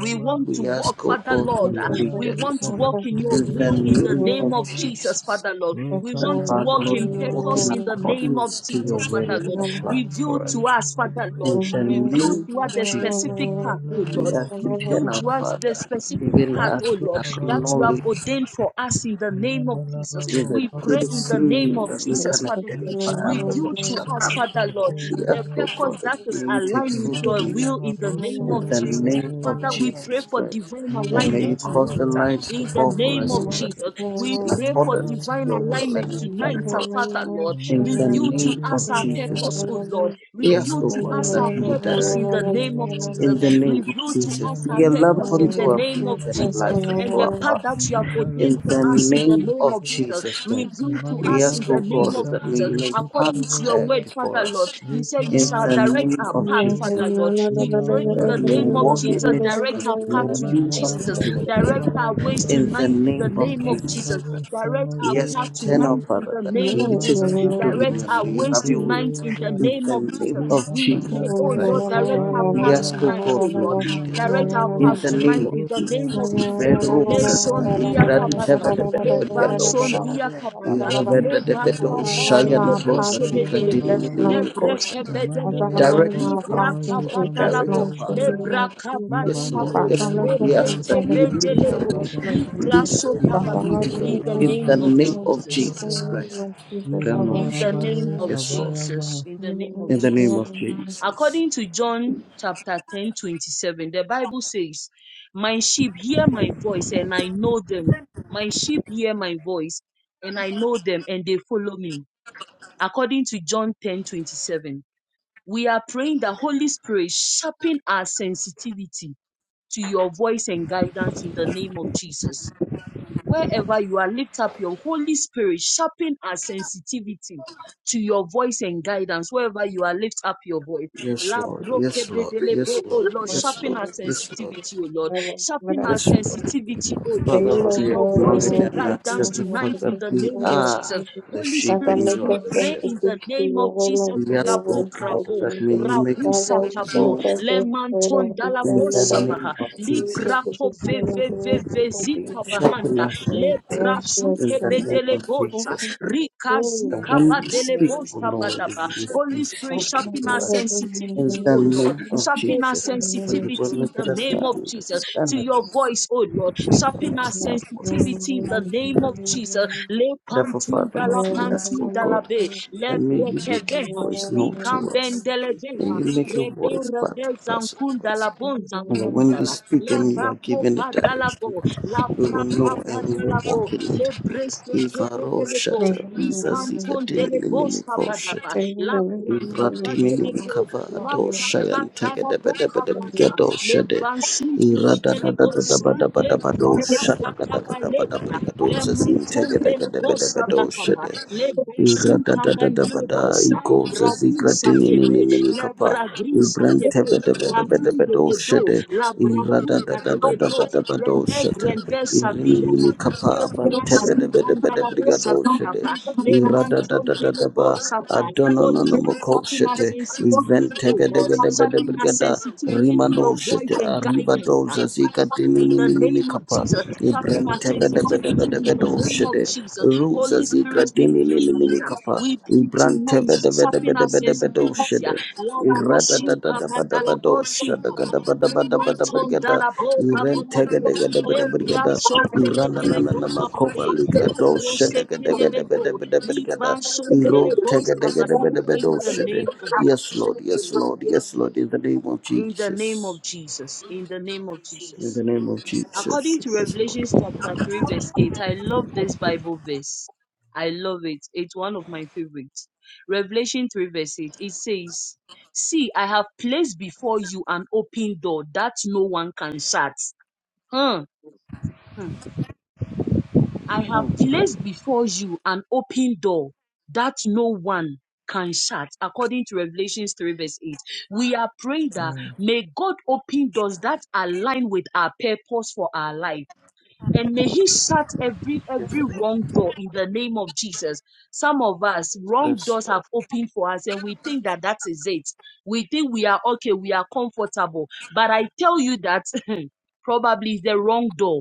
[SPEAKER 1] we want to
[SPEAKER 6] We
[SPEAKER 1] walk,
[SPEAKER 6] ask, O
[SPEAKER 1] Father
[SPEAKER 6] God, for
[SPEAKER 1] Lord.
[SPEAKER 6] your
[SPEAKER 1] uh, We want
[SPEAKER 6] leaders.
[SPEAKER 1] to walk in your
[SPEAKER 6] In the
[SPEAKER 1] will in the
[SPEAKER 6] name
[SPEAKER 1] name
[SPEAKER 6] of
[SPEAKER 1] of Jesus,
[SPEAKER 6] Jesus,
[SPEAKER 1] Father Lord. We
[SPEAKER 6] that
[SPEAKER 1] want to
[SPEAKER 6] Father,
[SPEAKER 1] walk
[SPEAKER 6] Lord,
[SPEAKER 1] in
[SPEAKER 6] we walk
[SPEAKER 1] purpose
[SPEAKER 6] in
[SPEAKER 1] in the name of
[SPEAKER 6] accordance to your
[SPEAKER 1] Jesus,
[SPEAKER 6] will
[SPEAKER 1] Father
[SPEAKER 6] and
[SPEAKER 1] Lord.
[SPEAKER 6] your plan
[SPEAKER 1] Reveal
[SPEAKER 6] for us.
[SPEAKER 1] to us, Father Lord.
[SPEAKER 6] In
[SPEAKER 5] Thank
[SPEAKER 6] the
[SPEAKER 1] Reveal
[SPEAKER 6] name
[SPEAKER 1] to
[SPEAKER 5] you.
[SPEAKER 1] us
[SPEAKER 6] of
[SPEAKER 1] the
[SPEAKER 6] Jesus.
[SPEAKER 1] specific path, oh
[SPEAKER 6] We
[SPEAKER 1] Lord.
[SPEAKER 6] ask
[SPEAKER 1] Reveal
[SPEAKER 6] eternal
[SPEAKER 1] to us the
[SPEAKER 6] Father,
[SPEAKER 1] specific
[SPEAKER 6] even
[SPEAKER 1] path, oh
[SPEAKER 6] as we
[SPEAKER 1] Lord, that you have
[SPEAKER 6] acknowledge
[SPEAKER 1] ordained for us in the name of Jesus.
[SPEAKER 6] with it,
[SPEAKER 1] We
[SPEAKER 6] it
[SPEAKER 1] pray in
[SPEAKER 6] is
[SPEAKER 1] the
[SPEAKER 6] through
[SPEAKER 1] name
[SPEAKER 6] you
[SPEAKER 1] of
[SPEAKER 6] that we
[SPEAKER 1] Jesus,
[SPEAKER 6] can
[SPEAKER 1] Father Lord.
[SPEAKER 6] identify our
[SPEAKER 1] Reveal
[SPEAKER 6] purpose and
[SPEAKER 1] to
[SPEAKER 6] our
[SPEAKER 1] us,
[SPEAKER 6] plan.
[SPEAKER 1] Father Lord,
[SPEAKER 6] We
[SPEAKER 1] the
[SPEAKER 6] ask, O
[SPEAKER 1] purpose
[SPEAKER 6] God,
[SPEAKER 1] that
[SPEAKER 6] that
[SPEAKER 1] is
[SPEAKER 6] may you take
[SPEAKER 1] aligned with
[SPEAKER 6] full
[SPEAKER 1] your
[SPEAKER 6] dominion
[SPEAKER 1] will in the name
[SPEAKER 6] in
[SPEAKER 4] ba
[SPEAKER 1] of
[SPEAKER 6] the
[SPEAKER 4] de
[SPEAKER 1] Jesus.
[SPEAKER 6] name of
[SPEAKER 1] Father, we
[SPEAKER 4] ya
[SPEAKER 1] pray
[SPEAKER 6] Jesus
[SPEAKER 1] for
[SPEAKER 6] Christ,
[SPEAKER 1] divine
[SPEAKER 6] and may you
[SPEAKER 4] Mandala
[SPEAKER 1] alignment
[SPEAKER 6] cause the
[SPEAKER 1] tonight
[SPEAKER 4] babu,
[SPEAKER 1] uh,
[SPEAKER 6] lights to
[SPEAKER 1] in the
[SPEAKER 6] fall
[SPEAKER 4] Mandala
[SPEAKER 6] for
[SPEAKER 1] name
[SPEAKER 6] us in
[SPEAKER 1] of Jesus.
[SPEAKER 6] presence
[SPEAKER 1] We
[SPEAKER 6] in
[SPEAKER 1] pray for
[SPEAKER 6] accordance to
[SPEAKER 1] divine
[SPEAKER 6] your
[SPEAKER 4] babu,
[SPEAKER 6] will and
[SPEAKER 1] alignment
[SPEAKER 6] your plan
[SPEAKER 1] tonight,
[SPEAKER 6] for
[SPEAKER 1] uh,
[SPEAKER 6] us.
[SPEAKER 1] Father Lord.
[SPEAKER 6] In the
[SPEAKER 1] Reveal to
[SPEAKER 6] name
[SPEAKER 1] us
[SPEAKER 6] of
[SPEAKER 1] our
[SPEAKER 6] Jesus
[SPEAKER 1] purpose, O
[SPEAKER 6] Christ.
[SPEAKER 1] Lord.
[SPEAKER 6] We ask,
[SPEAKER 1] Reveal
[SPEAKER 6] O
[SPEAKER 1] to
[SPEAKER 6] God,
[SPEAKER 1] us our
[SPEAKER 6] that you would
[SPEAKER 1] purpose in
[SPEAKER 6] direct us
[SPEAKER 1] the name of Jesus.
[SPEAKER 6] In the name of
[SPEAKER 1] Reveal to
[SPEAKER 6] Jesus,
[SPEAKER 1] us our
[SPEAKER 6] be a lamp
[SPEAKER 1] purpose in
[SPEAKER 6] unto
[SPEAKER 1] the
[SPEAKER 6] our
[SPEAKER 1] name
[SPEAKER 6] feet
[SPEAKER 1] of
[SPEAKER 6] and a
[SPEAKER 1] Jesus
[SPEAKER 6] light
[SPEAKER 1] and
[SPEAKER 6] unto
[SPEAKER 1] the
[SPEAKER 6] our
[SPEAKER 1] path that
[SPEAKER 6] path.
[SPEAKER 1] you have ordained
[SPEAKER 6] In
[SPEAKER 1] for
[SPEAKER 6] the
[SPEAKER 1] us in the
[SPEAKER 6] name
[SPEAKER 1] name
[SPEAKER 6] of
[SPEAKER 1] of Jesus.
[SPEAKER 6] Jesus Christ,
[SPEAKER 1] Reveal to
[SPEAKER 6] we
[SPEAKER 1] us
[SPEAKER 6] ask,
[SPEAKER 1] in
[SPEAKER 6] O
[SPEAKER 1] the name
[SPEAKER 6] God,
[SPEAKER 1] of
[SPEAKER 6] that may
[SPEAKER 1] Jesus.
[SPEAKER 6] you make a path
[SPEAKER 1] According to your
[SPEAKER 6] clear
[SPEAKER 1] word,
[SPEAKER 6] before
[SPEAKER 1] Father Lord,
[SPEAKER 6] us.
[SPEAKER 1] you say you
[SPEAKER 6] In
[SPEAKER 1] shall
[SPEAKER 6] the
[SPEAKER 1] direct
[SPEAKER 6] name
[SPEAKER 1] our
[SPEAKER 6] of
[SPEAKER 1] path,
[SPEAKER 6] Jesus,
[SPEAKER 1] Father Lord. We pray in
[SPEAKER 6] that
[SPEAKER 1] the
[SPEAKER 6] we will
[SPEAKER 1] name of
[SPEAKER 6] walk in
[SPEAKER 1] Jesus,
[SPEAKER 6] it
[SPEAKER 1] direct
[SPEAKER 6] because
[SPEAKER 1] our
[SPEAKER 6] we
[SPEAKER 1] path
[SPEAKER 6] know
[SPEAKER 1] to
[SPEAKER 6] you have
[SPEAKER 1] Jesus.
[SPEAKER 6] taken them.
[SPEAKER 1] Direct our ways
[SPEAKER 6] In the
[SPEAKER 1] tonight in the
[SPEAKER 6] name of
[SPEAKER 1] name of
[SPEAKER 4] Imandere
[SPEAKER 6] Jesus
[SPEAKER 1] Jesus.
[SPEAKER 6] Christ,
[SPEAKER 1] Direct our
[SPEAKER 6] we ask,
[SPEAKER 1] path
[SPEAKER 6] eternal
[SPEAKER 1] tonight in
[SPEAKER 6] Father,
[SPEAKER 1] the
[SPEAKER 5] Thank
[SPEAKER 6] that
[SPEAKER 1] name
[SPEAKER 6] may you
[SPEAKER 1] of
[SPEAKER 5] you.
[SPEAKER 6] take
[SPEAKER 1] Jesus.
[SPEAKER 6] full
[SPEAKER 1] Direct
[SPEAKER 6] dominion,
[SPEAKER 1] our
[SPEAKER 6] may you
[SPEAKER 1] ways
[SPEAKER 6] have your way.
[SPEAKER 1] tonight in the
[SPEAKER 6] In
[SPEAKER 1] name
[SPEAKER 6] the
[SPEAKER 1] of Jesus.
[SPEAKER 6] name of
[SPEAKER 1] We pray,
[SPEAKER 6] Jesus
[SPEAKER 1] oh Lord,
[SPEAKER 6] Christ.
[SPEAKER 1] direct our
[SPEAKER 6] We
[SPEAKER 1] path
[SPEAKER 6] ask, O
[SPEAKER 1] tonight,
[SPEAKER 6] God,
[SPEAKER 1] oh
[SPEAKER 6] for your
[SPEAKER 1] Lord.
[SPEAKER 6] leaders.
[SPEAKER 1] Direct our
[SPEAKER 6] In
[SPEAKER 1] path
[SPEAKER 6] the name
[SPEAKER 1] tonight
[SPEAKER 6] of
[SPEAKER 1] in the name
[SPEAKER 6] Jesus,
[SPEAKER 1] of Jesus. Le
[SPEAKER 6] Ivedrosata,
[SPEAKER 1] son dia kabada. Leba
[SPEAKER 6] Ikrantevedebedebedosata,
[SPEAKER 1] sondia kabada. Leba kabade lebo
[SPEAKER 6] Iravedebedoshayantosa,
[SPEAKER 1] sebedelebo. Lebre
[SPEAKER 6] Ikradinimimimikoshata.
[SPEAKER 1] kebedelebo.
[SPEAKER 6] Direct the
[SPEAKER 1] Libra
[SPEAKER 6] path of God, direct
[SPEAKER 1] kabadalabo.
[SPEAKER 6] the path of
[SPEAKER 1] Lebra
[SPEAKER 6] God. Yes, Lord,
[SPEAKER 1] kabadalabo.
[SPEAKER 4] ya
[SPEAKER 6] yes, Lord. We
[SPEAKER 4] marabo
[SPEAKER 6] ask
[SPEAKER 1] Repete
[SPEAKER 6] that you would
[SPEAKER 4] shabazo
[SPEAKER 6] lead
[SPEAKER 4] ya
[SPEAKER 6] the
[SPEAKER 1] bedelebo.
[SPEAKER 6] way,
[SPEAKER 4] baba
[SPEAKER 1] Libra
[SPEAKER 6] lead the way,
[SPEAKER 1] sokabaha.
[SPEAKER 6] lead the
[SPEAKER 4] Imakea
[SPEAKER 1] In
[SPEAKER 6] way.
[SPEAKER 1] the
[SPEAKER 4] baba
[SPEAKER 6] In
[SPEAKER 1] name
[SPEAKER 6] the
[SPEAKER 1] of
[SPEAKER 4] baba
[SPEAKER 6] name of
[SPEAKER 4] baba
[SPEAKER 1] Jesus
[SPEAKER 6] Jesus
[SPEAKER 4] baba.
[SPEAKER 6] Christ.
[SPEAKER 1] in
[SPEAKER 4] Virabaya
[SPEAKER 1] the
[SPEAKER 6] Ranoshata.
[SPEAKER 1] name
[SPEAKER 4] bale
[SPEAKER 1] of
[SPEAKER 6] Yes, Lord.
[SPEAKER 4] shabaya
[SPEAKER 1] Jesus.
[SPEAKER 4] ma.
[SPEAKER 1] In the name of
[SPEAKER 6] In the name of
[SPEAKER 1] Jesus.
[SPEAKER 6] Jesus.
[SPEAKER 1] According to John chapter 10 27, the Bible says, My sheep hear my voice and I know them. My sheep hear my voice and I know them and they follow me. According to John 10 27, we are praying the Holy Spirit sharpen our sensitivity to your voice and guidance in the name of Jesus. Wherever you are, lift up your Holy Spirit, sharpen our sensitivity to your voice and guidance. Wherever you are, lift up your voice.
[SPEAKER 6] Yes,
[SPEAKER 1] La
[SPEAKER 6] Lord.
[SPEAKER 1] broke
[SPEAKER 6] Yes, Lord.
[SPEAKER 1] bedele
[SPEAKER 6] Yes,
[SPEAKER 1] bo, oh
[SPEAKER 6] Lord.
[SPEAKER 1] Lord,
[SPEAKER 5] That
[SPEAKER 6] Yes,
[SPEAKER 1] sharpen
[SPEAKER 6] Lord.
[SPEAKER 1] our
[SPEAKER 6] Yes, Lord.
[SPEAKER 1] sensitivity, oh Lord. Sharpen our
[SPEAKER 6] Yes, Lord.
[SPEAKER 1] sensitivity, oh Lord,
[SPEAKER 6] Father, Lord,
[SPEAKER 1] to
[SPEAKER 6] we
[SPEAKER 1] your voice
[SPEAKER 6] acknowledge
[SPEAKER 1] and
[SPEAKER 6] and
[SPEAKER 1] guidance
[SPEAKER 6] accept the
[SPEAKER 1] tonight
[SPEAKER 6] fact that
[SPEAKER 1] in the
[SPEAKER 6] we
[SPEAKER 1] name of
[SPEAKER 6] are
[SPEAKER 1] Jesus.
[SPEAKER 6] the
[SPEAKER 1] Holy
[SPEAKER 6] sheep
[SPEAKER 5] I
[SPEAKER 1] Spirit,
[SPEAKER 6] and
[SPEAKER 5] make
[SPEAKER 6] you are
[SPEAKER 1] we
[SPEAKER 5] us
[SPEAKER 6] the
[SPEAKER 1] pray in
[SPEAKER 6] shepherd.
[SPEAKER 5] sensitive
[SPEAKER 1] the
[SPEAKER 5] to
[SPEAKER 1] name of
[SPEAKER 5] your will
[SPEAKER 1] Jesus.
[SPEAKER 5] and to
[SPEAKER 6] We ask,
[SPEAKER 5] your
[SPEAKER 6] O
[SPEAKER 1] Krabo
[SPEAKER 5] will,
[SPEAKER 6] God,
[SPEAKER 5] Lord
[SPEAKER 1] krabo,
[SPEAKER 6] that may
[SPEAKER 5] Jesus.
[SPEAKER 6] you make
[SPEAKER 1] rabu
[SPEAKER 6] a
[SPEAKER 5] Father,
[SPEAKER 6] voice
[SPEAKER 1] sakabo,
[SPEAKER 5] grant
[SPEAKER 6] known
[SPEAKER 5] us
[SPEAKER 6] to us
[SPEAKER 5] the spirit
[SPEAKER 1] lemanton
[SPEAKER 5] of
[SPEAKER 6] in
[SPEAKER 5] discernment that
[SPEAKER 6] the
[SPEAKER 1] dalabosabaha,
[SPEAKER 5] we
[SPEAKER 6] name of
[SPEAKER 5] can see
[SPEAKER 6] Jesus.
[SPEAKER 5] the
[SPEAKER 1] librako ve
[SPEAKER 5] discern of
[SPEAKER 1] ve
[SPEAKER 5] the
[SPEAKER 1] ve
[SPEAKER 5] words of
[SPEAKER 1] ve
[SPEAKER 5] God
[SPEAKER 6] May you
[SPEAKER 5] Jesus.
[SPEAKER 6] Sharpen
[SPEAKER 1] zikabahanda
[SPEAKER 6] us and
[SPEAKER 1] le
[SPEAKER 5] Against the
[SPEAKER 6] teach
[SPEAKER 5] words
[SPEAKER 6] us
[SPEAKER 5] of
[SPEAKER 6] in
[SPEAKER 1] brasuke
[SPEAKER 6] the
[SPEAKER 5] Jesus.
[SPEAKER 6] name
[SPEAKER 1] bedele
[SPEAKER 6] of
[SPEAKER 5] How
[SPEAKER 1] bosha
[SPEAKER 5] can
[SPEAKER 6] Jesus Christ.
[SPEAKER 1] rika
[SPEAKER 5] you
[SPEAKER 6] That
[SPEAKER 1] zuka
[SPEAKER 6] when
[SPEAKER 5] and
[SPEAKER 6] we
[SPEAKER 1] padele
[SPEAKER 6] speak,
[SPEAKER 5] healing
[SPEAKER 6] O
[SPEAKER 1] bosha
[SPEAKER 5] that
[SPEAKER 6] Lord, if
[SPEAKER 1] badaba.
[SPEAKER 6] you
[SPEAKER 5] Jesus?
[SPEAKER 6] you
[SPEAKER 1] Holy Spirit,
[SPEAKER 5] That my
[SPEAKER 6] speak to
[SPEAKER 1] sharpen our
[SPEAKER 5] hand
[SPEAKER 6] us
[SPEAKER 5] of the Lord,
[SPEAKER 6] in
[SPEAKER 1] sensitivity,
[SPEAKER 6] the
[SPEAKER 1] oh Lord.
[SPEAKER 6] name of
[SPEAKER 5] the
[SPEAKER 1] Sharpen our
[SPEAKER 6] Jesus, for
[SPEAKER 5] Lord,
[SPEAKER 6] you will
[SPEAKER 1] sensitivity in
[SPEAKER 6] make
[SPEAKER 1] the
[SPEAKER 6] it us to
[SPEAKER 1] name of Jesus to
[SPEAKER 6] understand
[SPEAKER 1] your
[SPEAKER 6] it
[SPEAKER 1] voice, oh Lord.
[SPEAKER 5] Amen.
[SPEAKER 1] Sharpen
[SPEAKER 6] in
[SPEAKER 1] our
[SPEAKER 6] our voice.
[SPEAKER 1] sensitivity in the name of Jesus. Le
[SPEAKER 6] Therefore, Father,
[SPEAKER 1] pantunda
[SPEAKER 6] Lord,
[SPEAKER 1] la
[SPEAKER 6] we ask, O
[SPEAKER 1] pantunda la
[SPEAKER 6] God,
[SPEAKER 1] be
[SPEAKER 6] that
[SPEAKER 1] le
[SPEAKER 6] may you make your
[SPEAKER 1] brekeveha
[SPEAKER 6] voice
[SPEAKER 1] li
[SPEAKER 6] known to us. May
[SPEAKER 1] kambendeleveha
[SPEAKER 6] you make your
[SPEAKER 1] rebe
[SPEAKER 6] voice part
[SPEAKER 1] rebe
[SPEAKER 6] to pass to
[SPEAKER 1] zankunda
[SPEAKER 6] us.
[SPEAKER 1] la bon
[SPEAKER 6] And that when
[SPEAKER 1] zankunda
[SPEAKER 6] you
[SPEAKER 1] la
[SPEAKER 6] speak
[SPEAKER 1] le
[SPEAKER 6] and you are
[SPEAKER 1] bako
[SPEAKER 6] given the
[SPEAKER 1] badala
[SPEAKER 6] direction,
[SPEAKER 1] bo, La
[SPEAKER 6] we will
[SPEAKER 1] braka
[SPEAKER 6] know and we will
[SPEAKER 1] badalabo,
[SPEAKER 6] walk in
[SPEAKER 1] le
[SPEAKER 6] it.
[SPEAKER 1] brese
[SPEAKER 6] Ivaro
[SPEAKER 1] delego,
[SPEAKER 6] shata,
[SPEAKER 1] li
[SPEAKER 6] Visa
[SPEAKER 1] panton
[SPEAKER 6] zikate,
[SPEAKER 1] delego sabadaba,
[SPEAKER 6] Nimiko
[SPEAKER 1] la braka
[SPEAKER 6] Ratimi
[SPEAKER 1] badelego,
[SPEAKER 6] kava ato
[SPEAKER 1] rapata
[SPEAKER 6] shayan tege de
[SPEAKER 1] dalabo
[SPEAKER 6] bede bede brige
[SPEAKER 1] kabata,
[SPEAKER 6] do
[SPEAKER 1] le
[SPEAKER 6] shede
[SPEAKER 1] vansin
[SPEAKER 6] irada da da da
[SPEAKER 1] kebedelegos,
[SPEAKER 6] da ba da ba
[SPEAKER 1] le
[SPEAKER 6] da ba do
[SPEAKER 1] plata
[SPEAKER 6] shada
[SPEAKER 1] pata baletra, le menton delego sabakaba, le bensin
[SPEAKER 6] Iradadadadabada,
[SPEAKER 1] tambandelegosa,
[SPEAKER 6] ikoza
[SPEAKER 1] brabisa kebe, la
[SPEAKER 6] zigratinininikapa,
[SPEAKER 1] bragrisa kebe, ratin de dedo,
[SPEAKER 6] ibrantebedebedebedosede,
[SPEAKER 1] la bratunda de dedo. Grande,
[SPEAKER 6] iradadadadabadabadosede,
[SPEAKER 1] grande, sabiyaba.
[SPEAKER 6] irimininikapa,
[SPEAKER 1] Le brasin kandalabo
[SPEAKER 6] abantebedebedebedebedosede,
[SPEAKER 1] sabiyaba. Le manton delebo
[SPEAKER 6] iradadadadadaba,
[SPEAKER 1] sabah. Holy Spirit, sharpen our
[SPEAKER 6] adonononomokosete,
[SPEAKER 1] sensitivity, O Lord. Sharpen our
[SPEAKER 6] iventegedegedebedebedegeda,
[SPEAKER 1] sensitivity to your
[SPEAKER 6] rimanosete,
[SPEAKER 1] voice and guidance
[SPEAKER 6] aribadoza
[SPEAKER 1] in the name of
[SPEAKER 6] zigratinininikapa,
[SPEAKER 1] Jesus. Sharpen our sensitivity in the name of
[SPEAKER 6] Tebedebedebedebedooshede.
[SPEAKER 1] Jesus.
[SPEAKER 6] Ruza
[SPEAKER 1] Holy
[SPEAKER 6] zigra
[SPEAKER 1] Spirit, we
[SPEAKER 6] dini nini
[SPEAKER 1] plead.
[SPEAKER 6] nini
[SPEAKER 1] uh,
[SPEAKER 6] kapa.
[SPEAKER 1] We plead
[SPEAKER 6] Ibran
[SPEAKER 1] tonight. Sharpen our sensitivity. uh,
[SPEAKER 6] tebedebedebedebedebedooshede.
[SPEAKER 1] La groshinka
[SPEAKER 6] Iradadadadabadabadooshada
[SPEAKER 1] badalaboshinkaba. Le menton
[SPEAKER 6] gadabadabadabadabadabada.
[SPEAKER 1] dalabo
[SPEAKER 6] Iren
[SPEAKER 1] bababe. Le
[SPEAKER 6] tegedegedebedebedegeda.
[SPEAKER 1] braso
[SPEAKER 6] Irananana
[SPEAKER 1] kebedelebo
[SPEAKER 6] makova
[SPEAKER 1] bababe.
[SPEAKER 6] ligra
[SPEAKER 1] Le brose
[SPEAKER 6] dooshede
[SPEAKER 1] kedelebo.
[SPEAKER 6] gedegedebedebedebedegeda.
[SPEAKER 1] Libanson
[SPEAKER 6] Iro
[SPEAKER 1] delebos bababa. In the
[SPEAKER 6] tegedegedebedebedooshede.
[SPEAKER 1] name of
[SPEAKER 6] Yes,
[SPEAKER 1] Jesus.
[SPEAKER 6] Lord, yes, Lord, yes, Lord, in the name of
[SPEAKER 1] In the name
[SPEAKER 6] Jesus.
[SPEAKER 1] of Jesus. In the name of
[SPEAKER 6] In
[SPEAKER 1] Jesus.
[SPEAKER 6] the name of Jesus.
[SPEAKER 1] According to
[SPEAKER 6] Yes, Lord.
[SPEAKER 1] Revelations chapter 3, verse 8, I love this Bible verse. I love it. It's one of my favorites. Revelation 3, verse 8, it says, See, I have placed before you an open door that no one can shut. Hmm. Hmm. I have placed before you an open door that no one can shut. According to Revelations 3, verse 8, we are praying that
[SPEAKER 4] Mm.
[SPEAKER 1] may God open doors that align with our purpose for our life and may he shut every every wrong door in the name of jesus some of us wrong
[SPEAKER 6] Yes,
[SPEAKER 1] doors
[SPEAKER 6] Lord.
[SPEAKER 1] have opened for us and we think that that is it we think we are okay we are comfortable but i tell you that (laughs) probably it's the wrong door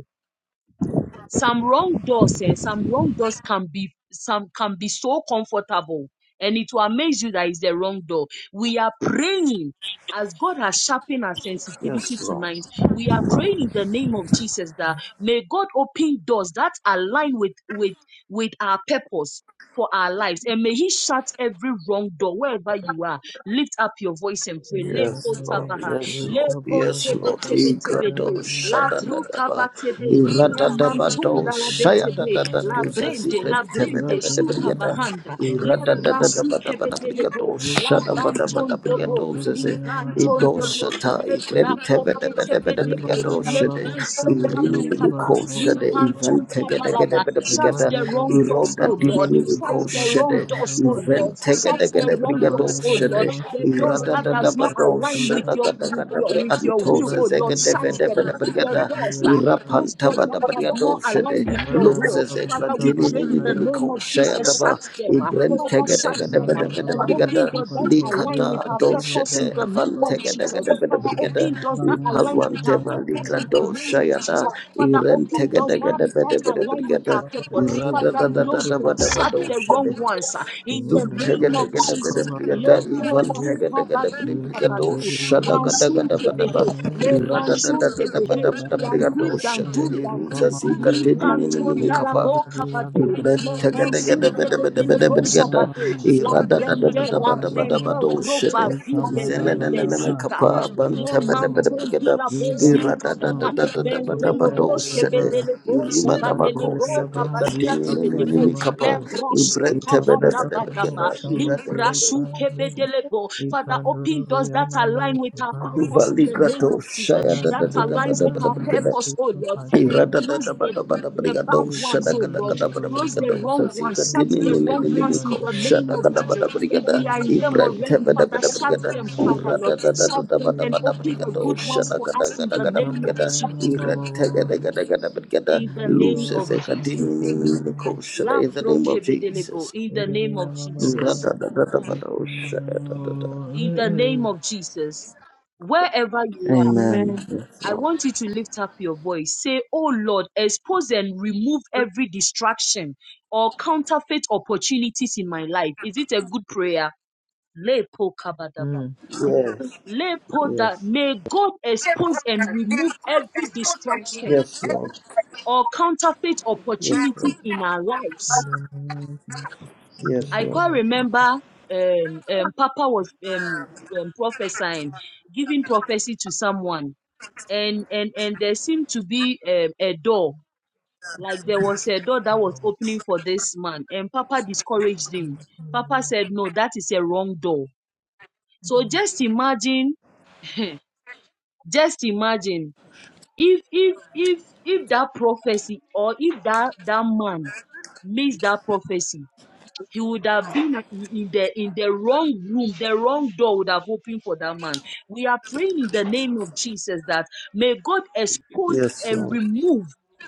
[SPEAKER 1] some wrong doors eh? some wrong doors can be some can be so comfortable and it will amaze you that it's the wrong door we are praying as God has sharpened our sensitivity
[SPEAKER 6] Yes, Lord.
[SPEAKER 1] tonight, we are praying in the name of Jesus that may God open doors that align with with with our purpose for our lives, and may He shut every wrong door wherever you are. Lift up your voice and
[SPEAKER 4] In
[SPEAKER 1] pray.
[SPEAKER 4] the name
[SPEAKER 6] Yes,
[SPEAKER 4] of
[SPEAKER 6] Lord.
[SPEAKER 1] Lekotabaha,
[SPEAKER 4] Jesus,
[SPEAKER 6] Yes,
[SPEAKER 4] wake
[SPEAKER 6] Lord.
[SPEAKER 4] up,
[SPEAKER 6] Yes,
[SPEAKER 4] Alabo,
[SPEAKER 6] Lord.
[SPEAKER 4] Shama,
[SPEAKER 6] da
[SPEAKER 1] lekotebetebetebe,
[SPEAKER 6] da da
[SPEAKER 4] Sayaba, Yababa,
[SPEAKER 6] ba.
[SPEAKER 1] labrukavatebe,
[SPEAKER 4] Imanda,
[SPEAKER 1] La
[SPEAKER 6] Irada da ba
[SPEAKER 4] Yababa,
[SPEAKER 6] Igado
[SPEAKER 1] mantunda la betebe,
[SPEAKER 4] Yababa,
[SPEAKER 6] shadadadaba.
[SPEAKER 1] la
[SPEAKER 6] Iradadabado shayadadadadu
[SPEAKER 4] Yababa,
[SPEAKER 1] brende,
[SPEAKER 6] zazikre
[SPEAKER 1] la brende,
[SPEAKER 4] Radeli,
[SPEAKER 1] suka
[SPEAKER 6] temenebedebediada.
[SPEAKER 1] bahanda,
[SPEAKER 4] Yamasu,
[SPEAKER 1] la
[SPEAKER 4] Kamanda,
[SPEAKER 1] brasu kebedelebo,
[SPEAKER 6] Iradadadadabadabrigado
[SPEAKER 4] Wake
[SPEAKER 1] la
[SPEAKER 4] up, Alabo,
[SPEAKER 1] banton dobo,
[SPEAKER 4] Shama,
[SPEAKER 6] shadabadabrigado
[SPEAKER 1] li
[SPEAKER 6] zaze.
[SPEAKER 4] Sotayama,
[SPEAKER 1] banton
[SPEAKER 6] Ido
[SPEAKER 4] Baba,
[SPEAKER 1] dobo,
[SPEAKER 6] shata
[SPEAKER 1] le
[SPEAKER 6] ikren
[SPEAKER 1] brako petebedebe,
[SPEAKER 4] Imanda,
[SPEAKER 6] temenebedebediado
[SPEAKER 1] le
[SPEAKER 6] shade.
[SPEAKER 4] Babo,
[SPEAKER 1] bansun
[SPEAKER 4] Shama, Zoka,
[SPEAKER 1] kapataba,
[SPEAKER 6] Irinimiko
[SPEAKER 4] Barabo,
[SPEAKER 1] li
[SPEAKER 6] shade.
[SPEAKER 4] Lama,
[SPEAKER 1] pantun
[SPEAKER 4] Yama,
[SPEAKER 1] kabalaba. Shut
[SPEAKER 6] Iventegedegedebediada.
[SPEAKER 1] the
[SPEAKER 4] Imanda,
[SPEAKER 1] wrong
[SPEAKER 4] Babo,
[SPEAKER 1] doors,
[SPEAKER 6] Iroda
[SPEAKER 1] oh Lord.
[SPEAKER 4] Sabatu,
[SPEAKER 1] Shut
[SPEAKER 6] dinimiko
[SPEAKER 1] the
[SPEAKER 4] Yababa,
[SPEAKER 1] wrong
[SPEAKER 6] shade.
[SPEAKER 4] Baba,
[SPEAKER 1] doors, oh Lord.
[SPEAKER 4] Baba.
[SPEAKER 6] Event tege
[SPEAKER 1] Shut
[SPEAKER 6] da da
[SPEAKER 1] the
[SPEAKER 6] da
[SPEAKER 1] wrong
[SPEAKER 4] Ikamada
[SPEAKER 1] doors,
[SPEAKER 6] Brigado
[SPEAKER 1] oh
[SPEAKER 4] baya
[SPEAKER 1] Lord.
[SPEAKER 6] Shade,
[SPEAKER 1] The
[SPEAKER 4] masuka
[SPEAKER 1] doors
[SPEAKER 6] Irada
[SPEAKER 4] bara
[SPEAKER 1] that does not
[SPEAKER 4] bosta
[SPEAKER 6] Dadabado
[SPEAKER 1] align with
[SPEAKER 4] mazota
[SPEAKER 6] Shada
[SPEAKER 1] your with
[SPEAKER 4] baba.
[SPEAKER 1] your
[SPEAKER 6] Gadagadabre
[SPEAKER 1] with your
[SPEAKER 6] Antos,
[SPEAKER 1] will,
[SPEAKER 4] Imanda
[SPEAKER 1] oh Lord.
[SPEAKER 4] na
[SPEAKER 1] Shut
[SPEAKER 6] Zegedeveda
[SPEAKER 4] babosta
[SPEAKER 1] them. The
[SPEAKER 6] Brigada,
[SPEAKER 1] doors.
[SPEAKER 4] basulia
[SPEAKER 1] ah,
[SPEAKER 4] para
[SPEAKER 1] those doors
[SPEAKER 4] para.
[SPEAKER 6] Irapantavada
[SPEAKER 1] that does not
[SPEAKER 6] Brigado
[SPEAKER 1] align
[SPEAKER 6] Shade,
[SPEAKER 1] with your
[SPEAKER 4] Imanda
[SPEAKER 6] Looks
[SPEAKER 4] na
[SPEAKER 1] will.
[SPEAKER 6] as a
[SPEAKER 1] Father,
[SPEAKER 4] babosta
[SPEAKER 1] we
[SPEAKER 6] Clatini
[SPEAKER 1] pray in the
[SPEAKER 4] bataya
[SPEAKER 1] name
[SPEAKER 6] Nimico
[SPEAKER 1] of Jesus, shut
[SPEAKER 6] Shayadaba,
[SPEAKER 1] them. uh,
[SPEAKER 4] baba.
[SPEAKER 1] Father, shut
[SPEAKER 6] Ibrentegadagada
[SPEAKER 1] them uh,
[SPEAKER 4] Imanda na
[SPEAKER 1] and open
[SPEAKER 6] Brigada,
[SPEAKER 4] babosta
[SPEAKER 1] doors that align
[SPEAKER 4] batulia
[SPEAKER 1] with
[SPEAKER 6] Likada
[SPEAKER 1] our
[SPEAKER 4] para
[SPEAKER 1] purpose
[SPEAKER 4] mada
[SPEAKER 1] in
[SPEAKER 6] Doshete,
[SPEAKER 1] the
[SPEAKER 4] baya
[SPEAKER 1] name of
[SPEAKER 4] baba.
[SPEAKER 1] Jesus.
[SPEAKER 6] Avantegadagada
[SPEAKER 1] Father,
[SPEAKER 4] Imanda
[SPEAKER 6] Brigada,
[SPEAKER 1] open
[SPEAKER 4] na
[SPEAKER 1] doors that align
[SPEAKER 4] babosta
[SPEAKER 1] with our
[SPEAKER 4] mada
[SPEAKER 6] Ipalwanteva
[SPEAKER 1] purpose
[SPEAKER 4] baya
[SPEAKER 1] in the
[SPEAKER 4] baba.
[SPEAKER 6] Ligado
[SPEAKER 1] name of
[SPEAKER 6] Shayada,
[SPEAKER 1] Jesus. Father, open doors that,
[SPEAKER 6] Irentegadagada
[SPEAKER 1] that align with
[SPEAKER 6] Brigada,
[SPEAKER 1] our
[SPEAKER 4] Baba
[SPEAKER 1] purpose.
[SPEAKER 4] babu
[SPEAKER 6] Irada
[SPEAKER 1] Father, close
[SPEAKER 4] sugutu
[SPEAKER 1] them,
[SPEAKER 4] liya
[SPEAKER 1] shut
[SPEAKER 6] Dadabada
[SPEAKER 1] the wrong
[SPEAKER 6] Shade.
[SPEAKER 4] baba.
[SPEAKER 1] ones uh, in the
[SPEAKER 4] Imanda na
[SPEAKER 6] Irada
[SPEAKER 1] name of
[SPEAKER 6] da
[SPEAKER 4] babu
[SPEAKER 6] da da
[SPEAKER 1] Jesus.
[SPEAKER 4] kabara
[SPEAKER 6] da da
[SPEAKER 1] Let
[SPEAKER 4] baba.
[SPEAKER 1] produce
[SPEAKER 6] da da da da da
[SPEAKER 1] kabadu kabadu.
[SPEAKER 4] Vikandere ya
[SPEAKER 1] Ransun
[SPEAKER 4] masuka
[SPEAKER 1] to the
[SPEAKER 4] na
[SPEAKER 1] head. Let down soon to the head
[SPEAKER 4] Mandala
[SPEAKER 1] dandu,
[SPEAKER 4] babu
[SPEAKER 1] dandu,
[SPEAKER 4] samuzu
[SPEAKER 1] dandu,
[SPEAKER 4] komande
[SPEAKER 1] li
[SPEAKER 6] da
[SPEAKER 1] panton
[SPEAKER 6] da
[SPEAKER 1] dalla
[SPEAKER 6] da
[SPEAKER 1] boca
[SPEAKER 4] rekabadi
[SPEAKER 1] bade,
[SPEAKER 4] abere
[SPEAKER 1] la
[SPEAKER 4] biyane
[SPEAKER 1] bansin che de dele bosa
[SPEAKER 4] Mandala babu
[SPEAKER 1] bade, la brende,
[SPEAKER 4] samuzu
[SPEAKER 1] la
[SPEAKER 4] baya baba
[SPEAKER 1] brende, grova vide
[SPEAKER 4] rekabada
[SPEAKER 1] de de
[SPEAKER 4] baba
[SPEAKER 1] zika ha, le
[SPEAKER 4] rekabada bo
[SPEAKER 1] manton di la bozinka
[SPEAKER 4] vidabamo
[SPEAKER 1] baha, bende lo
[SPEAKER 4] rekapaya
[SPEAKER 1] bosche be
[SPEAKER 4] baba
[SPEAKER 1] bosa bade le
[SPEAKER 4] imandele
[SPEAKER 1] boca
[SPEAKER 4] yaba
[SPEAKER 1] badia che de
[SPEAKER 4] rekapaya
[SPEAKER 1] debo,
[SPEAKER 4] mazu
[SPEAKER 1] le brosso capa da
[SPEAKER 4] imandala babu
[SPEAKER 1] badaba,
[SPEAKER 4] samase
[SPEAKER 1] Libra
[SPEAKER 4] paya
[SPEAKER 1] shuke bedelego. Father,
[SPEAKER 4] Ikandura
[SPEAKER 1] open doors that
[SPEAKER 4] bayamale
[SPEAKER 1] align with
[SPEAKER 4] to
[SPEAKER 1] our
[SPEAKER 4] bandele
[SPEAKER 1] purpose in
[SPEAKER 6] Kuvali
[SPEAKER 1] the name
[SPEAKER 6] grato
[SPEAKER 1] of
[SPEAKER 6] shaya
[SPEAKER 1] Jesus.
[SPEAKER 4] Na
[SPEAKER 6] da
[SPEAKER 4] na
[SPEAKER 6] da
[SPEAKER 1] That
[SPEAKER 6] da
[SPEAKER 4] na
[SPEAKER 6] da
[SPEAKER 4] na
[SPEAKER 6] da
[SPEAKER 1] aligns
[SPEAKER 6] da
[SPEAKER 4] na
[SPEAKER 1] with
[SPEAKER 6] da
[SPEAKER 1] our
[SPEAKER 4] na
[SPEAKER 6] da
[SPEAKER 4] na
[SPEAKER 6] da
[SPEAKER 1] purpose, oh
[SPEAKER 4] Sutra
[SPEAKER 1] Lord.
[SPEAKER 6] Loses
[SPEAKER 1] And
[SPEAKER 6] a
[SPEAKER 4] Pathaya
[SPEAKER 1] close the, the bad ones, oh Lord.
[SPEAKER 4] Ekamadura Bhaya
[SPEAKER 1] Close the
[SPEAKER 4] Bhava
[SPEAKER 1] wrong ones. Shut the
[SPEAKER 4] Bhava
[SPEAKER 1] wrong ones in the
[SPEAKER 4] Bhashtadara
[SPEAKER 1] name
[SPEAKER 4] Bhava
[SPEAKER 1] of
[SPEAKER 4] Bhava
[SPEAKER 1] Jesus. If we are
[SPEAKER 4] Vinara
[SPEAKER 1] in them
[SPEAKER 4] Bhava
[SPEAKER 1] already, Father,
[SPEAKER 4] Shanastara
[SPEAKER 1] shut them,
[SPEAKER 4] Bhava
[SPEAKER 1] Father, Lord. Shut them
[SPEAKER 4] Vinara
[SPEAKER 1] and open the
[SPEAKER 4] Bhava
[SPEAKER 1] good ones
[SPEAKER 4] Bhava
[SPEAKER 1] for us in the name of
[SPEAKER 4] Ekamana Bhava
[SPEAKER 1] Jesus.
[SPEAKER 4] Bhava Bhava
[SPEAKER 1] In the
[SPEAKER 4] Vinara
[SPEAKER 1] name
[SPEAKER 4] Bhava
[SPEAKER 1] of Jesus.
[SPEAKER 6] continuing
[SPEAKER 4] Bhashanastara
[SPEAKER 6] in
[SPEAKER 4] Bhava
[SPEAKER 1] La
[SPEAKER 6] the
[SPEAKER 1] pro
[SPEAKER 6] name of
[SPEAKER 1] kebedelebo.
[SPEAKER 6] Jesus.
[SPEAKER 1] In the name
[SPEAKER 4] Vinara
[SPEAKER 1] of
[SPEAKER 4] Bhava
[SPEAKER 1] Jesus.
[SPEAKER 4] Bhava Ekamana Bhava Hey
[SPEAKER 1] in
[SPEAKER 4] hey
[SPEAKER 1] the name
[SPEAKER 4] hey
[SPEAKER 1] of Jesus. Wherever you are,
[SPEAKER 6] Amen.
[SPEAKER 1] I want you to lift up your voice. Say, Oh Lord, expose and remove every distraction or counterfeit opportunities in my life. Is it a good prayer? Lepo kabadaba.
[SPEAKER 4] Hmm
[SPEAKER 1] Lepo da. May God expose and remove every distraction
[SPEAKER 6] Yes, Lord.
[SPEAKER 1] or counterfeit
[SPEAKER 6] Yes,
[SPEAKER 1] opportunities
[SPEAKER 6] yes,
[SPEAKER 1] in our
[SPEAKER 4] In
[SPEAKER 1] lives.
[SPEAKER 4] the name of Jesus In the
[SPEAKER 6] yes,
[SPEAKER 1] I
[SPEAKER 6] Lord.
[SPEAKER 4] name
[SPEAKER 1] quite
[SPEAKER 4] of
[SPEAKER 1] remember um, um, Papa was um, um, prophesying, giving prophecy to someone and and and there seemed to be um, a door like there was a door that was
[SPEAKER 4] Jesus
[SPEAKER 1] opening for this man and papa
[SPEAKER 4] Thank
[SPEAKER 1] discouraged
[SPEAKER 4] you.
[SPEAKER 1] him papa said no that is a wrong door so just imagine (laughs) just imagine if if if if that prophecy or if that that man missed that prophecy he would have been in the in the wrong room the wrong door would have opened for that man we are praying in the name of jesus that may god
[SPEAKER 6] Yes, Lord. Yes, Lord.
[SPEAKER 1] expose
[SPEAKER 6] Yes,
[SPEAKER 1] and
[SPEAKER 6] Lord.
[SPEAKER 1] remove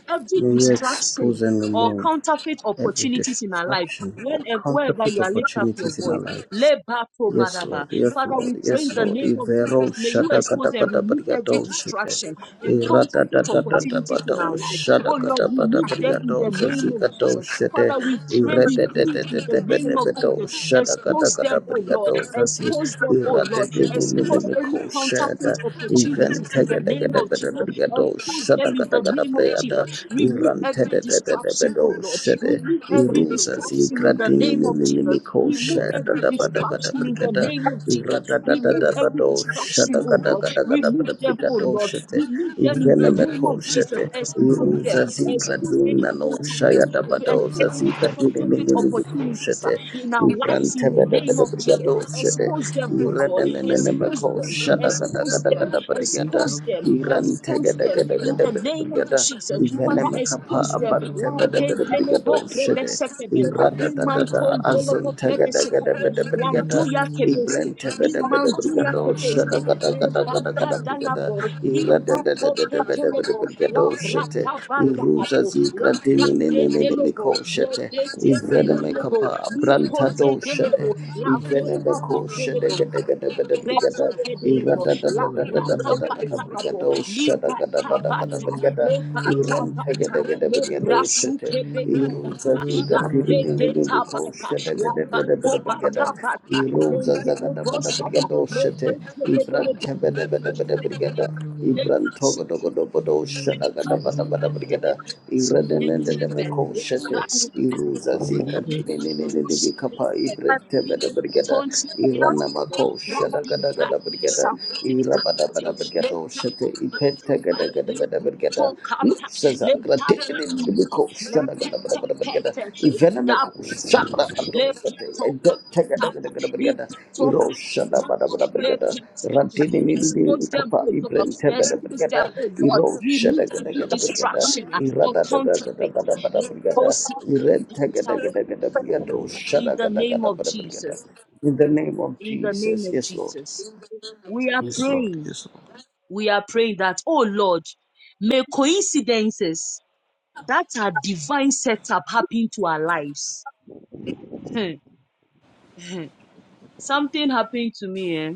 [SPEAKER 1] every
[SPEAKER 6] May you
[SPEAKER 1] distraction
[SPEAKER 6] expose and
[SPEAKER 1] or
[SPEAKER 6] remove
[SPEAKER 1] counterfeit
[SPEAKER 6] every
[SPEAKER 1] opportunities in our life
[SPEAKER 6] distraction or
[SPEAKER 1] Whenever, wherever you
[SPEAKER 6] counterfeit
[SPEAKER 1] are, lift up your
[SPEAKER 6] opportunities in our
[SPEAKER 1] voice.
[SPEAKER 6] lives.
[SPEAKER 1] Leba pro
[SPEAKER 6] Yes,
[SPEAKER 1] baraba.
[SPEAKER 6] Lord. Yes,
[SPEAKER 1] Father,
[SPEAKER 6] Lord.
[SPEAKER 1] we pray in
[SPEAKER 6] Yes,
[SPEAKER 1] the
[SPEAKER 6] Lord.
[SPEAKER 1] name of
[SPEAKER 6] Ivero
[SPEAKER 1] Jesus. May you
[SPEAKER 6] shada
[SPEAKER 1] expose
[SPEAKER 6] kada
[SPEAKER 1] and
[SPEAKER 6] kada
[SPEAKER 1] remove every
[SPEAKER 6] bariado shite.
[SPEAKER 1] distraction and
[SPEAKER 6] Irada da
[SPEAKER 1] counterfeit
[SPEAKER 6] da da da
[SPEAKER 1] opportunities in our
[SPEAKER 6] bado
[SPEAKER 1] life.
[SPEAKER 6] shada
[SPEAKER 1] Oh Lord,
[SPEAKER 6] kada kada
[SPEAKER 1] remove them in
[SPEAKER 6] bariado
[SPEAKER 1] the name of
[SPEAKER 6] zazika
[SPEAKER 1] Jesus.
[SPEAKER 6] do shite.
[SPEAKER 1] Father, we pray, we
[SPEAKER 6] Irede de
[SPEAKER 1] plead
[SPEAKER 6] de de
[SPEAKER 1] in the
[SPEAKER 6] de
[SPEAKER 1] name
[SPEAKER 6] de
[SPEAKER 1] of
[SPEAKER 6] de do
[SPEAKER 1] Jesus.
[SPEAKER 6] shada kada
[SPEAKER 1] Expose them,
[SPEAKER 6] kada
[SPEAKER 1] oh Lord.
[SPEAKER 6] bariado zazi.
[SPEAKER 1] Expose them, oh Lord.
[SPEAKER 6] Irade de de de de
[SPEAKER 1] Expose
[SPEAKER 6] me
[SPEAKER 1] any
[SPEAKER 6] ko
[SPEAKER 1] counterfeit
[SPEAKER 6] shada. Event
[SPEAKER 1] opportunities in the
[SPEAKER 6] tega de de
[SPEAKER 1] name of
[SPEAKER 6] de de
[SPEAKER 1] Jesus.
[SPEAKER 6] bariado
[SPEAKER 1] Expose them
[SPEAKER 6] shada
[SPEAKER 1] in
[SPEAKER 6] kada
[SPEAKER 1] the
[SPEAKER 6] kada
[SPEAKER 1] name of
[SPEAKER 6] bariada.
[SPEAKER 1] Jesus. Remove
[SPEAKER 6] te
[SPEAKER 1] every
[SPEAKER 6] de de de de
[SPEAKER 1] distraction,
[SPEAKER 6] do
[SPEAKER 1] oh Lord.
[SPEAKER 6] shite.
[SPEAKER 1] Remove every
[SPEAKER 6] Irusa
[SPEAKER 1] distraction in the
[SPEAKER 6] zigratini
[SPEAKER 1] name of Jesus.
[SPEAKER 6] nimiko
[SPEAKER 1] Remove
[SPEAKER 6] shada
[SPEAKER 1] every
[SPEAKER 6] da da ba da ba da
[SPEAKER 1] distraction in the
[SPEAKER 6] brigada
[SPEAKER 1] name of Jesus.
[SPEAKER 6] irada da da
[SPEAKER 1] Remove
[SPEAKER 6] da da
[SPEAKER 1] every
[SPEAKER 6] do
[SPEAKER 1] distraction,
[SPEAKER 6] shada
[SPEAKER 1] oh
[SPEAKER 6] kada
[SPEAKER 1] Lord.
[SPEAKER 6] kada kada ba
[SPEAKER 1] Remove
[SPEAKER 6] da
[SPEAKER 1] them, oh
[SPEAKER 6] brigado
[SPEAKER 1] Lord.
[SPEAKER 6] shete
[SPEAKER 1] Remove them in the
[SPEAKER 6] ivene
[SPEAKER 1] name
[SPEAKER 6] meko
[SPEAKER 1] of Jesus.
[SPEAKER 6] shete
[SPEAKER 1] Expose them.
[SPEAKER 6] irusa
[SPEAKER 1] Expose
[SPEAKER 6] zigratini
[SPEAKER 1] any
[SPEAKER 6] nano
[SPEAKER 1] counterfeit
[SPEAKER 6] shaya da ba do
[SPEAKER 1] Expose any
[SPEAKER 6] zazigratini
[SPEAKER 1] counterfeit
[SPEAKER 6] nimiko
[SPEAKER 1] opportunities uh,
[SPEAKER 6] shete
[SPEAKER 1] in our lives in
[SPEAKER 6] Ibrante
[SPEAKER 1] the
[SPEAKER 6] bede
[SPEAKER 1] name
[SPEAKER 6] bede
[SPEAKER 1] of Jesus.
[SPEAKER 6] brigado shede.
[SPEAKER 1] Expose them, oh Lord.
[SPEAKER 6] Irene mene neme
[SPEAKER 1] Expose
[SPEAKER 6] ko
[SPEAKER 1] them.
[SPEAKER 6] shada gada
[SPEAKER 1] Expose
[SPEAKER 6] gada
[SPEAKER 1] them.
[SPEAKER 6] gada brigada.
[SPEAKER 1] Expose them.
[SPEAKER 6] Irante
[SPEAKER 1] Expose
[SPEAKER 6] gada
[SPEAKER 1] them
[SPEAKER 6] gada
[SPEAKER 1] in
[SPEAKER 6] gada
[SPEAKER 1] the
[SPEAKER 6] bede
[SPEAKER 1] name of
[SPEAKER 6] brigada.
[SPEAKER 1] Jesus.
[SPEAKER 6] Ivene
[SPEAKER 1] Father,
[SPEAKER 6] me kapa
[SPEAKER 1] expose them.
[SPEAKER 6] abarte
[SPEAKER 1] La
[SPEAKER 6] bede
[SPEAKER 1] pe
[SPEAKER 6] bede brigado
[SPEAKER 1] delebo plebe
[SPEAKER 6] shede.
[SPEAKER 1] sekebe.
[SPEAKER 6] Irada da da da
[SPEAKER 1] Limanton delebo
[SPEAKER 6] azunte
[SPEAKER 1] plebe
[SPEAKER 6] gada gada
[SPEAKER 4] Thank
[SPEAKER 1] sekebe.
[SPEAKER 6] bede
[SPEAKER 4] you.
[SPEAKER 6] brigada.
[SPEAKER 1] Wanduya Kebeste,
[SPEAKER 6] Ibrante
[SPEAKER 1] Li
[SPEAKER 6] bede bede
[SPEAKER 1] Manduya
[SPEAKER 6] brigado shada
[SPEAKER 1] Kebeste,
[SPEAKER 6] gada
[SPEAKER 1] Le
[SPEAKER 6] gada gada
[SPEAKER 1] Bata
[SPEAKER 6] gada brigada.
[SPEAKER 1] Dalabo, Li
[SPEAKER 6] Irada da da
[SPEAKER 1] Papo
[SPEAKER 6] da da bede
[SPEAKER 1] Petolebo, La
[SPEAKER 6] Brigadoshete,
[SPEAKER 1] Brata
[SPEAKER 6] Iruza
[SPEAKER 1] Badalabo, La Brate Delebo, Le
[SPEAKER 6] Zigradininikoshete,
[SPEAKER 1] Bete Bedelebo,
[SPEAKER 6] Ivenemekapa,
[SPEAKER 1] Li Pote
[SPEAKER 6] Brantadoshete,
[SPEAKER 1] Delebo, La Beka
[SPEAKER 6] Ivenemekoshete,
[SPEAKER 1] Badelebo,
[SPEAKER 6] Gedegede
[SPEAKER 1] Reto
[SPEAKER 6] Brigada,
[SPEAKER 1] zedelebo,
[SPEAKER 6] Irada
[SPEAKER 1] la braka labo. li
[SPEAKER 6] Brigadoshada,
[SPEAKER 1] bata
[SPEAKER 6] Gadabada
[SPEAKER 1] bata,
[SPEAKER 6] Brigada,
[SPEAKER 1] le bata bata,
[SPEAKER 6] Irentegede
[SPEAKER 1] le brasu
[SPEAKER 6] Brigadoshete,
[SPEAKER 1] kebeta
[SPEAKER 6] Iruza
[SPEAKER 1] bata, la bredeta bata,
[SPEAKER 6] Zigradininikoshete,
[SPEAKER 1] la
[SPEAKER 6] Gedegede
[SPEAKER 1] bako
[SPEAKER 6] Brigada,
[SPEAKER 1] bata bata, le
[SPEAKER 6] Rosa Zagada
[SPEAKER 1] delebo
[SPEAKER 6] Bada
[SPEAKER 1] saba,
[SPEAKER 6] Brigado
[SPEAKER 1] le
[SPEAKER 6] Shete,
[SPEAKER 1] bete
[SPEAKER 6] Ibran
[SPEAKER 1] bedelebo,
[SPEAKER 6] Tebede Bede Bede Brigada,
[SPEAKER 1] le
[SPEAKER 6] Ibran
[SPEAKER 1] brasu
[SPEAKER 6] Togodogodo
[SPEAKER 1] kebelebo,
[SPEAKER 6] Bodo
[SPEAKER 1] le
[SPEAKER 6] Shadagada
[SPEAKER 1] bata
[SPEAKER 6] Bada Bada Brigada,
[SPEAKER 1] bedelebo, le
[SPEAKER 6] Ibraden and the
[SPEAKER 1] tebe,
[SPEAKER 6] Mako
[SPEAKER 1] le
[SPEAKER 6] Shete,
[SPEAKER 1] brasu bete
[SPEAKER 6] Iruza Zika Tinini Kapa,
[SPEAKER 1] Lekatosibete,
[SPEAKER 6] Ibran Tebede Brigada,
[SPEAKER 1] limatonsibete,
[SPEAKER 6] Irana Mako
[SPEAKER 1] brade,
[SPEAKER 6] Shadagada Gada
[SPEAKER 1] brade,
[SPEAKER 6] Brigada,
[SPEAKER 1] sabate,
[SPEAKER 6] Irabada
[SPEAKER 1] sabate,
[SPEAKER 6] Bada Brigado Shete, Ipenta
[SPEAKER 1] letakobatuba,
[SPEAKER 6] Gada Gada Bada
[SPEAKER 1] lebutokapa,
[SPEAKER 6] Brigada, in
[SPEAKER 1] lepatakapa, lepetepete, ledabasaba, lepetopabetapa, lepetopabetapa, lepetepe. Expose them, O Lord. Expose them, O Lord. Remove every distraction uh, or counterfeit. Lekosakapataba, in the name of Jesus.
[SPEAKER 6] the name of
[SPEAKER 1] In the name
[SPEAKER 6] Jesus,
[SPEAKER 1] of
[SPEAKER 6] yes, Lord.
[SPEAKER 1] Jesus. We are
[SPEAKER 6] Yes, Lord.
[SPEAKER 1] praying.
[SPEAKER 6] Yes, Lord.
[SPEAKER 1] We are praying that, oh Lord, may coincidences that are divine setup happen to our lives. Hmm, hmm. Something happened to me, eh?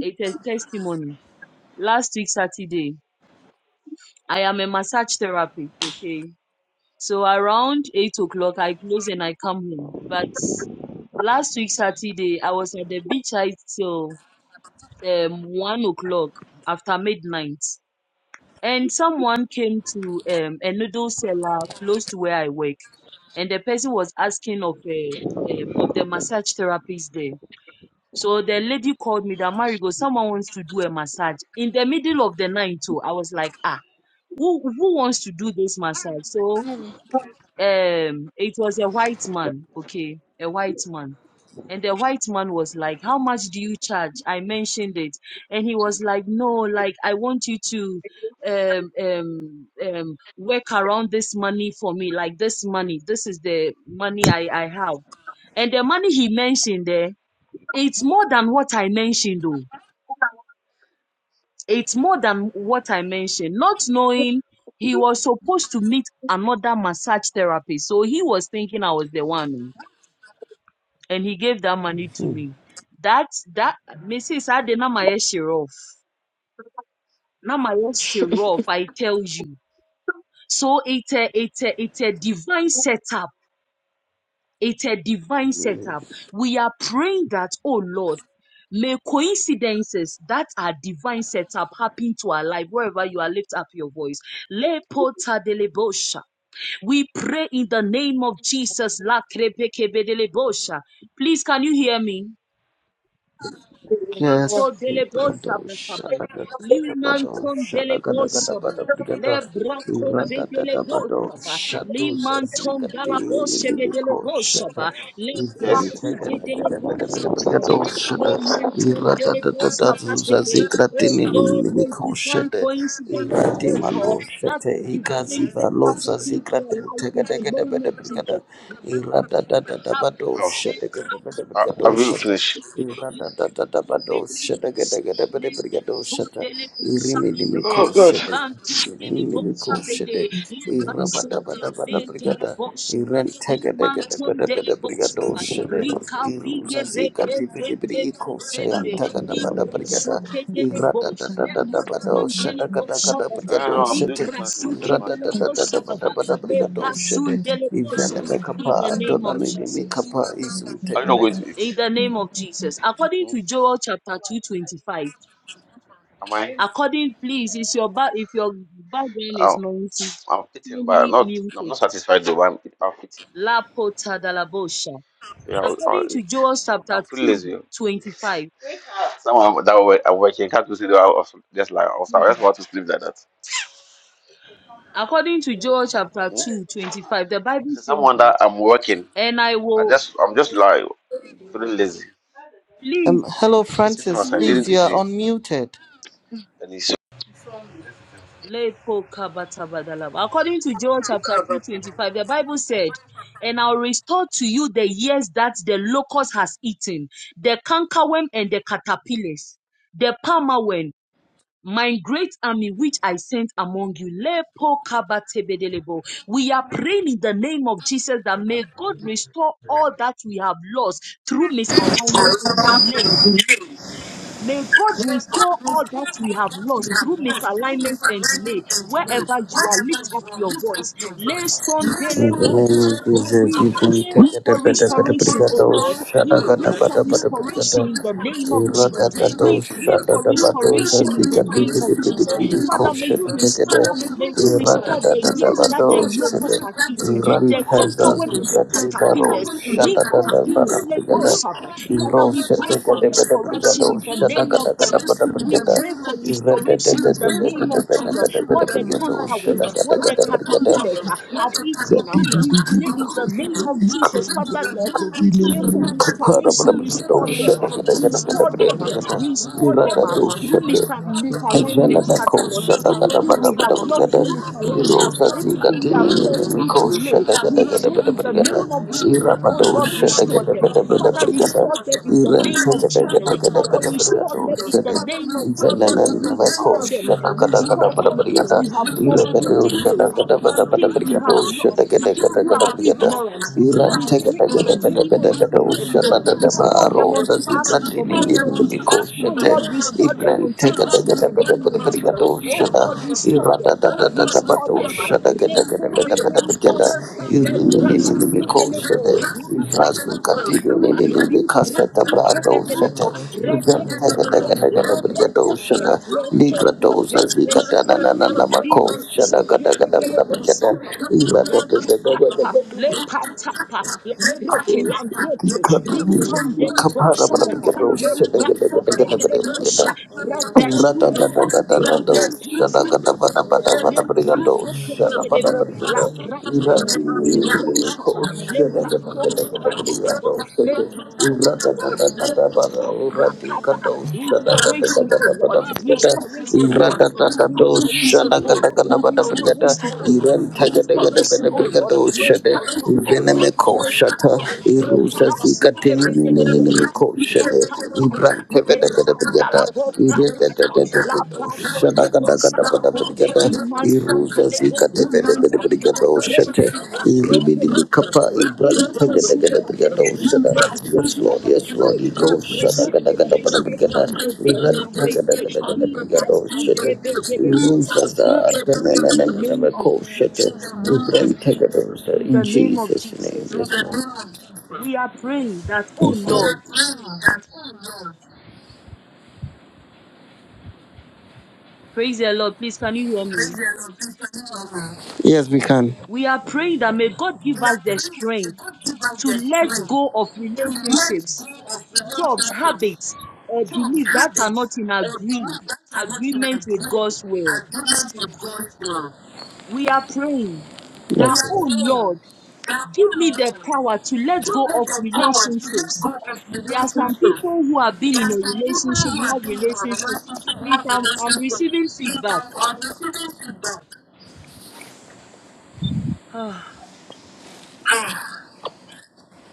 [SPEAKER 1] It's a testimony. Last week, Saturday, I am a massage therapist, okay? So around 8 o'clock, I close and I come home. But last week, Saturday, I was at the beach I till um, one o'clock after midnight, and someone came to um, a noodle seller close to where I work, and the person was asking of a um, of the massage therapist there. So the lady called me that Marigo, someone wants to do a massage in the middle of the night. too. I was like, ah, who who wants to do this massage? So um, it was a white man, okay, a white man and the white man was like, How much do you charge? I mentioned it. And he was like, No, like, I want you to um, um, um, work around this money for me. Like, this money, this is the money I, I have. And the money he mentioned there, it's more than what I mentioned, though. It's more than what I mentioned. Not knowing he was supposed to meet another massage therapist. So he was thinking I was the one. and he gave that money to me. That that Mrs. Ade na my share off. Na my share off. I tell you. So it's a it's a it's a divine setup. It's a divine setup. We are praying that, oh Lord, may coincidences that are divine setup happen to our life wherever you are. Lift up your voice. Le pota de le bosha. We pray in the name of Jesus. La crepe kebe bosha. Please, can you hear me? Mato
[SPEAKER 6] Yes,
[SPEAKER 5] Yes.
[SPEAKER 1] dele bosa
[SPEAKER 6] Ibrado
[SPEAKER 1] bakaba.
[SPEAKER 6] Shadagado
[SPEAKER 1] Limanton dele bosa ba.
[SPEAKER 6] Shadagadagada
[SPEAKER 1] Le
[SPEAKER 6] Brigada
[SPEAKER 1] braco vedele
[SPEAKER 6] Iradadabado
[SPEAKER 1] bosa ba.
[SPEAKER 6] Shadows as we
[SPEAKER 1] Limanton
[SPEAKER 6] got the
[SPEAKER 1] dala bose vedele
[SPEAKER 6] Liliko
[SPEAKER 1] bosa ba.
[SPEAKER 6] Shata.
[SPEAKER 1] Le
[SPEAKER 6] Iferi,
[SPEAKER 1] braco vedele bosa ba ba ba.
[SPEAKER 6] Brigado
[SPEAKER 1] Le
[SPEAKER 6] Shada
[SPEAKER 1] manton dele bosa
[SPEAKER 6] Iradadadados as
[SPEAKER 1] bebe.
[SPEAKER 6] he got the
[SPEAKER 1] Oh Lord, no
[SPEAKER 6] Liliko
[SPEAKER 1] divine
[SPEAKER 6] Shada
[SPEAKER 1] coincidences, oh Lord,
[SPEAKER 6] Iradimano
[SPEAKER 1] that a
[SPEAKER 6] Shate
[SPEAKER 1] divine set
[SPEAKER 6] Igaziva
[SPEAKER 1] up
[SPEAKER 6] Los as he
[SPEAKER 1] happening to
[SPEAKER 6] got
[SPEAKER 1] your
[SPEAKER 6] the
[SPEAKER 1] life in the
[SPEAKER 6] Tegadagada
[SPEAKER 1] name of
[SPEAKER 6] Brigada
[SPEAKER 1] Jesus. Happen.
[SPEAKER 6] Iradadabado
[SPEAKER 8] Oh,
[SPEAKER 6] Shadagada
[SPEAKER 8] I,
[SPEAKER 1] Le
[SPEAKER 6] Brigado
[SPEAKER 8] I've even
[SPEAKER 6] Shata.
[SPEAKER 8] finished.
[SPEAKER 6] Even
[SPEAKER 1] in
[SPEAKER 8] Oh, God.
[SPEAKER 9] Namaste. Namaste.
[SPEAKER 8] I don't know. I'm doing this one is my personal thing I'm doing.
[SPEAKER 6] make up
[SPEAKER 1] the
[SPEAKER 6] a
[SPEAKER 1] name of
[SPEAKER 6] don't
[SPEAKER 1] Jesus
[SPEAKER 6] make up a is
[SPEAKER 8] Are
[SPEAKER 6] take
[SPEAKER 8] you not going
[SPEAKER 6] a
[SPEAKER 8] to
[SPEAKER 1] in
[SPEAKER 8] eat?
[SPEAKER 1] the name of Jesus. According
[SPEAKER 8] Hmm?
[SPEAKER 1] to Joel chapter 225,
[SPEAKER 8] Am I?
[SPEAKER 1] according, please, is your ba- if your background is
[SPEAKER 8] I'm,
[SPEAKER 1] noisy,
[SPEAKER 8] I'm eating, but I'm
[SPEAKER 1] kindly
[SPEAKER 8] not,
[SPEAKER 1] mute
[SPEAKER 8] I'm
[SPEAKER 1] it.
[SPEAKER 8] not satisfied though. But I'm, I'm eating.
[SPEAKER 1] La pota da la bosha.
[SPEAKER 8] Yeah, I'll, I'll
[SPEAKER 1] According to
[SPEAKER 8] eat.
[SPEAKER 1] Joel chapter
[SPEAKER 8] I'm feeling lazy.
[SPEAKER 1] 225,
[SPEAKER 8] Someone that were, I'm working can't do sleep. I was just like, I was, I just want to sleep like that.
[SPEAKER 1] according to Joel chapter
[SPEAKER 8] Hmm?
[SPEAKER 1] 225, the Bible
[SPEAKER 8] So
[SPEAKER 1] says
[SPEAKER 8] Someone
[SPEAKER 1] that,
[SPEAKER 8] that I'm working,
[SPEAKER 1] and I
[SPEAKER 8] I
[SPEAKER 1] will,
[SPEAKER 8] just, I'm just like feeling lazy.
[SPEAKER 1] please,
[SPEAKER 6] Um, hello,
[SPEAKER 8] He's sitting
[SPEAKER 6] Francis.
[SPEAKER 8] outside,
[SPEAKER 6] Please,
[SPEAKER 8] didn't
[SPEAKER 1] please,
[SPEAKER 8] you
[SPEAKER 6] you are
[SPEAKER 8] see?
[SPEAKER 6] unmuted.
[SPEAKER 8] And he's
[SPEAKER 1] Lepo-kabatabadalaba. According to Joel chapter 2:25, the Bible said, And I'll restore to you the years that the locust has eaten, the cankerworm and the caterpillars, the palmerworm, my great army which I sent among you. Lepo-kabatebedelebo. We are praying in the name of Jesus that may God restore all that we have lost through misalignment and delay. May God restore all that we have lost through misalignment and delay. Wherever you are, lift up your voice. Leston
[SPEAKER 6] In
[SPEAKER 1] Dele
[SPEAKER 6] the name
[SPEAKER 1] Bosaba.
[SPEAKER 6] of Jesus,
[SPEAKER 1] We
[SPEAKER 6] you can take
[SPEAKER 1] pray
[SPEAKER 6] it a
[SPEAKER 1] for
[SPEAKER 6] better, better,
[SPEAKER 1] restoration, oh
[SPEAKER 6] brigado,
[SPEAKER 1] Lord. We pray
[SPEAKER 6] shadagata,
[SPEAKER 1] for
[SPEAKER 6] better, better,
[SPEAKER 1] restoration
[SPEAKER 6] brigado,
[SPEAKER 1] in the name of Jesus.
[SPEAKER 6] iragatato,
[SPEAKER 1] We pray for
[SPEAKER 6] shadagabato,
[SPEAKER 1] restoration in the
[SPEAKER 6] sasikati,
[SPEAKER 1] name
[SPEAKER 6] piti,
[SPEAKER 1] of
[SPEAKER 6] piti,
[SPEAKER 1] Jesus.
[SPEAKER 6] piti,
[SPEAKER 1] Father, may
[SPEAKER 6] kosha,
[SPEAKER 1] you
[SPEAKER 6] tikete,
[SPEAKER 1] restore. May you restore the years that the
[SPEAKER 6] iragatato,
[SPEAKER 1] locusts
[SPEAKER 6] shite,
[SPEAKER 1] have eaten, the
[SPEAKER 6] irantazas,
[SPEAKER 1] cankerworm and the
[SPEAKER 6] bigati, baro,
[SPEAKER 1] caterpillars. Rico
[SPEAKER 6] shadagata, better,
[SPEAKER 1] Videle
[SPEAKER 6] brigado,
[SPEAKER 1] Bosaba.
[SPEAKER 6] iro,
[SPEAKER 1] Father, we pray for
[SPEAKER 6] shetekate, better, brigado,
[SPEAKER 1] restoration in the name of
[SPEAKER 6] shadagata, better,
[SPEAKER 1] Jesus. We
[SPEAKER 6] brigado,
[SPEAKER 1] pray for
[SPEAKER 6] irate, better,
[SPEAKER 1] restoration in the name
[SPEAKER 6] better,
[SPEAKER 1] of Jesus. What
[SPEAKER 6] better,
[SPEAKER 1] the
[SPEAKER 6] brigado,
[SPEAKER 1] conquerors,
[SPEAKER 6] shadagata,
[SPEAKER 1] what the
[SPEAKER 6] better,
[SPEAKER 1] caterpillars
[SPEAKER 6] brigado,
[SPEAKER 1] uh, have eaten, uh, we pray in the name of Jesus. Father, Lord, we pray for
[SPEAKER 6] Irapa
[SPEAKER 1] restoration. Restore them, uh, restore them, uh, restore them uh,
[SPEAKER 4] Thank
[SPEAKER 1] through mis- misalignments, Father, Lord. Anything we have lost through misalignments, anything we have lost through delay, we pray in the name of Jesus, oh Lord, restore them Father, restore them in the name of Jesus. Father, restore them in the name of Jesus. Restore them, restore them. Things we have lost through delay, the things we have lost uh, through our ignorance. uh, We
[SPEAKER 6] Shut
[SPEAKER 1] pray in the name of Jesus. Father, restore them unto us in the name of Jesus. Oh Lord, restore them unto us in the name of Jesus. Oh God, restore them. Restore them. uh, Reko de le brasike de lebo, la brakabakaba, li brasike de de lebo, repetede, la pretede, le tede de de sakaba, li brasike de de lebo sapa. La patapa, le patapa, la broke, la
[SPEAKER 6] Shut
[SPEAKER 1] broke, linton de lebo sabaha, le brato de de lebo sa, radar supa de de, le pasuke de de, le
[SPEAKER 4] you.
[SPEAKER 1] brasoke de
[SPEAKER 4] Amen.
[SPEAKER 1] de lebo, la
[SPEAKER 4] Amen.
[SPEAKER 1] prasa Librasaba,
[SPEAKER 4] Amen. Amen.
[SPEAKER 1] Lepasokabadaabo, Lepasokabadaabo, Rakaba, Restoration, oh Lord, restoration, oh Lord, restoration, oh Lord, restoration, oh Lord, restoration, O Lord, Lekaba, Kaba, Le kaba, kaba, le
[SPEAKER 6] Irusa
[SPEAKER 1] Brasi
[SPEAKER 6] zika tini nini nini
[SPEAKER 1] Kebelebo, La
[SPEAKER 6] mikoshele.
[SPEAKER 1] Brakapata,
[SPEAKER 6] Ibrante
[SPEAKER 1] Le
[SPEAKER 6] vede vede brigada.
[SPEAKER 1] Sandalabo
[SPEAKER 6] Irete de
[SPEAKER 1] Brakata,
[SPEAKER 6] de de
[SPEAKER 1] La
[SPEAKER 6] de de.
[SPEAKER 1] Babo
[SPEAKER 6] Shada
[SPEAKER 1] Lebo
[SPEAKER 6] gada gada gada
[SPEAKER 1] Sakaba,
[SPEAKER 6] brigada.
[SPEAKER 1] Limanton
[SPEAKER 6] Irusa zika
[SPEAKER 1] Belebo
[SPEAKER 6] te vede
[SPEAKER 1] sakaba,
[SPEAKER 6] vede
[SPEAKER 1] la
[SPEAKER 6] brigada oshete.
[SPEAKER 1] prete, la prete,
[SPEAKER 6] Iribidi
[SPEAKER 1] la
[SPEAKER 6] bikapa.
[SPEAKER 1] prete,
[SPEAKER 6] Ibrante
[SPEAKER 1] libra
[SPEAKER 6] gada gada
[SPEAKER 1] supa
[SPEAKER 6] brigada
[SPEAKER 1] bade,
[SPEAKER 6] oshada.
[SPEAKER 1] le
[SPEAKER 6] Yes Lord,
[SPEAKER 1] supa
[SPEAKER 6] yes Lord.
[SPEAKER 1] bade,
[SPEAKER 6] Ego
[SPEAKER 1] le
[SPEAKER 6] shada
[SPEAKER 1] dresse,
[SPEAKER 6] gada
[SPEAKER 1] le
[SPEAKER 6] gada gada
[SPEAKER 1] dresse,
[SPEAKER 6] brigada.
[SPEAKER 1] sambe de,
[SPEAKER 6] Ibrante
[SPEAKER 1] sambe
[SPEAKER 6] gada
[SPEAKER 1] de,
[SPEAKER 6] gada gada
[SPEAKER 1] li
[SPEAKER 6] brigada oshete.
[SPEAKER 1] kazuke de delegos.
[SPEAKER 6] Irusa za atene
[SPEAKER 1] In the
[SPEAKER 6] nene nene
[SPEAKER 1] name of
[SPEAKER 6] mikoshete.
[SPEAKER 1] Jesus,
[SPEAKER 6] Ibrante gada oshete.
[SPEAKER 1] in
[SPEAKER 6] In
[SPEAKER 1] the name of
[SPEAKER 6] Jesus' name,
[SPEAKER 1] Jesus,
[SPEAKER 6] yes Lord.
[SPEAKER 1] we are praying that, oh Lord, praise the Lord, please can you hear me?
[SPEAKER 6] And
[SPEAKER 1] We are praying that may God give
[SPEAKER 6] yes,
[SPEAKER 1] us the strength to let go of relationships jobs, habits, uh, beliefs that are not in agree, agreement with God's will.
[SPEAKER 6] Lord.
[SPEAKER 1] We are praying that, oh Lord, give me the power to let go of relationships. There are some people who have been in a relationship, love relationship. Please, I'm, I'm receiving feedback. (sighs) Ah.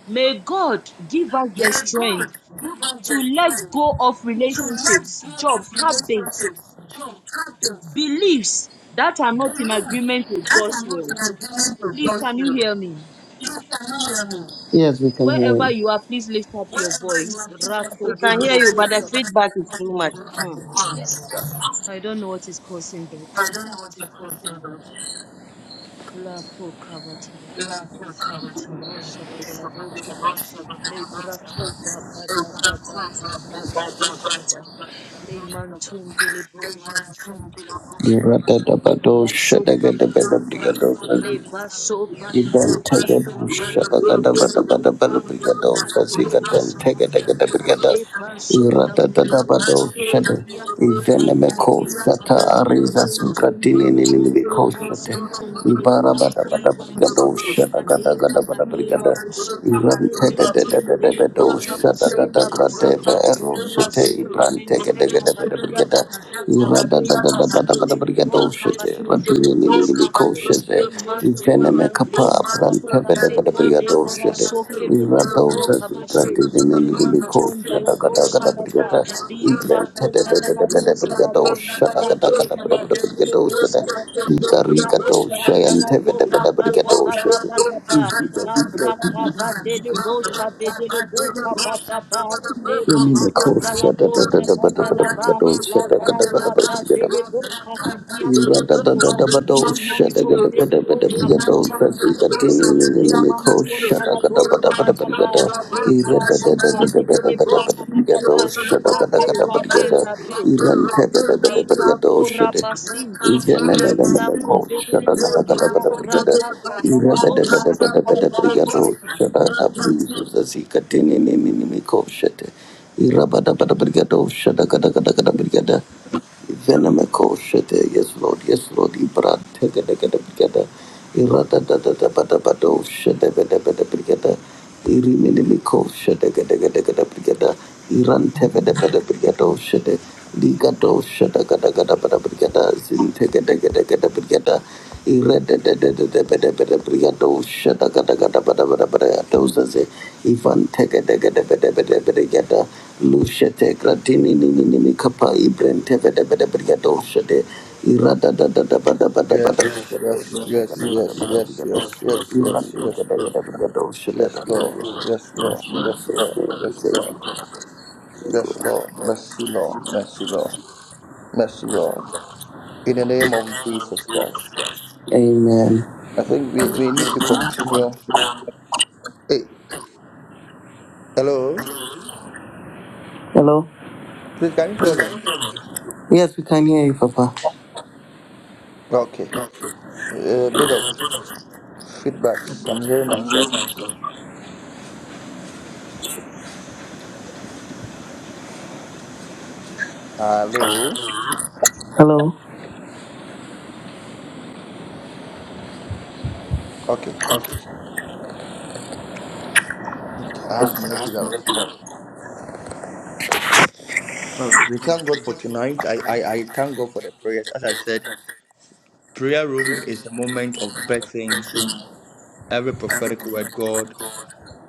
[SPEAKER 1] May God give us
[SPEAKER 6] May
[SPEAKER 1] the
[SPEAKER 6] God
[SPEAKER 1] strength
[SPEAKER 6] give us
[SPEAKER 1] to
[SPEAKER 6] the
[SPEAKER 1] let
[SPEAKER 6] strength
[SPEAKER 1] go of
[SPEAKER 6] to let
[SPEAKER 1] relationships,
[SPEAKER 6] go
[SPEAKER 1] job,
[SPEAKER 6] of
[SPEAKER 1] habits,
[SPEAKER 6] relationships, job, habits,
[SPEAKER 1] beliefs that are not in
[SPEAKER 6] beliefs
[SPEAKER 1] agreement with
[SPEAKER 6] that are
[SPEAKER 1] God's
[SPEAKER 6] not
[SPEAKER 1] will.
[SPEAKER 6] in agreement with
[SPEAKER 1] Please,
[SPEAKER 6] God's
[SPEAKER 1] can you
[SPEAKER 6] will.
[SPEAKER 1] hear me?
[SPEAKER 6] You can hear me. Yes, we can hear
[SPEAKER 1] Wherever
[SPEAKER 6] you.
[SPEAKER 1] you are, please lift up your
[SPEAKER 6] Wherever
[SPEAKER 1] voice.
[SPEAKER 6] you are, please help
[SPEAKER 1] Rako
[SPEAKER 7] We
[SPEAKER 6] us. We
[SPEAKER 7] can hear
[SPEAKER 1] vedele
[SPEAKER 7] you,
[SPEAKER 6] can
[SPEAKER 7] but
[SPEAKER 1] bosh
[SPEAKER 6] hear
[SPEAKER 7] the
[SPEAKER 6] you,
[SPEAKER 1] baba.
[SPEAKER 6] but I
[SPEAKER 7] feedback
[SPEAKER 6] think
[SPEAKER 7] is
[SPEAKER 6] what
[SPEAKER 7] too
[SPEAKER 6] you
[SPEAKER 7] much.
[SPEAKER 6] do is like
[SPEAKER 7] Mm.
[SPEAKER 6] a car.
[SPEAKER 1] I don't know what is causing that.
[SPEAKER 6] I don't know what you're talking about.
[SPEAKER 1] La po kaba taba dele bosh baba dele bosh baba dele bosh baba. Le brako va ba ba ba ba taba dele bosh baba. Le mantum dele bosh baba le braso kamita ba le baso bana bobe na bobe da na boba na tebo sabate le baso da bobe bo
[SPEAKER 6] Iradadadabadoshade.
[SPEAKER 1] kabadia kabadia mege
[SPEAKER 6] Ivenemekosata
[SPEAKER 1] le monson tondolo bo bo
[SPEAKER 6] arizasukratininimikosate.
[SPEAKER 1] monson tondolo bo le kazu kabade kabade la
[SPEAKER 6] Ibarabadabadabadoshadagadagadabadabrigada.
[SPEAKER 1] boshe le maintain dele bo kabashe la boshe
[SPEAKER 6] Irantedadadadadabadoshadagadagadabadabrigada. Erosete
[SPEAKER 1] remense remense kabadia kabade
[SPEAKER 6] ibrantegedegedabadabrigada.
[SPEAKER 1] Lebasidelevo
[SPEAKER 6] Brigadoshete,
[SPEAKER 1] kabades brekoseko.
[SPEAKER 6] Radrianimikoshete,
[SPEAKER 1] Leimanton dalego
[SPEAKER 6] Venemekapa,
[SPEAKER 1] kabababase.
[SPEAKER 6] Brantaveda Brigadoshete,
[SPEAKER 1] Lebraso kebedelevo
[SPEAKER 6] Iradosa,
[SPEAKER 1] kabase. Leimanton
[SPEAKER 6] Radrianimikoshete,
[SPEAKER 1] dalego
[SPEAKER 6] Gadagada
[SPEAKER 1] sababa.
[SPEAKER 6] Brigata,
[SPEAKER 1] Librako
[SPEAKER 6] Igletada
[SPEAKER 1] gadalabo sababa.
[SPEAKER 6] Brigadoshata,
[SPEAKER 1] Lebreke
[SPEAKER 6] Gadagada
[SPEAKER 1] bedelevo
[SPEAKER 6] Brigadoshata,
[SPEAKER 1] sababa.
[SPEAKER 6] Igarigadosha, and
[SPEAKER 1] Lakabadalabo
[SPEAKER 6] Teveda Brigadoshete,
[SPEAKER 1] kabadabadabadaba. Labrakabadelebo sabedelebo kabadaba. Leimanton
[SPEAKER 6] Inimikoshete,
[SPEAKER 1] dalabo
[SPEAKER 6] Gadagada
[SPEAKER 1] kabadalaba. La
[SPEAKER 6] Brigadoshete,
[SPEAKER 1] braca
[SPEAKER 6] Gadagada
[SPEAKER 1] ba
[SPEAKER 6] Brigadoshete,
[SPEAKER 1] dele boca badia
[SPEAKER 6] Irabada bada
[SPEAKER 1] cabastosa.
[SPEAKER 6] brigada,
[SPEAKER 1] le
[SPEAKER 6] shada
[SPEAKER 1] manton dele boca badia cabastosa. Le manton de la boca badaba. Le grasuke de dele boca badaba. Rabe, rabe, rabe. Rica vora basinta. Le braco de dele bo. La braca badalabosa. Le pete.
[SPEAKER 6] gada gada gada brigada, Venomiko Shete, yes Lord, yes Lord, Ibra, take a decade together, Irada da da da da da do, Shete, bada bada brigada, Iriminimiko Shete, gada gada gada brigada, Iran tevede bada brigado, Shete, Ligado, Shete, gada gada bada brigada, Zin, take a decade together, brigada, Ivan teke teke teke teke teke teke teke Lushe te gratini ni ni ni ni kapa ibren teke teke teke teke teke teke Irada da da da ba da ba da ba
[SPEAKER 10] Yes, yes, yes, yes, yes, yes, yes, yes, yes,
[SPEAKER 6] da
[SPEAKER 10] yes, Lord, yes, Lord, yes, Lord, yes, Lord, yes, Lord, mercy, Lord, mercy, Lord, mercy, Lord, in the name of Jesus Christ.
[SPEAKER 6] Amen.
[SPEAKER 10] I think we, we need to continue. Hey, hello,
[SPEAKER 6] Hello?
[SPEAKER 10] please, can you hear me?
[SPEAKER 6] Yes, we can hear you, Papa.
[SPEAKER 10] Okay, a bit of feedbacks. I'm hearing myself. Hello,
[SPEAKER 6] Hello?
[SPEAKER 10] okay, okay, I have to manage it that way. All right, we thank God for tonight. I, I, I thank God for the prayers, as I said. Prayer room is a moment of birthing every prophetic word God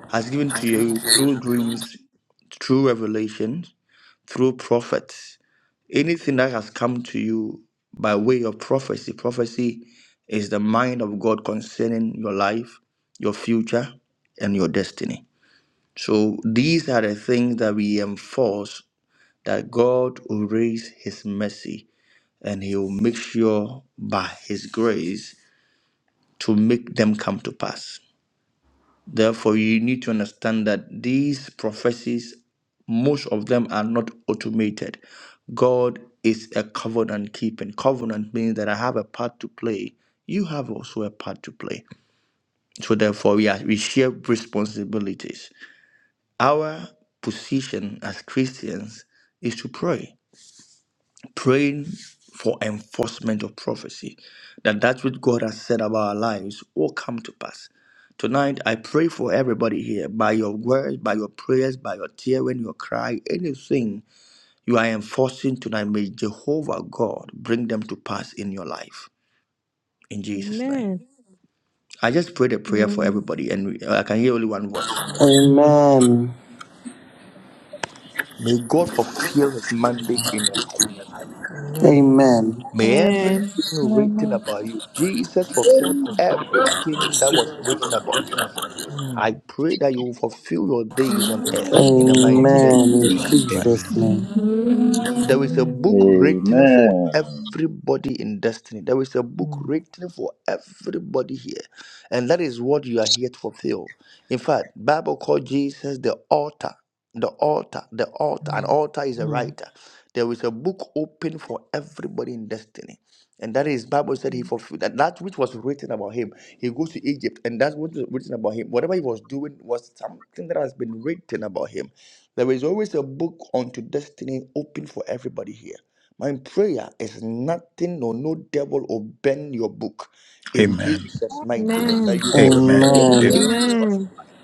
[SPEAKER 10] has given to you through dreams, through revelations, through prophets. Anything that has come to you by way of prophecy. Prophecy is the mind of God concerning your life, your future, and your destiny. So these are the things that we enforce that God will raise his mercy and he will make sure by his grace to make them come to pass. Therefore, you need to understand that these prophecies, most of them are not automated. God is a covenant keeping. Covenant means that I have a part to play. You have also a part to play. So therefore, we are we share responsibilities. Our position as Christians is to pray praying for enforcement of prophecy that that which god has said about our lives will come to pass tonight i pray for everybody here by your words by your prayers by your tear when your cry anything you are enforcing tonight may jehovah god bring them to pass in your life in jesus name
[SPEAKER 5] Amen.
[SPEAKER 10] i just prayed a prayer for
[SPEAKER 5] Amen.
[SPEAKER 10] everybody and i can hear only one voice
[SPEAKER 6] Amen.
[SPEAKER 10] may god fulfill his mandate in your life
[SPEAKER 6] Amen.
[SPEAKER 10] May
[SPEAKER 5] Amen.
[SPEAKER 10] everything written about you, Jesus fulfilled
[SPEAKER 11] Amen.
[SPEAKER 10] everything that was written about him. I pray that you will fulfill your days on earth in the mighty
[SPEAKER 12] Amen.
[SPEAKER 10] name of
[SPEAKER 6] Amen. In
[SPEAKER 10] Jesus Christ.
[SPEAKER 6] Jesus'
[SPEAKER 12] Amen.
[SPEAKER 6] name.
[SPEAKER 13] Thank
[SPEAKER 10] There is a
[SPEAKER 5] Amen.
[SPEAKER 10] book written for
[SPEAKER 14] Amen.
[SPEAKER 10] everybody in destiny. There is a book written for everybody here. And that is what you are here to fulfill. In fact, Bible called Jesus the author. The author, the author. An author is a
[SPEAKER 4] Amen.
[SPEAKER 10] writer. There is a book open for everybody in destiny. And that is Bible said he fulfilled that, that which was written about him. He goes to Egypt, and that's what was written about him. Whatever he was doing was something that has been written about him. There is always a book unto destiny open for everybody here. My prayer is nothing or no devil will bend your book in
[SPEAKER 12] Amen.
[SPEAKER 10] Jesus' mighty name
[SPEAKER 5] Amen.
[SPEAKER 10] that you fulfill
[SPEAKER 12] Amen.
[SPEAKER 10] the
[SPEAKER 6] Amen.
[SPEAKER 12] Amen.
[SPEAKER 10] pages of your
[SPEAKER 5] Amen.
[SPEAKER 10] life.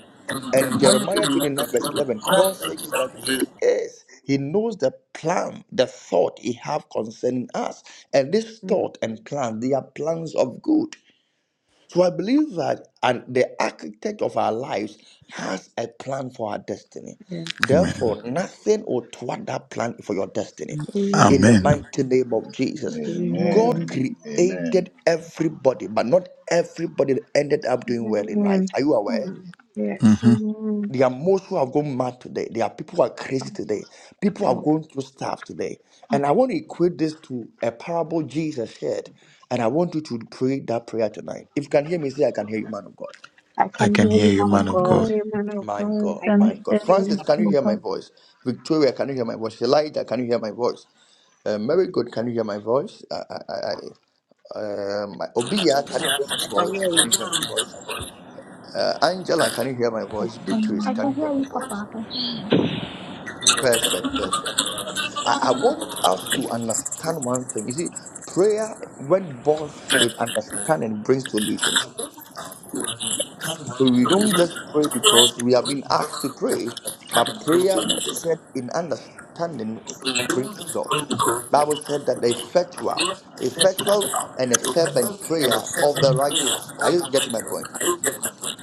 [SPEAKER 10] And Jeremiah 29, verse 11, God says that He is, He knows the plan, the thought He have concerning us. And this
[SPEAKER 5] Amen.
[SPEAKER 10] thought and plan, they are plans of good. So I believe that and the architect of our lives has a plan for our destiny.
[SPEAKER 15] Yes.
[SPEAKER 12] Amen.
[SPEAKER 10] Therefore, Mhm. nothing will thwart that plan for your destiny. In the
[SPEAKER 12] Amen.
[SPEAKER 15] Amen.
[SPEAKER 10] mighty name of Jesus, God
[SPEAKER 15] Amen.
[SPEAKER 14] Amen. Amen.
[SPEAKER 10] created everybody, but not everybody ended up doing well in life.
[SPEAKER 5] Amen.
[SPEAKER 10] Are you aware?
[SPEAKER 15] Hmm. Yes.
[SPEAKER 12] hmm
[SPEAKER 5] Amen.
[SPEAKER 10] There are most who have gone mad today. There are people who are crazy today. People are
[SPEAKER 15] Oh,
[SPEAKER 10] going through stuff today. And I want to equate this to a parable Jesus shared. And I want you to pray that prayer tonight. If you can hear me, say, I can hear you, man of God.
[SPEAKER 15] I
[SPEAKER 12] I
[SPEAKER 15] can
[SPEAKER 12] can
[SPEAKER 15] hear you,
[SPEAKER 12] hear you,
[SPEAKER 15] man of
[SPEAKER 12] man of
[SPEAKER 15] God.
[SPEAKER 12] God.
[SPEAKER 5] Man of
[SPEAKER 10] My
[SPEAKER 5] God.
[SPEAKER 11] I
[SPEAKER 10] God,
[SPEAKER 11] find
[SPEAKER 10] my
[SPEAKER 11] that
[SPEAKER 10] God.
[SPEAKER 11] you are
[SPEAKER 10] Francis,
[SPEAKER 11] not
[SPEAKER 10] can you
[SPEAKER 11] so.
[SPEAKER 10] hear
[SPEAKER 9] Namaste.
[SPEAKER 10] my voice? Victoria, can you hear my voice? Elijah, can you hear my voice? Uh, Mary Good, can you hear my voice? I, I, I, I- um, Obia, can you hear
[SPEAKER 7] I
[SPEAKER 10] my
[SPEAKER 7] can hear
[SPEAKER 10] voice?
[SPEAKER 7] you.
[SPEAKER 10] Can you hear my voice? Uh, Angela, can you hear my voice? Beatrice,
[SPEAKER 16] I
[SPEAKER 10] can
[SPEAKER 16] can
[SPEAKER 10] you hear
[SPEAKER 16] hear
[SPEAKER 10] my
[SPEAKER 16] you, Papa.
[SPEAKER 10] voice?
[SPEAKER 16] I can
[SPEAKER 10] Perfect, perfect, perfect. I, I want us to understand one thing. You see, prayer, when bought with understanding, brings solutions. So we don't just pray because we have been asked to pray, but prayer said in understanding brings result. Bible said that the effectual, effectual and a
[SPEAKER 6] The whistle
[SPEAKER 10] fervent
[SPEAKER 6] and a
[SPEAKER 10] prayer of the
[SPEAKER 6] seven cleaner
[SPEAKER 10] righteous. Are
[SPEAKER 6] on
[SPEAKER 10] you
[SPEAKER 6] the
[SPEAKER 10] getting my
[SPEAKER 6] electric.
[SPEAKER 10] point?
[SPEAKER 6] I get the point.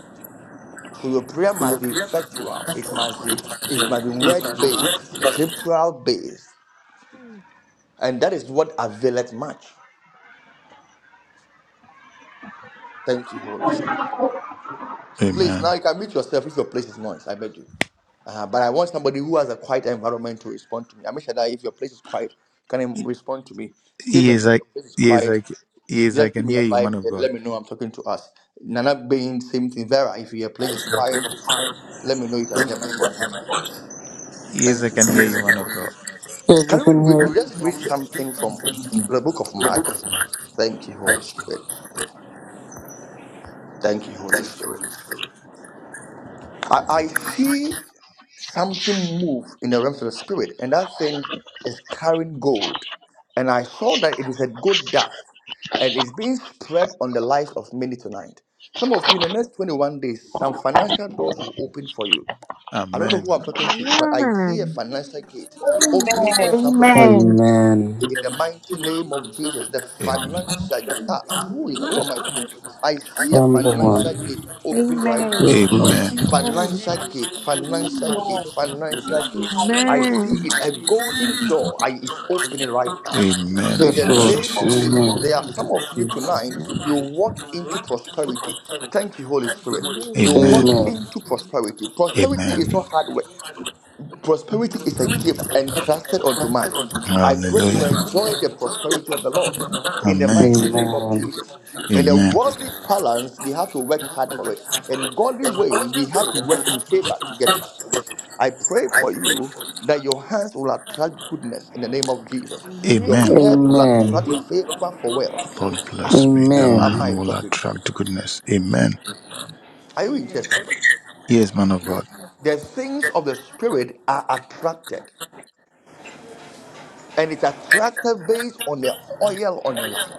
[SPEAKER 10] So your prayer
[SPEAKER 6] To
[SPEAKER 10] must be
[SPEAKER 6] appear at the
[SPEAKER 10] effectual. It
[SPEAKER 6] central
[SPEAKER 10] must be
[SPEAKER 6] street market is
[SPEAKER 10] it must be word
[SPEAKER 6] a red
[SPEAKER 10] based,
[SPEAKER 6] gate.
[SPEAKER 10] scriptural based And that is what availeth much. Thank you, Holy Spirit. Please,
[SPEAKER 12] Amen.
[SPEAKER 10] now you can mute yourself if your place is noise. I beg you. Uh, but I want somebody who has a quiet environment to respond to me. i make sure that if your place is quiet, you can um, respond to me. Stephen,
[SPEAKER 12] Yes,
[SPEAKER 10] if
[SPEAKER 12] I
[SPEAKER 10] your place is
[SPEAKER 12] yes,
[SPEAKER 10] quiet,
[SPEAKER 12] I yes, I
[SPEAKER 10] just give
[SPEAKER 12] can
[SPEAKER 10] me
[SPEAKER 12] hear
[SPEAKER 10] a
[SPEAKER 12] you,
[SPEAKER 10] vibe.
[SPEAKER 12] man of
[SPEAKER 10] eh,
[SPEAKER 12] God.
[SPEAKER 10] Let me know I'm talking to us. Nana being same thing. Vera, if your place
[SPEAKER 6] I
[SPEAKER 10] is
[SPEAKER 6] shall
[SPEAKER 10] quiet,
[SPEAKER 6] bring a fire,
[SPEAKER 10] let me know you can hear my
[SPEAKER 6] limiting what
[SPEAKER 10] voice.
[SPEAKER 6] heaven was.
[SPEAKER 12] Yes, I
[SPEAKER 10] Thank you,
[SPEAKER 12] can hear
[SPEAKER 10] Holy
[SPEAKER 12] you,
[SPEAKER 10] Spirit.
[SPEAKER 6] Music
[SPEAKER 12] man
[SPEAKER 6] and
[SPEAKER 12] of God.
[SPEAKER 6] reason. Yes, we
[SPEAKER 10] Can we,
[SPEAKER 6] can
[SPEAKER 10] we
[SPEAKER 6] hear.
[SPEAKER 10] we just read something from the book of Mark? Thank you, Holy Spirit. Thank you, Holy Spirit. I, I see. something moved in the realms of the spirit, and that thing is carrying gold. And I saw that it is a good dust, and it's being spread on the lives of many tonight. Some of you, in the next 21 days, some financial doors will open for you. I don't know
[SPEAKER 12] Amen.
[SPEAKER 10] who I'm talking to, but I see a
[SPEAKER 5] Amen.
[SPEAKER 10] financial gate opening for
[SPEAKER 11] Amen.
[SPEAKER 10] somebody right now.
[SPEAKER 15] Amen.
[SPEAKER 6] Amen.
[SPEAKER 10] in the mighty name of Jesus. The
[SPEAKER 12] Amen.
[SPEAKER 10] financial ah, who is
[SPEAKER 1] Amen.
[SPEAKER 10] who am I talking to? I see a
[SPEAKER 6] From one.
[SPEAKER 10] financial
[SPEAKER 6] Lord.
[SPEAKER 1] Amen.
[SPEAKER 10] gate open right
[SPEAKER 15] Amen.
[SPEAKER 10] now
[SPEAKER 12] Amen.
[SPEAKER 15] Amen.
[SPEAKER 1] Amen.
[SPEAKER 10] financial
[SPEAKER 1] I
[SPEAKER 10] gate,
[SPEAKER 1] receive it.
[SPEAKER 10] financial
[SPEAKER 11] Amen.
[SPEAKER 10] gate, financial gate. I
[SPEAKER 1] Amen. I
[SPEAKER 10] see
[SPEAKER 5] Amen.
[SPEAKER 10] it, a
[SPEAKER 1] receive it.
[SPEAKER 10] golden door I, is opening right now.
[SPEAKER 6] Yes,
[SPEAKER 12] Amen.
[SPEAKER 10] In
[SPEAKER 1] Amen.
[SPEAKER 10] the
[SPEAKER 1] I
[SPEAKER 12] In
[SPEAKER 10] name
[SPEAKER 1] receive
[SPEAKER 10] of
[SPEAKER 1] it.
[SPEAKER 12] Jesus' name.
[SPEAKER 10] Jesus,
[SPEAKER 1] I
[SPEAKER 6] Lord.
[SPEAKER 10] there are some of you tonight, you walk into prosperity. Thank you, Holy Spirit.
[SPEAKER 1] Amen. I
[SPEAKER 10] You walk
[SPEAKER 1] receive
[SPEAKER 12] Amen.
[SPEAKER 1] it.
[SPEAKER 6] Amen.
[SPEAKER 10] into
[SPEAKER 1] Amen. I
[SPEAKER 10] prosperity.
[SPEAKER 1] receive
[SPEAKER 10] Prosperity
[SPEAKER 1] it.
[SPEAKER 10] is
[SPEAKER 12] Amen.
[SPEAKER 10] not hard work.
[SPEAKER 1] A-
[SPEAKER 10] Prosperity is a
[SPEAKER 1] Amen.
[SPEAKER 10] gift entrusted unto man. I pray you
[SPEAKER 12] Hallelujah.
[SPEAKER 10] enjoy the prosperity of the Lord in the
[SPEAKER 12] Amen.
[SPEAKER 10] mighty name of
[SPEAKER 6] Amen.
[SPEAKER 1] Amen.
[SPEAKER 10] Jesus. And the
[SPEAKER 12] Amen.
[SPEAKER 10] worldly balance, we have to work hard for it. In godly way, we have to work in favor to get it. I pray for you that your hands will attract goodness in the name of Jesus. Your
[SPEAKER 1] Amen.
[SPEAKER 12] Amen.
[SPEAKER 1] I
[SPEAKER 10] head will
[SPEAKER 1] receive
[SPEAKER 6] Amen.
[SPEAKER 1] it.
[SPEAKER 10] attract
[SPEAKER 6] Amen.
[SPEAKER 10] favor for wealth.
[SPEAKER 12] God
[SPEAKER 10] Ah,
[SPEAKER 12] bless me that
[SPEAKER 10] who
[SPEAKER 12] my
[SPEAKER 6] Amen.
[SPEAKER 10] am
[SPEAKER 12] hand
[SPEAKER 10] I
[SPEAKER 1] Amen.
[SPEAKER 12] will
[SPEAKER 10] talking to?
[SPEAKER 12] attract goodness. Amen.
[SPEAKER 10] Are you in church,
[SPEAKER 1] Amen.
[SPEAKER 10] somebody?
[SPEAKER 12] Yes, man of God.
[SPEAKER 1] Yes, Papa. I
[SPEAKER 10] The things of the spirit are attracted. and it's attractive based on the oil on your life.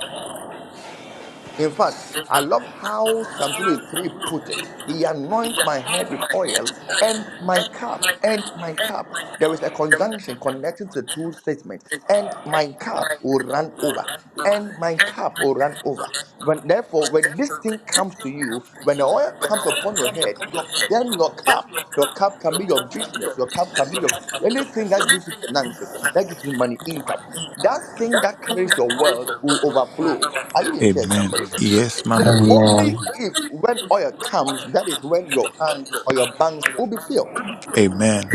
[SPEAKER 10] In fact, I love how Psalm 23 put it. He anoint my head with oil and my cup, and my cup. There is a conjunction connecting to the two statements. And my cup will run over. And my cup will run over. When therefore, when this thing comes to you, when the oil comes upon your head, your, then your cup your cup can be your business. Your cup can be your anything that gives you finances, that gives you money, income. That thing that carries your wealth will overflow. Are you in here,
[SPEAKER 12] Amen.
[SPEAKER 10] somebody?
[SPEAKER 12] Yes,
[SPEAKER 10] He
[SPEAKER 12] man
[SPEAKER 10] said,
[SPEAKER 12] of God.
[SPEAKER 10] only if when oil comes, that is when your hand or your banks will be filled.
[SPEAKER 12] Amen.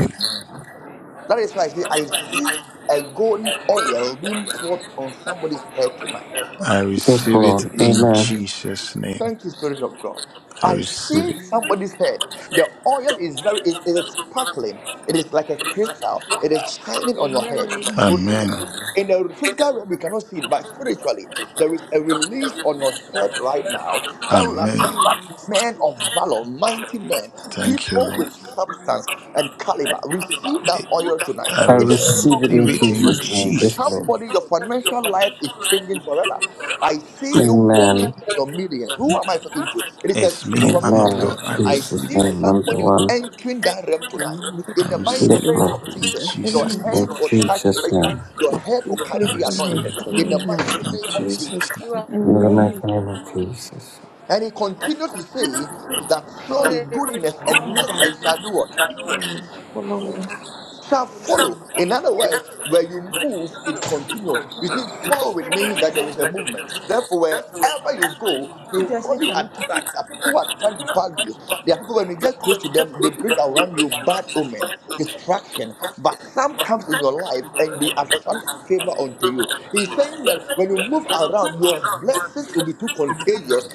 [SPEAKER 10] That is why I say I see
[SPEAKER 6] Amen.
[SPEAKER 10] a golden
[SPEAKER 6] Yes,
[SPEAKER 10] oil being poured on somebody's head tonight.
[SPEAKER 12] I receive it
[SPEAKER 6] Lord.
[SPEAKER 12] in
[SPEAKER 6] Amen.
[SPEAKER 12] Jesus' name.
[SPEAKER 10] Thank you,
[SPEAKER 1] receive
[SPEAKER 10] Spirit
[SPEAKER 1] it.
[SPEAKER 10] of God.
[SPEAKER 12] I
[SPEAKER 10] I
[SPEAKER 12] receive
[SPEAKER 10] see
[SPEAKER 12] it.
[SPEAKER 1] Amen. I
[SPEAKER 10] somebody's head.
[SPEAKER 1] receive it.
[SPEAKER 10] The oil is very, is it is sparkling. It is like a crystal. It is shining on your
[SPEAKER 1] Amen.
[SPEAKER 10] head.
[SPEAKER 1] I receive
[SPEAKER 10] Tonight,
[SPEAKER 1] it.
[SPEAKER 12] Amen.
[SPEAKER 10] in the physical realm, you cannot see it, but spiritually, there is a release on your head right now that will
[SPEAKER 12] Amen.
[SPEAKER 1] Amen. I
[SPEAKER 10] attract
[SPEAKER 1] receive
[SPEAKER 10] men
[SPEAKER 1] it.
[SPEAKER 10] of valor, mighty men,
[SPEAKER 12] Thank you,
[SPEAKER 10] people
[SPEAKER 12] Lord.
[SPEAKER 10] with
[SPEAKER 1] Amen.
[SPEAKER 10] substance and caliber. Receive that oil tonight
[SPEAKER 12] I
[SPEAKER 6] I
[SPEAKER 10] in the name
[SPEAKER 6] receive
[SPEAKER 10] of
[SPEAKER 6] it
[SPEAKER 12] receive
[SPEAKER 6] in
[SPEAKER 12] it
[SPEAKER 10] Jesus
[SPEAKER 1] Amen.
[SPEAKER 12] in
[SPEAKER 10] Christ.
[SPEAKER 6] Jesus'
[SPEAKER 1] I
[SPEAKER 6] name.
[SPEAKER 1] receive it.
[SPEAKER 6] Yes,
[SPEAKER 12] Jesus'
[SPEAKER 6] Lord.
[SPEAKER 10] Somebody,
[SPEAKER 12] name.
[SPEAKER 10] your financial life is changing forever. I see you walking
[SPEAKER 6] Amen.
[SPEAKER 10] in your millions. Who am I talking to? It is a
[SPEAKER 12] It's
[SPEAKER 10] free
[SPEAKER 12] me, man
[SPEAKER 10] prophecy
[SPEAKER 12] of
[SPEAKER 6] Amen.
[SPEAKER 12] God.
[SPEAKER 10] tonight.
[SPEAKER 6] In
[SPEAKER 12] I
[SPEAKER 10] I
[SPEAKER 1] It is
[SPEAKER 6] Jesus'
[SPEAKER 12] receive
[SPEAKER 10] see
[SPEAKER 12] it.
[SPEAKER 1] me.
[SPEAKER 6] name. I'm the
[SPEAKER 10] somebody
[SPEAKER 6] one.
[SPEAKER 10] entering that realm tonight.
[SPEAKER 5] Amen.
[SPEAKER 10] In
[SPEAKER 12] I
[SPEAKER 10] the mighty
[SPEAKER 5] Lord,
[SPEAKER 6] Yes,
[SPEAKER 12] receive it
[SPEAKER 5] In
[SPEAKER 10] name of
[SPEAKER 6] Lord.
[SPEAKER 12] in
[SPEAKER 10] Jesus, your
[SPEAKER 12] Jesus'
[SPEAKER 15] Amen.
[SPEAKER 12] name.
[SPEAKER 6] In
[SPEAKER 10] hands will touch
[SPEAKER 6] Jesus'
[SPEAKER 10] plenty.
[SPEAKER 6] name.
[SPEAKER 10] Your head will
[SPEAKER 5] Jesus'
[SPEAKER 12] I
[SPEAKER 10] carry the
[SPEAKER 5] name, in
[SPEAKER 12] receive
[SPEAKER 10] anointed.
[SPEAKER 12] it
[SPEAKER 5] Jesus'
[SPEAKER 10] In the
[SPEAKER 5] mighty name, I
[SPEAKER 15] Amen.
[SPEAKER 10] mighty
[SPEAKER 12] in
[SPEAKER 10] name of
[SPEAKER 5] receive
[SPEAKER 12] Jesus'
[SPEAKER 10] Jesus
[SPEAKER 5] it
[SPEAKER 12] name.
[SPEAKER 17] You
[SPEAKER 10] Christ.
[SPEAKER 5] in
[SPEAKER 17] are
[SPEAKER 6] In the
[SPEAKER 15] Amen.
[SPEAKER 5] Jesus'
[SPEAKER 1] Amen.
[SPEAKER 6] mighty
[SPEAKER 5] name.
[SPEAKER 6] name of Jesus.
[SPEAKER 10] And he continued to say that surely
[SPEAKER 17] already
[SPEAKER 10] goodness and
[SPEAKER 17] done.
[SPEAKER 10] mercy shall do what?
[SPEAKER 15] Amen. Follow me.
[SPEAKER 1] Shall
[SPEAKER 10] shall
[SPEAKER 1] follow
[SPEAKER 10] follow.
[SPEAKER 1] me.
[SPEAKER 10] In other words, where you move, it continues. You see, following means that there is a movement. Therefore, wherever you go, you only attract. There Are people who attract bad news. There are people when you get close to them, they bring around you bad omen, distraction. But some comes in your life and they attract favor unto you. He's saying that when you move around, your blessings will be too contagious.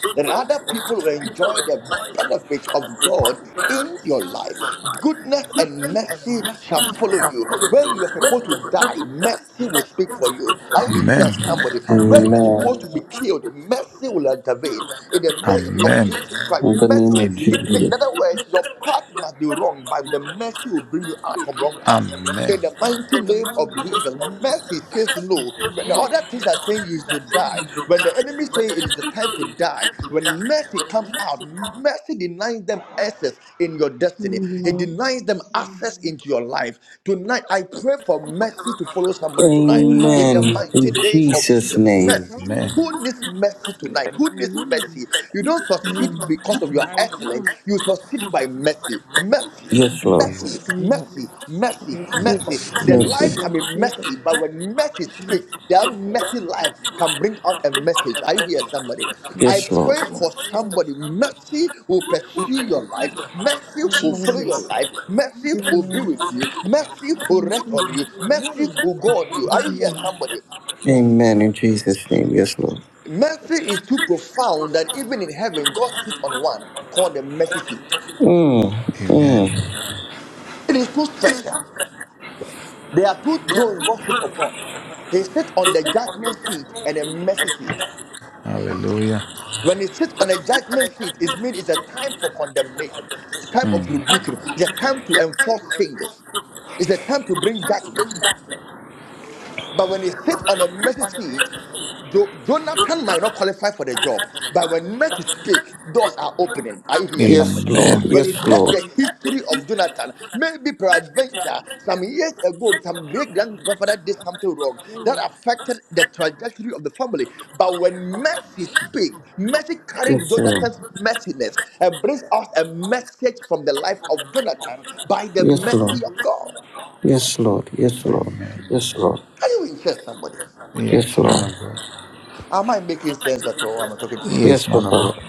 [SPEAKER 10] Other people will enjoy the
[SPEAKER 6] Amen.
[SPEAKER 10] benefit of God in your life. Goodness and mercy shall follow you. When you are supposed to die, mercy will speak for you. Are you in church,
[SPEAKER 12] Amen.
[SPEAKER 10] somebody? When you
[SPEAKER 12] Amen.
[SPEAKER 10] are
[SPEAKER 1] Amen.
[SPEAKER 10] supposed to be killed, mercy will intervene. In the name of
[SPEAKER 1] Amen.
[SPEAKER 12] Amen.
[SPEAKER 10] Jesus Christ,
[SPEAKER 6] In the name
[SPEAKER 10] mercy.
[SPEAKER 6] of
[SPEAKER 12] Amen.
[SPEAKER 10] In, in
[SPEAKER 6] Jesus.
[SPEAKER 10] other words, your path must be wrong, but the mercy will bring you out from wrong path.
[SPEAKER 12] Amen.
[SPEAKER 10] In the mighty name of of
[SPEAKER 1] Amen.
[SPEAKER 10] Jesus, mercy says no. When the other things are saying you should die, when the enemy say it is the time to die, when mercy comes out, mercy denies them access in your destiny. It
[SPEAKER 15] Amen.
[SPEAKER 10] denies them access into your life. Tonight, I pray for mercy to follow somebody
[SPEAKER 1] Amen.
[SPEAKER 10] tonight. In the
[SPEAKER 15] Amen.
[SPEAKER 6] Amen.
[SPEAKER 10] mighty
[SPEAKER 6] In
[SPEAKER 10] name of
[SPEAKER 6] Jesus'
[SPEAKER 10] Jesus,
[SPEAKER 1] Jesus.
[SPEAKER 6] name.
[SPEAKER 10] mercy.
[SPEAKER 1] Amen.
[SPEAKER 12] Amen.
[SPEAKER 10] Who needs mercy
[SPEAKER 15] Receive
[SPEAKER 10] tonight?
[SPEAKER 15] it.
[SPEAKER 10] Who needs mercy?
[SPEAKER 1] Amen.
[SPEAKER 10] You don't
[SPEAKER 15] Mm.
[SPEAKER 10] succeed because of your
[SPEAKER 1] I
[SPEAKER 10] excellence.
[SPEAKER 1] do.
[SPEAKER 10] You succeed by mercy. Mercy,
[SPEAKER 6] Yes, Lord.
[SPEAKER 15] Amen.
[SPEAKER 12] Yes.
[SPEAKER 10] mercy,
[SPEAKER 1] Jesus.
[SPEAKER 12] Lord.
[SPEAKER 15] Amen.
[SPEAKER 10] mercy,
[SPEAKER 1] Jesus.
[SPEAKER 15] I
[SPEAKER 10] mercy,
[SPEAKER 15] receive it.
[SPEAKER 10] mercy.
[SPEAKER 12] Mercy,
[SPEAKER 10] The
[SPEAKER 6] Mercy.
[SPEAKER 15] I
[SPEAKER 12] mercy.
[SPEAKER 10] life can be
[SPEAKER 15] receive
[SPEAKER 1] Jesus.
[SPEAKER 15] it.
[SPEAKER 10] messy, but when mercy
[SPEAKER 15] I receive
[SPEAKER 10] speaks, that
[SPEAKER 15] it.
[SPEAKER 10] messy life can bring out a message. Are you here, somebody. I
[SPEAKER 6] Yes,
[SPEAKER 15] Yes.
[SPEAKER 6] Lord.
[SPEAKER 10] pray for
[SPEAKER 1] Yes.
[SPEAKER 10] somebody. Mercy will pursue your life. Mercy will follow
[SPEAKER 15] Amen.
[SPEAKER 10] your
[SPEAKER 1] Jesus.
[SPEAKER 10] life. Mercy will be
[SPEAKER 15] Amen.
[SPEAKER 10] with you. Mercy will rest on
[SPEAKER 15] Amen.
[SPEAKER 10] you. Mercy
[SPEAKER 1] Amen.
[SPEAKER 10] will go on you. Are you here,
[SPEAKER 1] Amen.
[SPEAKER 15] Amen.
[SPEAKER 10] somebody?
[SPEAKER 15] Yes.
[SPEAKER 6] Amen. In Jesus' name. Yes, Lord.
[SPEAKER 10] Mercy is too profound that even in heaven, God sits on one called the mercy seat.
[SPEAKER 6] Mm.
[SPEAKER 12] Amen.
[SPEAKER 6] Mm.
[SPEAKER 10] It is too special. There are two thrones God sits upon. He sits on the judgment seat and the mercy seat.
[SPEAKER 12] Hallelujah.
[SPEAKER 10] When he sits on the judgment seat, it means it's a time for condemnation, it's a time of
[SPEAKER 12] Mm.
[SPEAKER 10] rebuking, it's a time to enforce changes, it's a time to bring judgment. But when they sit on a mercy seat, Jo- Jonathan might not qualify for the job. But when mercy speak, doors are opening. Are you here,
[SPEAKER 6] Yes,
[SPEAKER 10] somebody?
[SPEAKER 6] Lord.
[SPEAKER 12] Amen.
[SPEAKER 10] When
[SPEAKER 6] Yes,
[SPEAKER 10] we check
[SPEAKER 6] Lord.
[SPEAKER 10] the
[SPEAKER 1] Yes.
[SPEAKER 10] history of Jonathan, maybe peradventure, some years ago, some great grandfather did something wrong that affected the trajectory of the family. But when mercy speaks, mercy carries
[SPEAKER 6] Yes, Lord.
[SPEAKER 10] Jonathan's messiness and brings us a message from the life of Jonathan by the
[SPEAKER 6] Yes,
[SPEAKER 10] mercy
[SPEAKER 6] Lord.
[SPEAKER 10] of God.
[SPEAKER 6] Yes, Lord. Yes, Lord.
[SPEAKER 12] Amen.
[SPEAKER 6] Yes, Lord.
[SPEAKER 10] Are you in church, somebody?
[SPEAKER 6] Yes,
[SPEAKER 12] Yes, man
[SPEAKER 6] Lord.
[SPEAKER 12] of God.
[SPEAKER 10] Am I making sense at all? Am I talking to myself?
[SPEAKER 12] Yes,
[SPEAKER 6] Yes,
[SPEAKER 12] man of God.
[SPEAKER 6] Papa.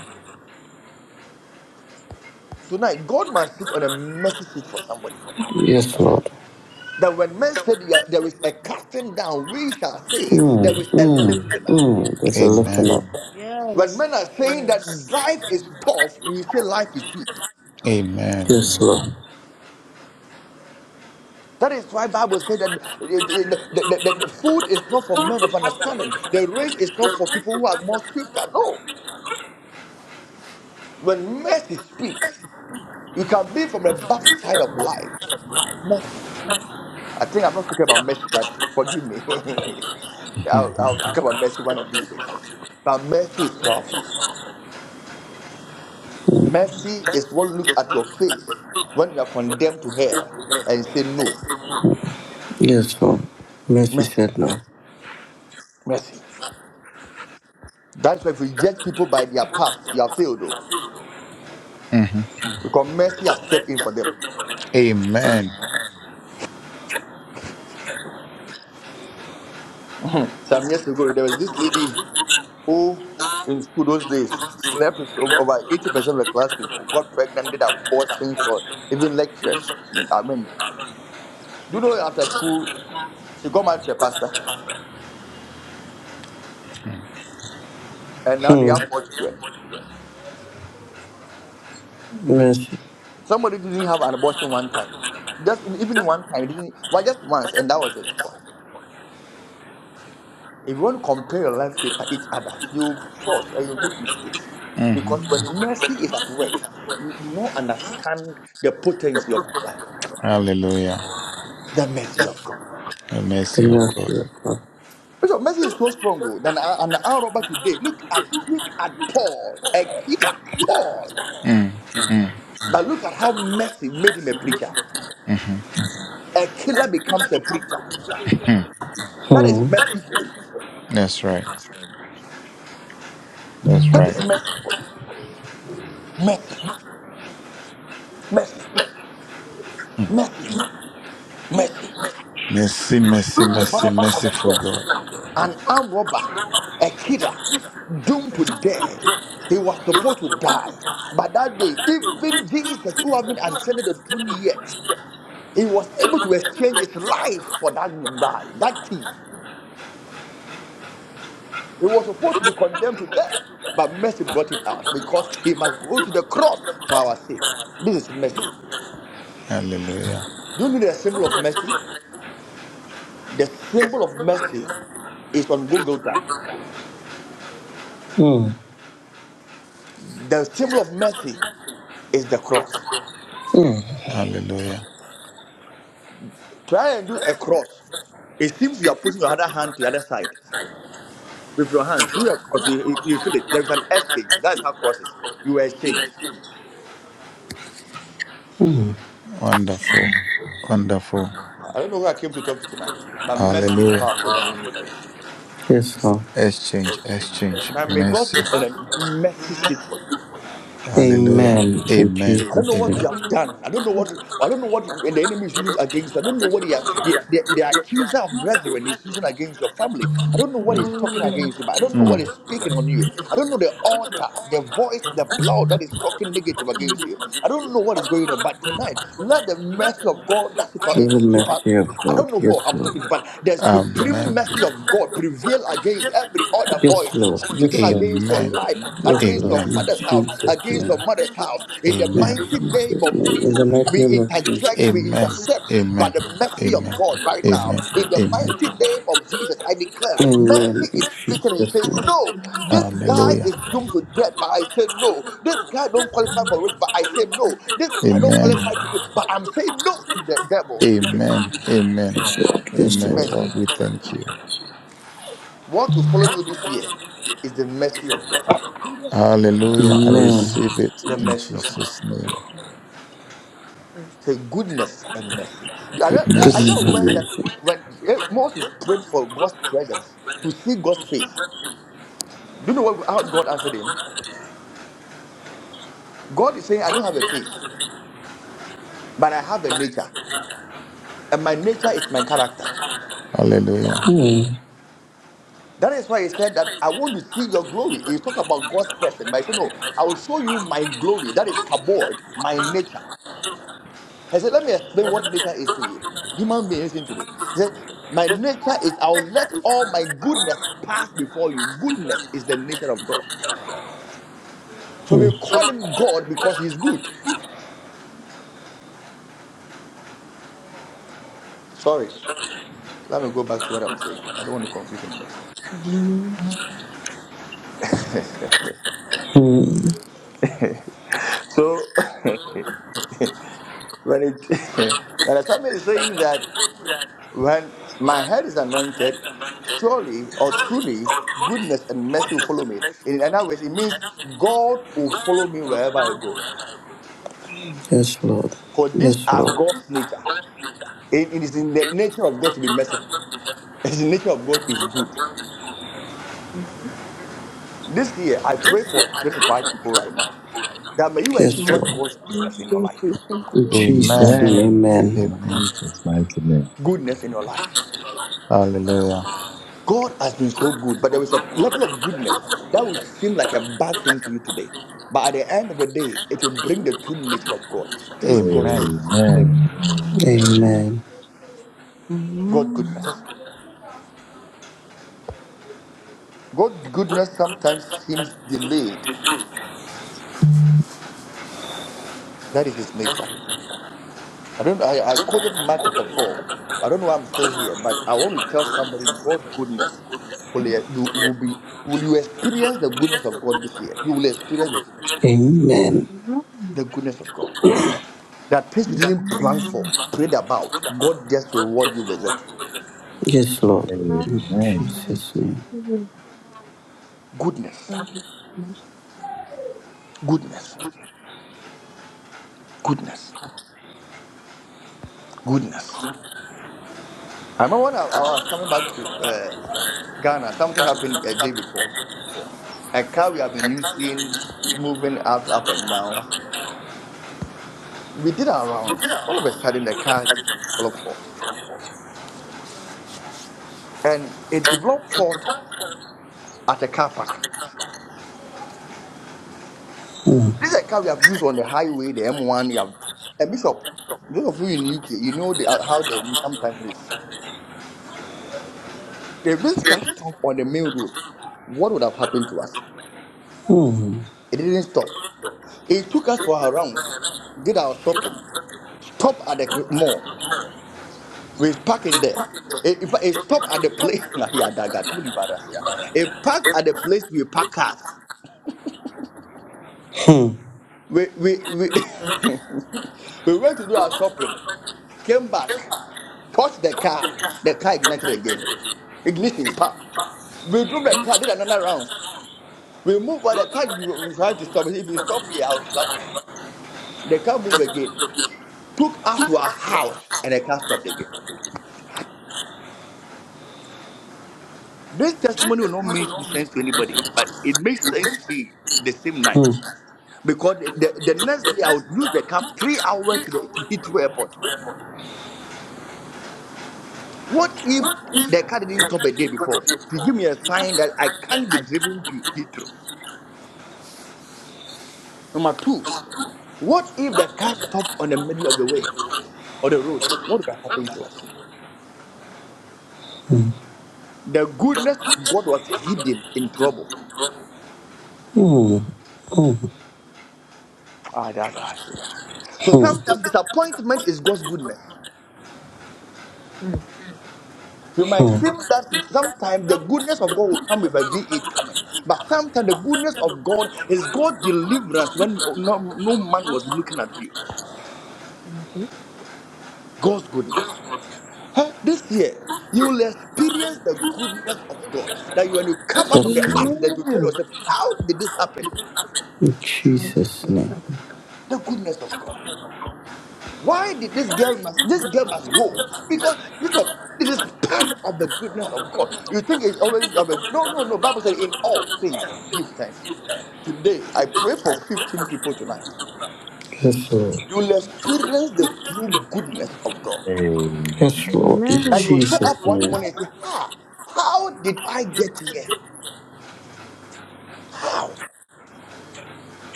[SPEAKER 10] Tonight, God must sit on a mercy seat for somebody.
[SPEAKER 6] Yes, Lord.
[SPEAKER 10] That when men say there there is a casting down, we shall say
[SPEAKER 6] Mm,
[SPEAKER 10] there is a
[SPEAKER 6] mm,
[SPEAKER 10] lifting up.
[SPEAKER 6] mm. There's a lifting
[SPEAKER 12] Amen.
[SPEAKER 6] up.
[SPEAKER 1] Yes.
[SPEAKER 10] When
[SPEAKER 1] Yes.
[SPEAKER 10] men are saying that
[SPEAKER 1] Yes.
[SPEAKER 10] life is tough, we say life is sweet.
[SPEAKER 12] Amen.
[SPEAKER 6] Yes, Lord.
[SPEAKER 10] That is why Bible said that it- it- the, the, the- the food is not for men of understanding. The race is not for people who are more swifter. No. When mercy speak, you can be from the backside of life. Mercy. I think I'm not talking about mercy, but forgive me. (laughs) I'll,
[SPEAKER 12] hmm
[SPEAKER 10] I'll talk about mercy one of these days. But mercy is powerful. Mercy is what looks
[SPEAKER 6] Yes,
[SPEAKER 10] at your face when you are condemned to hell and say, No,
[SPEAKER 6] Lord. Mercy
[SPEAKER 10] mercy,
[SPEAKER 6] said no.
[SPEAKER 10] mercy. That's why if you judge people by their past, you have failed, though,
[SPEAKER 12] hmm
[SPEAKER 10] because mercy has stepped in for them.
[SPEAKER 12] Amen.
[SPEAKER 10] Some years ago, there was this lady who, in school those days, slept with o- over 80% of the class people, got pregnant, did abortions for even lecturers. I mean, do you know after school, she got married to a pastor,
[SPEAKER 12] Mm-hmm.
[SPEAKER 10] and now they
[SPEAKER 6] Hmm.
[SPEAKER 10] have four children.
[SPEAKER 6] Mercy.
[SPEAKER 10] Somebody didn't have an abortion one time. Just even one time, didn't well, just once, and that was it for her. If you want to compare your life with each other, you'll force and you'll make mistakes.
[SPEAKER 12] Mm-hmm.
[SPEAKER 10] Because
[SPEAKER 5] Amen.
[SPEAKER 10] when mercy is at work, you do not understand the potency of your life,
[SPEAKER 12] Hallelujah.
[SPEAKER 10] the mercy of God.
[SPEAKER 12] The
[SPEAKER 6] The
[SPEAKER 12] mercy of God.
[SPEAKER 6] mercy of God.
[SPEAKER 10] Bishop, mercy is so stronger than a- an arm robber today. Look at look at Paul, a killer. Paul.
[SPEAKER 12] Mm. Mm.
[SPEAKER 10] But look at how mercy made him a preacher.
[SPEAKER 12] hmm
[SPEAKER 18] Yeah,
[SPEAKER 10] A killer becomes a preacher.
[SPEAKER 18] yeah.
[SPEAKER 10] That is
[SPEAKER 6] Hmm.
[SPEAKER 10] mercy for you.
[SPEAKER 12] (laughs) That's right. That's
[SPEAKER 10] That
[SPEAKER 12] right.
[SPEAKER 10] is mercy for you. Mercy, mercy,
[SPEAKER 12] Mm.
[SPEAKER 10] mercy, mercy.
[SPEAKER 12] Mercy, mercy,
[SPEAKER 10] Look at
[SPEAKER 12] mercy,
[SPEAKER 10] Barnabas on the
[SPEAKER 12] merciful
[SPEAKER 10] cross,
[SPEAKER 12] God.
[SPEAKER 10] an armed robber, a killer, doomed to death. He was supposed to die. But that day, even Jesus, who haven't ascended to the throne yet, he was able to exchange his life for that guy, that thief. He was supposed to be condemned to death, but mercy brought him out because he must go to the cross for our sake. This is mercy.
[SPEAKER 12] Hallelujah.
[SPEAKER 10] Do you need a symbol of mercy? The symbol of mercy is on Google.
[SPEAKER 6] Hmm.
[SPEAKER 10] The symbol of mercy is the cross.
[SPEAKER 6] Hmm.
[SPEAKER 12] Hallelujah.
[SPEAKER 10] Try and do a cross. It seems you are pushing your other hand to the other side with your hands. Do a cross. You, you, you feel it. There is an exchange. That's how cross is. You exchange.
[SPEAKER 12] Wonderful. Wonderful.
[SPEAKER 10] I don't know where I came to talk to tonight, but mercy is
[SPEAKER 12] Hallelujah.
[SPEAKER 10] powerful than anything.
[SPEAKER 6] Yes, Lord.
[SPEAKER 12] Exchange, exchange,
[SPEAKER 10] Tonight, may God
[SPEAKER 12] mercy.
[SPEAKER 10] sit on a mercy seat for you.
[SPEAKER 12] Hallelujah.
[SPEAKER 6] Amen. In
[SPEAKER 12] Amen.
[SPEAKER 10] I don't
[SPEAKER 6] Jesus'
[SPEAKER 10] know what
[SPEAKER 6] name.
[SPEAKER 10] you
[SPEAKER 12] Amen.
[SPEAKER 10] have
[SPEAKER 5] Amen.
[SPEAKER 10] done. I don't know what I don't know what the enemy is using against you. I don't know what he, the, the the accuser of brethren is using against your family. I don't know what
[SPEAKER 12] Mm.
[SPEAKER 10] he's talking
[SPEAKER 5] Amen.
[SPEAKER 10] against you. But I don't know what
[SPEAKER 12] Mm.
[SPEAKER 10] is speaking on you. I don't know the altar, the voice, the blood that is talking negative against you. I don't know what is going on. But tonight, let the mercy of God that super,
[SPEAKER 6] Through the
[SPEAKER 10] super
[SPEAKER 6] mercy of
[SPEAKER 10] I
[SPEAKER 6] God.
[SPEAKER 10] don't know
[SPEAKER 6] Yes,
[SPEAKER 10] who I'm
[SPEAKER 6] Lord.
[SPEAKER 10] talking to, but the supreme
[SPEAKER 12] Amen.
[SPEAKER 10] message of God prevail against every other
[SPEAKER 6] Yes,
[SPEAKER 10] voice
[SPEAKER 6] Lord.
[SPEAKER 10] speaking
[SPEAKER 6] Yes, Lord.
[SPEAKER 10] against your
[SPEAKER 12] Amen.
[SPEAKER 10] life,
[SPEAKER 6] Yes,
[SPEAKER 10] against
[SPEAKER 6] Lord.
[SPEAKER 10] your
[SPEAKER 12] Amen.
[SPEAKER 6] In
[SPEAKER 10] father's house,
[SPEAKER 6] Jesus'
[SPEAKER 10] against
[SPEAKER 6] name.
[SPEAKER 10] your mother's house. In the
[SPEAKER 6] In
[SPEAKER 12] Amen.
[SPEAKER 10] mighty name
[SPEAKER 6] Jesus'
[SPEAKER 10] of
[SPEAKER 6] name. In
[SPEAKER 10] Jesus,
[SPEAKER 6] the mighty
[SPEAKER 10] we
[SPEAKER 6] name of Jesus.
[SPEAKER 10] interject, we
[SPEAKER 12] Amen.
[SPEAKER 5] Amen.
[SPEAKER 10] intercept by
[SPEAKER 12] Amen.
[SPEAKER 10] the mercy of
[SPEAKER 12] Amen.
[SPEAKER 10] God right now.
[SPEAKER 12] Amen.
[SPEAKER 10] In the
[SPEAKER 12] Amen.
[SPEAKER 10] mighty
[SPEAKER 5] Amen.
[SPEAKER 10] name of Jesus, I declare
[SPEAKER 6] Amen.
[SPEAKER 10] mercy
[SPEAKER 6] In
[SPEAKER 10] is speaking and
[SPEAKER 6] Jesus'
[SPEAKER 10] saying,
[SPEAKER 6] name.
[SPEAKER 10] No, this guy
[SPEAKER 12] Hallelujah.
[SPEAKER 10] is doomed to death, but I say no. This guy don't qualify for rich, but I say no. This guy don't
[SPEAKER 12] Amen.
[SPEAKER 10] qualify to do, but I'm saying no to the devil speaking.
[SPEAKER 12] Amen. Amen.
[SPEAKER 6] Yes, Lord. Yes,
[SPEAKER 12] Amen.
[SPEAKER 6] Lord.
[SPEAKER 10] Mercy.
[SPEAKER 12] Lord, we thank you.
[SPEAKER 10] What will follow you this year is the mercy of God.
[SPEAKER 12] Hallelujah. I
[SPEAKER 6] Amen.
[SPEAKER 12] receive it
[SPEAKER 10] The
[SPEAKER 12] in
[SPEAKER 10] mercy of God.
[SPEAKER 12] Jesus' name.
[SPEAKER 10] Say goodness and mercy. Are you, are you
[SPEAKER 12] goodness.
[SPEAKER 6] Goodness and
[SPEAKER 10] aware that
[SPEAKER 6] mercy.
[SPEAKER 10] when eh, Moses prayed for God's presence to see God's face, do you know what, how God answered him? God is saying, I don't have a face, but I have a nature. And my nature is my character.
[SPEAKER 12] Hallelujah.
[SPEAKER 10] That is why he said that I want to see your glory. He talked about God's person, but he said, No, I will show you my glory. That is kabod, my nature. He said, Let me explain what nature is to you. Human being, listen to me. He said, My nature is I'll let all my goodness pass before you. Goodness is the nature of God. So we call him God because he's good. Sorry. Let me go back to what I'm saying. I don't want to confuse anybody. So (laughs) when it (laughs) when somebody is saying that when my head is anointed, surely or truly goodness and mercy will follow me. In other words, it means God will follow me wherever I go.
[SPEAKER 6] Yes, Lord.
[SPEAKER 10] For these
[SPEAKER 6] Yes,
[SPEAKER 10] are
[SPEAKER 6] Lord.
[SPEAKER 10] God's nature. It it is in the nature of God to be merciful. It is the nature of God is good. This year, I pray for 25 people right now that may you
[SPEAKER 6] Yes,
[SPEAKER 10] enjoy
[SPEAKER 5] Amen. Amen. Amen.
[SPEAKER 6] Lord.
[SPEAKER 10] God's goodness in your
[SPEAKER 5] Thank
[SPEAKER 10] life.
[SPEAKER 6] In Jesus'
[SPEAKER 12] Amen.
[SPEAKER 14] Amen.
[SPEAKER 6] name, amen.
[SPEAKER 14] In
[SPEAKER 12] Amen.
[SPEAKER 14] Jesus' mighty name.
[SPEAKER 10] Goodness in your life.
[SPEAKER 12] Hallelujah.
[SPEAKER 10] God has been so good, but there is a level of goodness that will seem like a bad thing to you today. But at the end of the day, it will
[SPEAKER 5] you.
[SPEAKER 10] bring the true nature of God. That is God's
[SPEAKER 12] Amen.
[SPEAKER 10] goodness.
[SPEAKER 12] Amen.
[SPEAKER 14] Amen.
[SPEAKER 6] Amen.
[SPEAKER 10] God
[SPEAKER 5] Hmm.
[SPEAKER 10] goodness. God goodness sometimes seems delayed. That is his nature. I don't. I, I quoted Mark chapter four. But I don't know why I'm still here. But I want to tell somebody God's goodness will, e- will will be. Will you experience the goodness of God this year? You will experience the goodness of God.
[SPEAKER 6] Amen.
[SPEAKER 5] Hmm.
[SPEAKER 10] The goodness of God. That things we didn't plan for, prayed about, God just will reward you with it.
[SPEAKER 6] Yes, Lord.
[SPEAKER 5] Hmm.
[SPEAKER 6] In
[SPEAKER 14] Amen.
[SPEAKER 5] Amen.
[SPEAKER 6] Jesus' name.
[SPEAKER 10] Goodness, goodness, goodness, goodness. I remember when I, I was coming back to uh, Ghana, something happened a day before. A car we have been using, moving up, up and down. We did our rounds. All of a sudden, the car developed fault. And it developed fault at a car park. This is a car we have used on the highway, the M1. You have a bishop. Those of you in UK, you know the, how the road sometimes is. If this car stopped on the main road, what would have happened to us?
[SPEAKER 6] Hmm.
[SPEAKER 10] It didn't stop. It took us for our rounds, did our shopping, stopped at the mall. We parked it there. It, in fact, it stopped at the place. (laughs) yeah, that got two leave others, yeah. It parked at the place we park cars. we we we (laughs) we went to do our shopping, came back, touched the car, the car ignited again. Ignition pop. We drove the car, did another round. We moved while the car tried to stop. I said, If you stop here, I'll slap you. The car moved again. Took us to our house and the car stopped again. This testimony will not make sense to anybody, but it makes sense to me the same night. Because the, the next day I would use the car three hours to the to Heathrow Airport.
[SPEAKER 6] Hmm.
[SPEAKER 10] What if
[SPEAKER 6] Mm,
[SPEAKER 10] the car didn't stop a day before to give me a sign that I can't be driven to Heathrow? Number two, what if the car stopped on the middle of the way or the road? What would have happened to us? The goodness of God was hidden in trouble.
[SPEAKER 6] mm,
[SPEAKER 10] Ah, that, that's, yeah. So
[SPEAKER 6] mm,
[SPEAKER 10] sometimes disappointment is God's goodness. You might
[SPEAKER 6] mm.
[SPEAKER 10] think that sometimes the goodness of God will come with a V8 coming, but sometimes the goodness of God is God's deliverance when no, no man was looking at you. God's goodness. Huh? This year, you will experience the goodness of God. That you, when you come out from the
[SPEAKER 6] Yes, Lord.
[SPEAKER 10] accident, you tell yourself, "How did this happen?"
[SPEAKER 6] In Jesus' name.
[SPEAKER 10] The goodness of God. Why did this girl must this girl must go? Because you know, it is part of the goodness of God. You think it's already of a- no, no, no. Bible says, "In all things, give thanks." Today, I pray for fifteen people tonight.
[SPEAKER 6] Yes, Lord.
[SPEAKER 10] You will experience the true goodness of God.
[SPEAKER 6] Yes,
[SPEAKER 14] Amen.
[SPEAKER 6] Lord. In
[SPEAKER 10] That you will stand up
[SPEAKER 6] Jesus'
[SPEAKER 10] one
[SPEAKER 6] name.
[SPEAKER 10] morning and say, "Ha! How did I get here?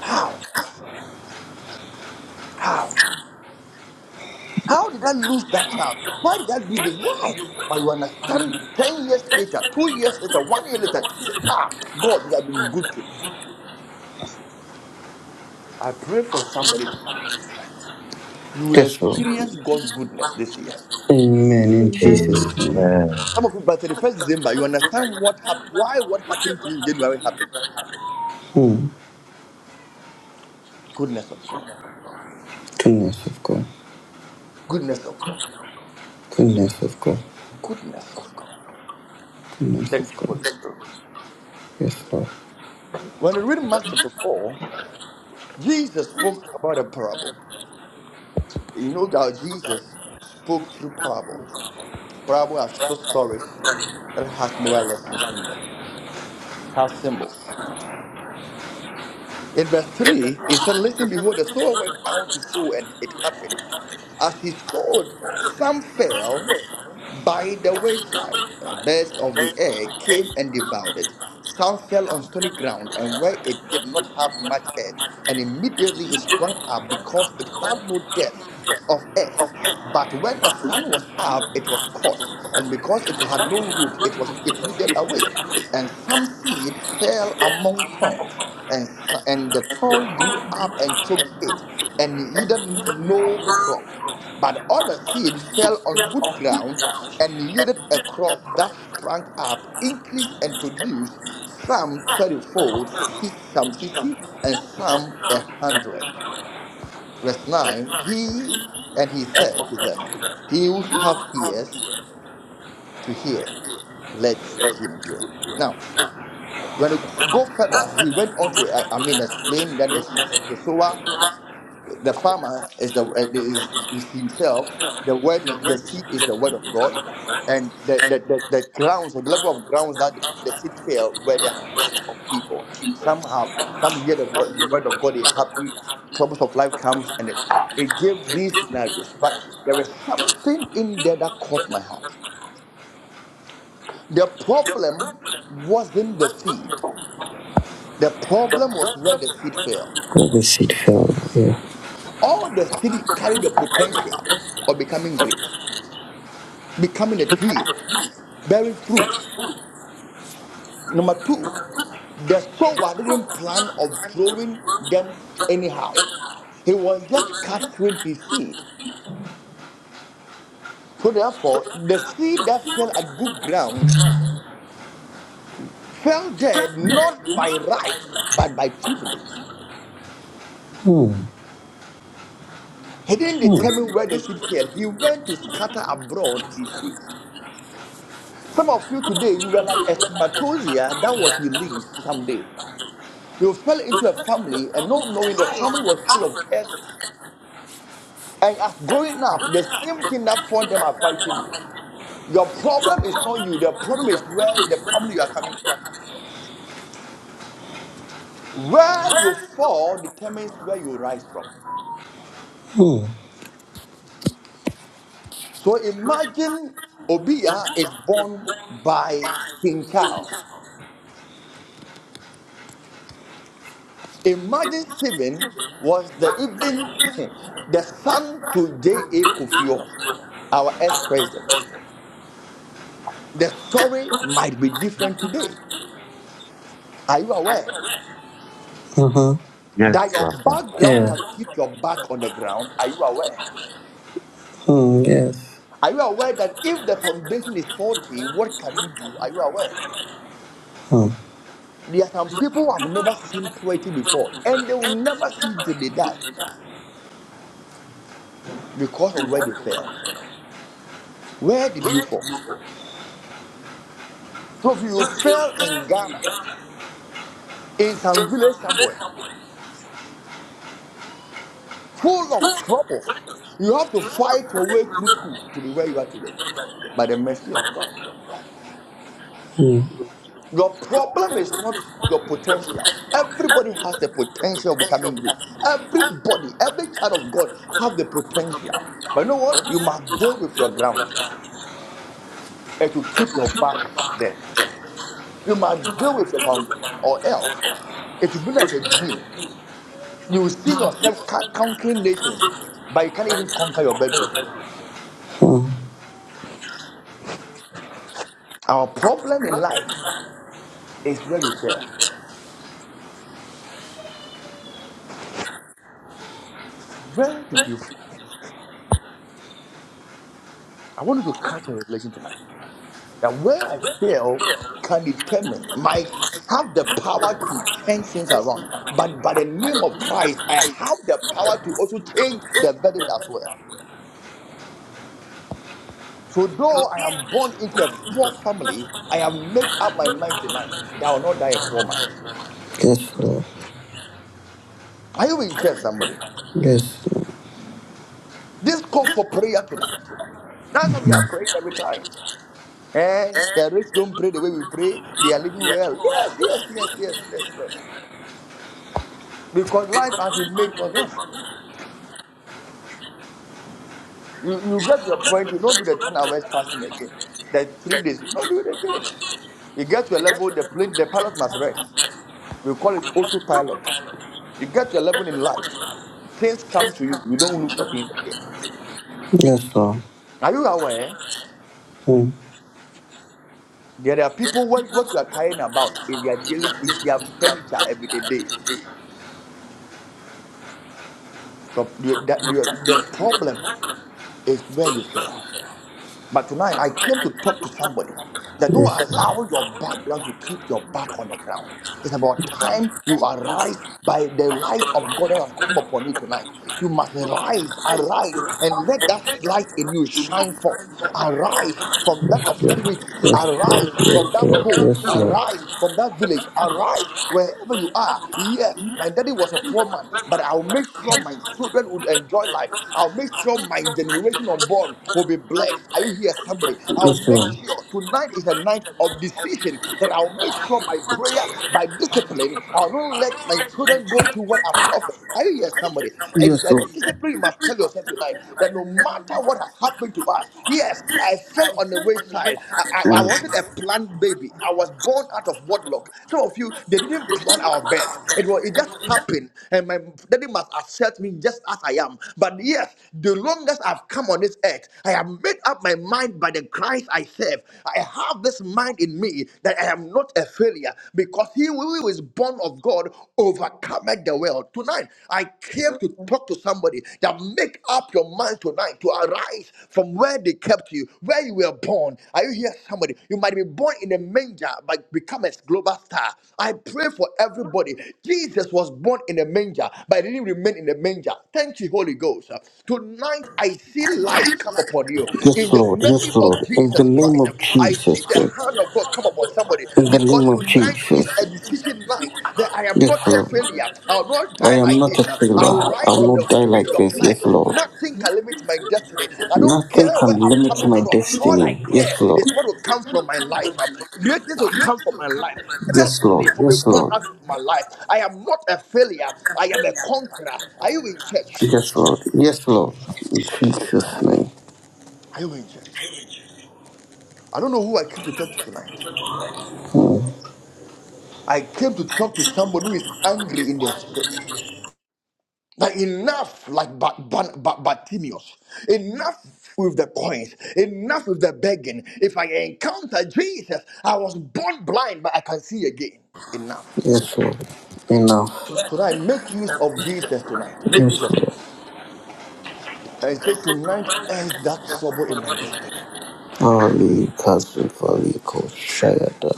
[SPEAKER 10] How? How? How did I lose that child? Why did I do this? Why? But you understand, 10 years later, two years later, one year later, you say, ah, God, you have been good to me. I pray for somebody tonight. You will
[SPEAKER 6] Yes, Lord.
[SPEAKER 10] experience God's goodness this year.
[SPEAKER 6] Amen. In Jesus' name.
[SPEAKER 14] Amen.
[SPEAKER 10] Some of you, by 31st December, you understand what hap- why what happened to you in January happened.
[SPEAKER 6] Mm.
[SPEAKER 10] Goodness of God.
[SPEAKER 6] Goodness of God.
[SPEAKER 10] Goodness of God.
[SPEAKER 6] Goodness of God.
[SPEAKER 10] Goodness of God.
[SPEAKER 6] Goodness
[SPEAKER 10] Thank
[SPEAKER 6] of
[SPEAKER 10] you, Holy
[SPEAKER 6] God.
[SPEAKER 10] Spirit.
[SPEAKER 6] Yes, Lord.
[SPEAKER 10] When we read Mark chapter 4, Jesus spoke about a parable. You know, God, Jesus spoke through parable. Bible are short stories that has moral lessons in them. It has symbols. In verse 3, it said, Listen, behold, the sower went out to sow, and it happened. As he sowed, some fell, by the wayside, and birds of the air came and devoured it. Some fell on stony ground, and where it did not have much earth, and immediately it sprang up because it had no depth of earth. But when the sun was up, it was caught, and because it had no root, it was it withered away. And some seed fell among thorns, and s- and the thorn grew up and choked it, and it yielded no crop. But other seed fell on good ground and yielded a crop that sprang up, increased, and produced some thirtyfold, six- some sixty, and some a hundred. Verse 9 He and he said to them, He who have ears to hear, let him hear. Now, when you go further, he went on to, uh, I mean, explain that the, the sower the farmer is the uh, is, is himself the word i- the seed is the word of god and the the, the the grounds or the level of grounds that the seed fell were the hearts of people some have some hear the word, word of god they are happy troubles of life comes and it, it gave these scenarios but there was something in there that caught my heart the
[SPEAKER 6] Let
[SPEAKER 10] problem wasn't the seed the
[SPEAKER 6] the
[SPEAKER 10] problem was
[SPEAKER 6] problem
[SPEAKER 10] where the
[SPEAKER 6] is
[SPEAKER 10] seed
[SPEAKER 6] when
[SPEAKER 10] fell
[SPEAKER 6] it- when the seed fell. Yeah.
[SPEAKER 10] all the seed carried the potential of becoming great becoming a tree, bearing fruit. Number two, the sower didn't plan of throwing them anyhow. He was just casting his seed. So therefore, the seed that fell at good grounds fell there not by right, but by privilege. He didn't determine where the seed fell. He went to scatter abroad his seed. Some of you today, you were like a spermatozoa that was released someday. You fell into a family and not knowing the family was full of curses. And as growing up, the same thing that fought
[SPEAKER 6] Mm.
[SPEAKER 10] them are fighting you. Your
[SPEAKER 6] Hmm.
[SPEAKER 10] problem is not you, the problem is where the family you are coming from. Where you fall determines where you rise from. So imagine Obia is born by King Charles. Imagine Stephen was the even (laughs) the son to J.A. Kufio, our ex-president. The story might be different today. Are you aware?
[SPEAKER 6] Uh huh.
[SPEAKER 10] that
[SPEAKER 14] Yes,
[SPEAKER 10] your
[SPEAKER 14] Papa.
[SPEAKER 10] background
[SPEAKER 6] Yeah.
[SPEAKER 10] can keep your back on the ground. Are you aware?
[SPEAKER 6] Hmm. Yes.
[SPEAKER 10] Are you aware that if the foundation is faulty, what can you do? Are you aware?
[SPEAKER 6] Hmm. Hmm. Hmm.
[SPEAKER 10] There are some people who have never seen poverty before, and they will never see it till they die because of where they fell. Where did you fall? So if you fell in Ghana, in some village somewhere, full of troubles, you have to fight your way through school to be where you are today by the mercy of God. Your problem is not your potential. Everybody has the potential of becoming great. Everybody, every child of God have the potential. But you know what? You must deal with your ground. It will keep your back there. You must deal with your foundation or else it will be like a dream. You will see yourself ca- conquering nations, but you can't even conquer your bedroom. Our problem in life is where we fail. Where did you fall? I want you to catch a revelation tonight. That where I fail can determine, might have the power to turn things around. But by the name of Christ, I have the power to also change the verdict as well. So though I am born into a poor family, I have made up my mind tonight that I will not die a poor man.
[SPEAKER 6] Yes, Lord.
[SPEAKER 10] Are you in church, somebody?
[SPEAKER 6] Yes.
[SPEAKER 10] This calls for prayer tonight. That's why we are praying every time. And the rich don't pray the way we pray. They are living well. Yes, yes, yes, yes, yes, yes. Because life has been made for them. You, you get to a point, you don't do the 10 hours fasting again. The three days, you
[SPEAKER 6] Lord.
[SPEAKER 10] don't do it again. You get to a level, the plane, the pilot must rest. We call it autopilot. You get to a level in life, things come to you. You don't look for things again.
[SPEAKER 6] Yes, Lord.
[SPEAKER 10] Are you aware?
[SPEAKER 6] Hmm.
[SPEAKER 10] There are people, what, what you are caring about is their daily, is their expenditure every day. So the,
[SPEAKER 6] Yes,
[SPEAKER 10] the, the
[SPEAKER 6] Lord.
[SPEAKER 10] problem is where you fail. But tonight I came to talk to somebody that don't
[SPEAKER 6] Yes, Lord.
[SPEAKER 10] allow your background to keep your back on the ground. It's about time you arise by the light of God that has come upon you tonight. You must rise, arise, and let that light in you shine forth. Arise from that
[SPEAKER 6] Yes, Lord.
[SPEAKER 10] obscurity. Arise from
[SPEAKER 6] Yes,
[SPEAKER 10] that hole.
[SPEAKER 6] Lord.
[SPEAKER 10] Arise from that village. Arise wherever you are. Yes, my daddy was a poor man, but I'll make sure my children would enjoy life. I'll make sure my generation unborn will be blessed. Are you here, somebody? I'll make sure tonight is a night of decision that I'll make sure by prayer, by discipline, I'll not let my children go through what I've suffered. Are you here, somebody?
[SPEAKER 6] Yes, Lord.
[SPEAKER 10] It's
[SPEAKER 6] Yes,
[SPEAKER 10] a
[SPEAKER 6] Lord.
[SPEAKER 10] discipline you must tell yourself tonight that no matter what has happened to us, yes, I fell on the wayside. I, I, I
[SPEAKER 6] Mm.
[SPEAKER 10] wasn't a planned baby. I was born out of wedlock. Some of you, they didn't plan our birth. It was it just happened, and my daddy must accept me just as I am. But yes, the longest I've come on this earth, I have made up my mind by the Christ I serve. I have this mind in me that I am not a failure because He will who is born of God overcometh the world. Tonight, I came to talk to somebody that make up your mind tonight to arise from where they kept you, where you were born. Are you here, somebody? You might be born in a manger, but become a global star. I pray for everybody. Jesus was born in a manger, but he didn't remain in a manger. Thank you, Holy Ghost. Tonight, I see light come upon you in
[SPEAKER 6] Yes,
[SPEAKER 10] the
[SPEAKER 6] Lord. Yes,
[SPEAKER 10] name
[SPEAKER 6] Lord.
[SPEAKER 10] of Jesus.
[SPEAKER 6] In the
[SPEAKER 10] Jesus
[SPEAKER 6] name
[SPEAKER 10] Christ.
[SPEAKER 6] of
[SPEAKER 10] Um, I see
[SPEAKER 6] Jesus.
[SPEAKER 10] the
[SPEAKER 6] God.
[SPEAKER 10] hand of God come upon somebody
[SPEAKER 6] In the
[SPEAKER 10] because
[SPEAKER 6] name of
[SPEAKER 10] tonight is
[SPEAKER 6] Jesus.
[SPEAKER 10] a decision night that I am
[SPEAKER 6] Yes,
[SPEAKER 10] not a
[SPEAKER 6] Lord.
[SPEAKER 10] failure. I'll not
[SPEAKER 6] I
[SPEAKER 10] die
[SPEAKER 6] am
[SPEAKER 10] like
[SPEAKER 6] not a
[SPEAKER 10] this. Uh,
[SPEAKER 6] failure.
[SPEAKER 10] I'll
[SPEAKER 6] I
[SPEAKER 10] rise from
[SPEAKER 6] will
[SPEAKER 10] the
[SPEAKER 6] not die like
[SPEAKER 10] obscurity of
[SPEAKER 6] this.
[SPEAKER 10] life.
[SPEAKER 6] Yes, Lord.
[SPEAKER 10] Nothing can limit my destiny. I don't
[SPEAKER 6] Nothing
[SPEAKER 10] care where
[SPEAKER 6] can
[SPEAKER 10] I'm
[SPEAKER 6] limit
[SPEAKER 10] coming
[SPEAKER 6] my
[SPEAKER 10] from. All I
[SPEAKER 6] destiny.
[SPEAKER 10] care
[SPEAKER 6] Yes, Lord.
[SPEAKER 10] is what will come from my life. Uh, Greatness will come from my life.
[SPEAKER 6] Yes, Lord.
[SPEAKER 10] Destiny will be
[SPEAKER 6] Yes,
[SPEAKER 10] born
[SPEAKER 6] Lord.
[SPEAKER 10] out of my life. I am not a failure. I am a conqueror. Are you in church?
[SPEAKER 6] Yes, Lord. Yes, Lord. In Jesus' name.
[SPEAKER 10] Are you in church? I don't know who I came to talk to tonight.
[SPEAKER 6] Mm.
[SPEAKER 10] I came to talk to somebody who is angry in their spirit. That enough, like Ba- Ban- Ba- Bartimaeus, enough with the coins, enough with the begging. If I encounter Jesus, I was born blind, but I can see again. Enough.
[SPEAKER 6] Yes, Lord. Enough.
[SPEAKER 10] Tonight, make use of Jesus tonight. Make
[SPEAKER 6] Yes,
[SPEAKER 10] use of
[SPEAKER 6] Lord.
[SPEAKER 10] him. And say, tonight ends that trouble in my destiny.
[SPEAKER 6] Holy cousin, holy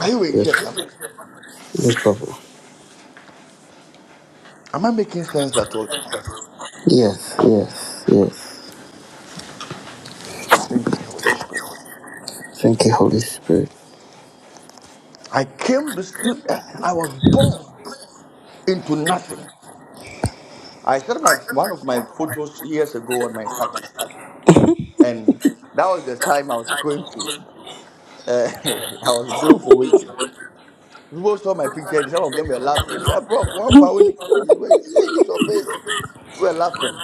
[SPEAKER 10] Are you in
[SPEAKER 6] Yes.
[SPEAKER 10] here, somebody?
[SPEAKER 6] Yes, Papa.
[SPEAKER 10] Am I making sense at all tonight?
[SPEAKER 6] Yes, yes, yes.
[SPEAKER 10] Thank you, Holy Spirit.
[SPEAKER 6] Thank you, Holy Spirit.
[SPEAKER 10] I came to stood, eh, I was born into nothing. I shared my one of my photos years ago on my status, and that was the time I was going to. Uh, (laughs) I was going for waiting. People saw my picture. and Some of them were laughing. They said, "Bro, one pound. you- you- Hey, this is your face." We were laughing,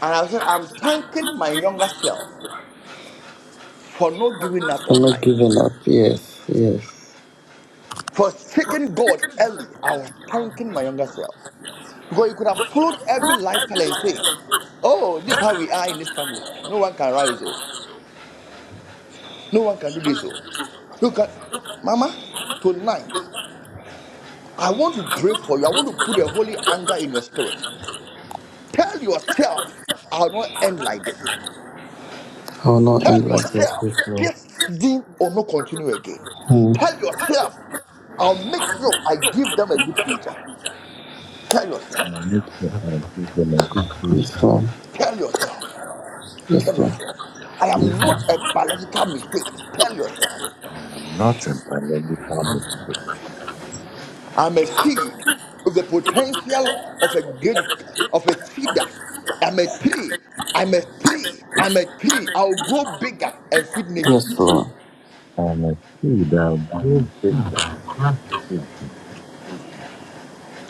[SPEAKER 10] and I said, "I'm thanking my younger self for not giving up
[SPEAKER 6] I'm
[SPEAKER 10] on
[SPEAKER 6] not
[SPEAKER 10] life,
[SPEAKER 6] giving up. Yes, yes.
[SPEAKER 10] for seeking God early." I was thanking my younger self because you could have followed every lifestyle and say, "Oh, this is how we are in this family. No one can rise." Oh. No one can do this. Oh. Look at Mama, tonight, I want to pray for you. I want to put a holy anger in your spirit. Tell yourself, I'll not end like this.
[SPEAKER 6] I will not end
[SPEAKER 10] Tell
[SPEAKER 6] like this
[SPEAKER 10] yourself,
[SPEAKER 6] this long.
[SPEAKER 10] this thing will not continue again.
[SPEAKER 6] Mm.
[SPEAKER 10] Tell yourself, I'll make sure I give them a good future. Tell yourself,
[SPEAKER 14] Now make sure I give them a good
[SPEAKER 6] This
[SPEAKER 14] feedback.
[SPEAKER 6] one.
[SPEAKER 10] tell yourself, tell
[SPEAKER 6] Yes, Lord.
[SPEAKER 10] yourself. I am not a biological mistake. Tell yourself.
[SPEAKER 14] I am not a biological mistake.
[SPEAKER 10] I'm a seed with the potential of a good of a cedar. I'm a tree. I'm a tree. I'm a tree. I'll grow bigger and feed
[SPEAKER 6] Yes,
[SPEAKER 10] nations.
[SPEAKER 6] Lord.
[SPEAKER 14] I am a kid, a good victim.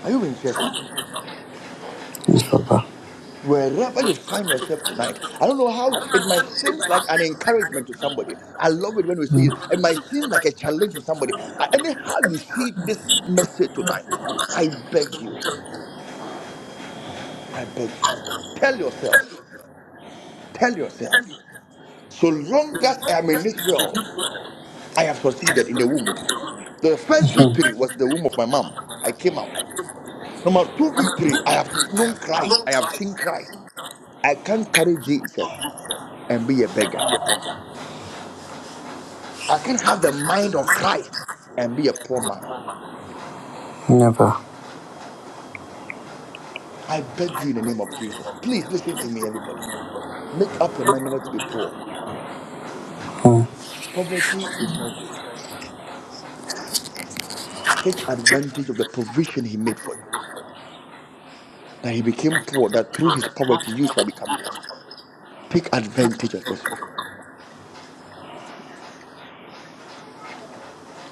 [SPEAKER 10] Are you in here, somebody?
[SPEAKER 6] Yes, Papa.
[SPEAKER 10] Wherever you find yourself tonight, I don't know how it might seem like an encouragement to somebody. I love it when we see it. It might seem like a challenge to somebody. Uh, Anyhow, you see this message tonight, I beg you, I beg you, tell yourself, tell yourself, so long as I am in this world, I have succeeded in the womb. The first victory was the womb of my mom. I came out. Number two victory, I have known Christ. I have seen Christ. I can't carry Jesus and be a beggar. I can't have the mind of Christ and be a poor man.
[SPEAKER 6] Never.
[SPEAKER 10] I beg you in the name of Jesus. Please listen to me, everybody. Make up your mind never to be poor.
[SPEAKER 6] Hmm.
[SPEAKER 10] Poverty is not good. Take advantage of the provision He made for you. That He became poor, that through His poverty you shall become rich. Take advantage of this one.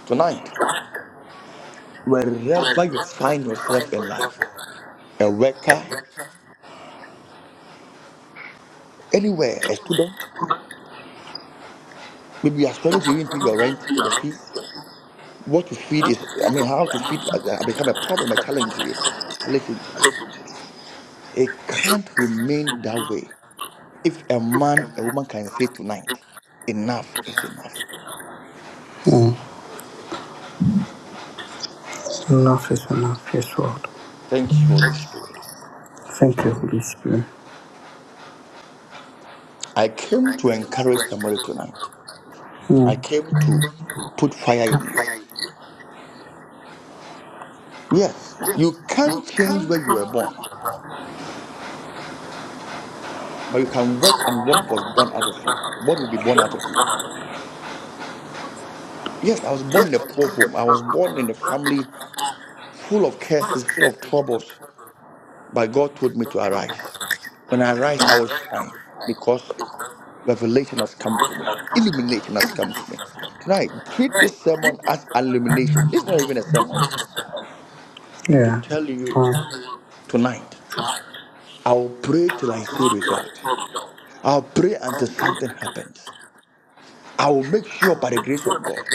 [SPEAKER 10] Tonight, wherever you find yourself in life, a worker, anywhere, a student, maybe you are struggling to even pay your rent, your fees. What to feed is, I mean, how to feed has has become a problem, a challenge to you. Listen to me. It can't remain that way. If a man, a woman can say tonight, enough is enough.
[SPEAKER 6] Hmm. Enough is enough. Yes, Lord.
[SPEAKER 10] Thank you, Holy Spirit.
[SPEAKER 6] Thank you, Holy Spirit.
[SPEAKER 10] I came to encourage somebody tonight.
[SPEAKER 6] Hmm.
[SPEAKER 10] I came to put fire in you. Yes, you can't change where you were born. but you can work on what was born out of you. What will be born out of you? Yes, I was born in a poor home. I was born in a family full of curses, full of troubles. But God told me to arise. When I arise, I will shine because revelation has come to me. Illumination has come to me. Tonight, treat this sermon as illumination. This is not even a sermon to tell you tonight. I will pray till I see result. I'll pray until something happens. I will make sure by the grace of God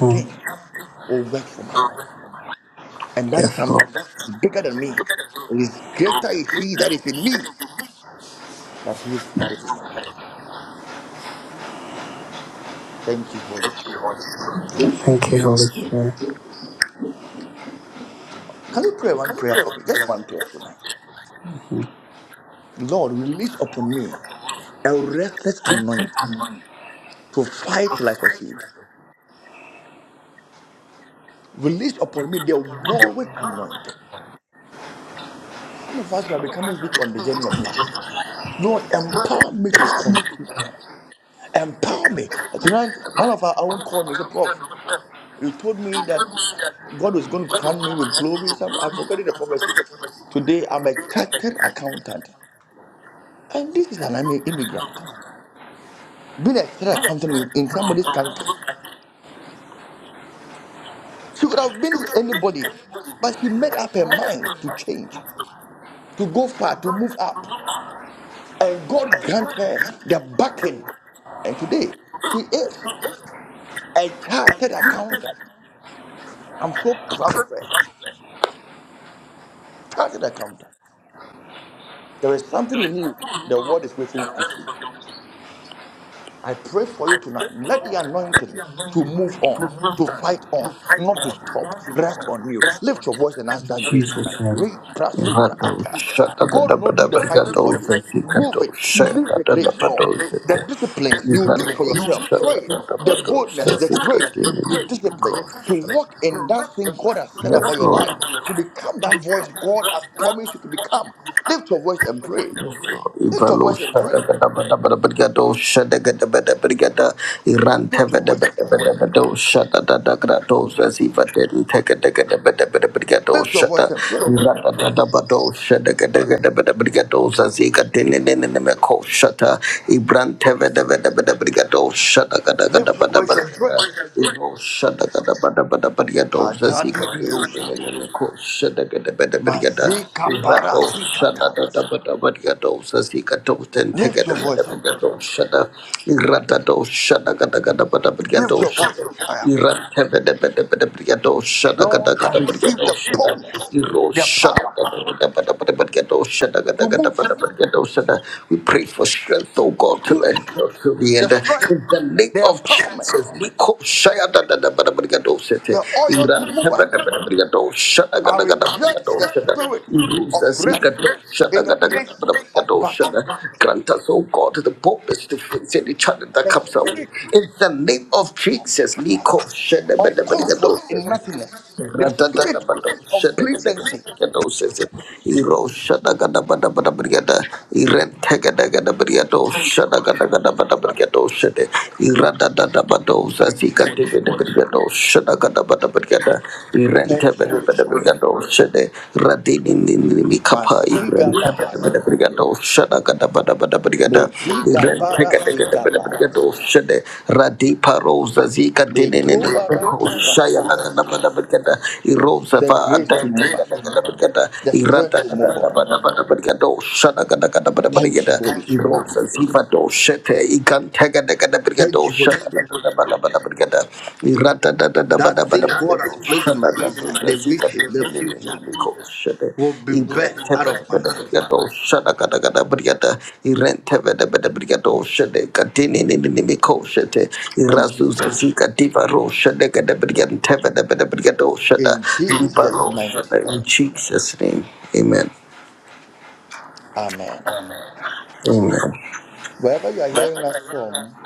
[SPEAKER 6] Hmm.
[SPEAKER 10] will work for my life. And that's
[SPEAKER 6] Yes,
[SPEAKER 10] something
[SPEAKER 6] Lord.
[SPEAKER 10] it's bigger than me. It is greater is he that is in me than he is that is in the world. Thank you, Holy Spirit.
[SPEAKER 6] Thank you, Holy Spirit.
[SPEAKER 10] Can you pray one prayer for me? Just one prayer tonight. Lord, release upon me a restless anointing to fight till I succeed. Release upon me the warring anointing. Some of us are becoming weak on the journey of life. Lord, empower me to continue. Empower me. Tonight, one of our own called me and said, Prof. You told me that God was going to crown me with glory. Some I forgot the prophecy. Today I'm a chartered accountant, and this is an immi- immigrant. Being a chartered accountant in, in somebody's country, she could have been anybody, but she made up her mind to change, to go far, to move up, and God grant her the backing. And today she is a chartered accountant. I'm so proud of her. Chartered accountant. There is something in you the world is waiting to see. I pray for you tonight. Let the anointing to move on, to fight on, not to stop, rest on you. Lift your voice and ask that grace tonight. Re- prasu
[SPEAKER 6] Rato
[SPEAKER 10] God will not do the fighting
[SPEAKER 6] Shatagadabatabagato
[SPEAKER 10] for you. Move
[SPEAKER 6] Satikato
[SPEAKER 10] it. Release the grace, Lord.
[SPEAKER 6] Shakatadabato
[SPEAKER 10] The
[SPEAKER 6] Sata
[SPEAKER 10] disciplines, you will do it for
[SPEAKER 6] Rato
[SPEAKER 10] yourself. Pray. The
[SPEAKER 6] Shatagadabato
[SPEAKER 10] boldness, the grace
[SPEAKER 6] Satikati
[SPEAKER 10] to be disciplined, to walk in that thing God has said
[SPEAKER 6] Yes
[SPEAKER 10] about your
[SPEAKER 6] Lord
[SPEAKER 10] life, to become that voice God has promised you to become. Lift your voice and pray. Lift your
[SPEAKER 6] Ivalo
[SPEAKER 10] voice and
[SPEAKER 6] shada
[SPEAKER 10] pray.
[SPEAKER 6] bada bada bada brigado shada gada bada brigada Iran
[SPEAKER 10] Lift
[SPEAKER 6] teva
[SPEAKER 10] your
[SPEAKER 6] da
[SPEAKER 10] voice and
[SPEAKER 6] bada
[SPEAKER 10] pray.
[SPEAKER 6] bada bada shada da da grado zaziva den teka da gada bada bada brigado
[SPEAKER 10] Lift your voice
[SPEAKER 6] shada
[SPEAKER 10] and pray.
[SPEAKER 6] Iran da da da bada shada gada gada bada brigado zaziga den ne ne ne ne me ko shada Iran teva da bada bada brigado shada gada gada
[SPEAKER 10] Lift your
[SPEAKER 6] bada
[SPEAKER 10] voice and pray.
[SPEAKER 6] bada Ino shada kada bada bada bada do zazi
[SPEAKER 10] Katadi di Oshaya.
[SPEAKER 6] gada ko shada kada bada bada da
[SPEAKER 10] Mazika
[SPEAKER 6] rato
[SPEAKER 10] barasi
[SPEAKER 6] shada gada
[SPEAKER 10] katalas.
[SPEAKER 6] bada bada do zazi gada ten te
[SPEAKER 10] Lift your
[SPEAKER 6] gada bada
[SPEAKER 10] voice and
[SPEAKER 6] bada
[SPEAKER 10] pray.
[SPEAKER 6] do shada irata do shada gada gada bada bada
[SPEAKER 10] Lift
[SPEAKER 6] do
[SPEAKER 10] your voice
[SPEAKER 6] shada
[SPEAKER 10] and cry out.
[SPEAKER 6] irata bada bada bada bada do shada gada
[SPEAKER 10] Lord, I
[SPEAKER 6] gada bada
[SPEAKER 10] receive
[SPEAKER 6] do
[SPEAKER 10] the
[SPEAKER 6] shada
[SPEAKER 10] boldness,
[SPEAKER 6] iro
[SPEAKER 10] the
[SPEAKER 6] shada
[SPEAKER 10] power
[SPEAKER 6] kada bada bada bada bada do shada gada
[SPEAKER 10] to
[SPEAKER 6] gada
[SPEAKER 10] move,
[SPEAKER 6] bada
[SPEAKER 10] to
[SPEAKER 6] bada we pray for strength, oh God, to the
[SPEAKER 10] push,
[SPEAKER 6] to the
[SPEAKER 10] the
[SPEAKER 6] end.
[SPEAKER 10] strength,
[SPEAKER 6] In the name
[SPEAKER 10] the
[SPEAKER 6] of
[SPEAKER 10] empowerment,
[SPEAKER 6] Jesus, Niko Shaya da da da ba da ba da do se te.
[SPEAKER 10] the oil to
[SPEAKER 6] Ira
[SPEAKER 10] move
[SPEAKER 6] da ba
[SPEAKER 10] up.
[SPEAKER 6] da ba da ba da do sha da ga
[SPEAKER 10] I
[SPEAKER 6] da ga da ba da
[SPEAKER 10] reject
[SPEAKER 6] do
[SPEAKER 10] the
[SPEAKER 6] shada. da.
[SPEAKER 10] spirit of
[SPEAKER 6] si
[SPEAKER 10] rest
[SPEAKER 6] ga do sha
[SPEAKER 10] in
[SPEAKER 6] ga
[SPEAKER 10] the
[SPEAKER 6] da ga da ba
[SPEAKER 10] midst
[SPEAKER 6] da ba da
[SPEAKER 10] of
[SPEAKER 6] do sha
[SPEAKER 10] battle,
[SPEAKER 6] Grant us, oh God, the boldness to face any challenge that
[SPEAKER 10] the
[SPEAKER 6] comes our way.
[SPEAKER 10] spirit
[SPEAKER 6] In the name of Jesus, Niko Shaya da ba
[SPEAKER 10] of
[SPEAKER 6] da ba da
[SPEAKER 10] comfort
[SPEAKER 6] do.
[SPEAKER 10] in
[SPEAKER 6] sete.
[SPEAKER 10] nothingness,
[SPEAKER 6] Ratini
[SPEAKER 10] the spirit of complacency Thank you, Holy Spirit. Thank you, Holy Spirit. Thank you, Holy Spirit. Masiga bahasea. Mediga barasiga barase.
[SPEAKER 6] Radipa Rosa Zika Dinin
[SPEAKER 10] Mekobarati
[SPEAKER 6] Shaya
[SPEAKER 10] vahasia.
[SPEAKER 6] Nagada Erosa
[SPEAKER 10] The grace to move up.
[SPEAKER 6] Adagada
[SPEAKER 10] The strength
[SPEAKER 6] Irata
[SPEAKER 10] to move on.
[SPEAKER 6] Shana Gadagada
[SPEAKER 10] Thank you,
[SPEAKER 6] Brigada
[SPEAKER 10] Holy Spirit.
[SPEAKER 6] Erosa Ziva Doshete Ikan Tagada
[SPEAKER 10] Thank
[SPEAKER 6] Brigado
[SPEAKER 10] you, Holy
[SPEAKER 6] Shana
[SPEAKER 10] Spirit.
[SPEAKER 6] Brigada in Jesus'
[SPEAKER 10] That thing God has placed in my inside, the vision, the future, will be birthed out of my life. Thank you. In Jesus' mighty name.
[SPEAKER 6] name, amen.
[SPEAKER 10] Amen.
[SPEAKER 6] Amen.
[SPEAKER 10] Wherever you are hearing us from,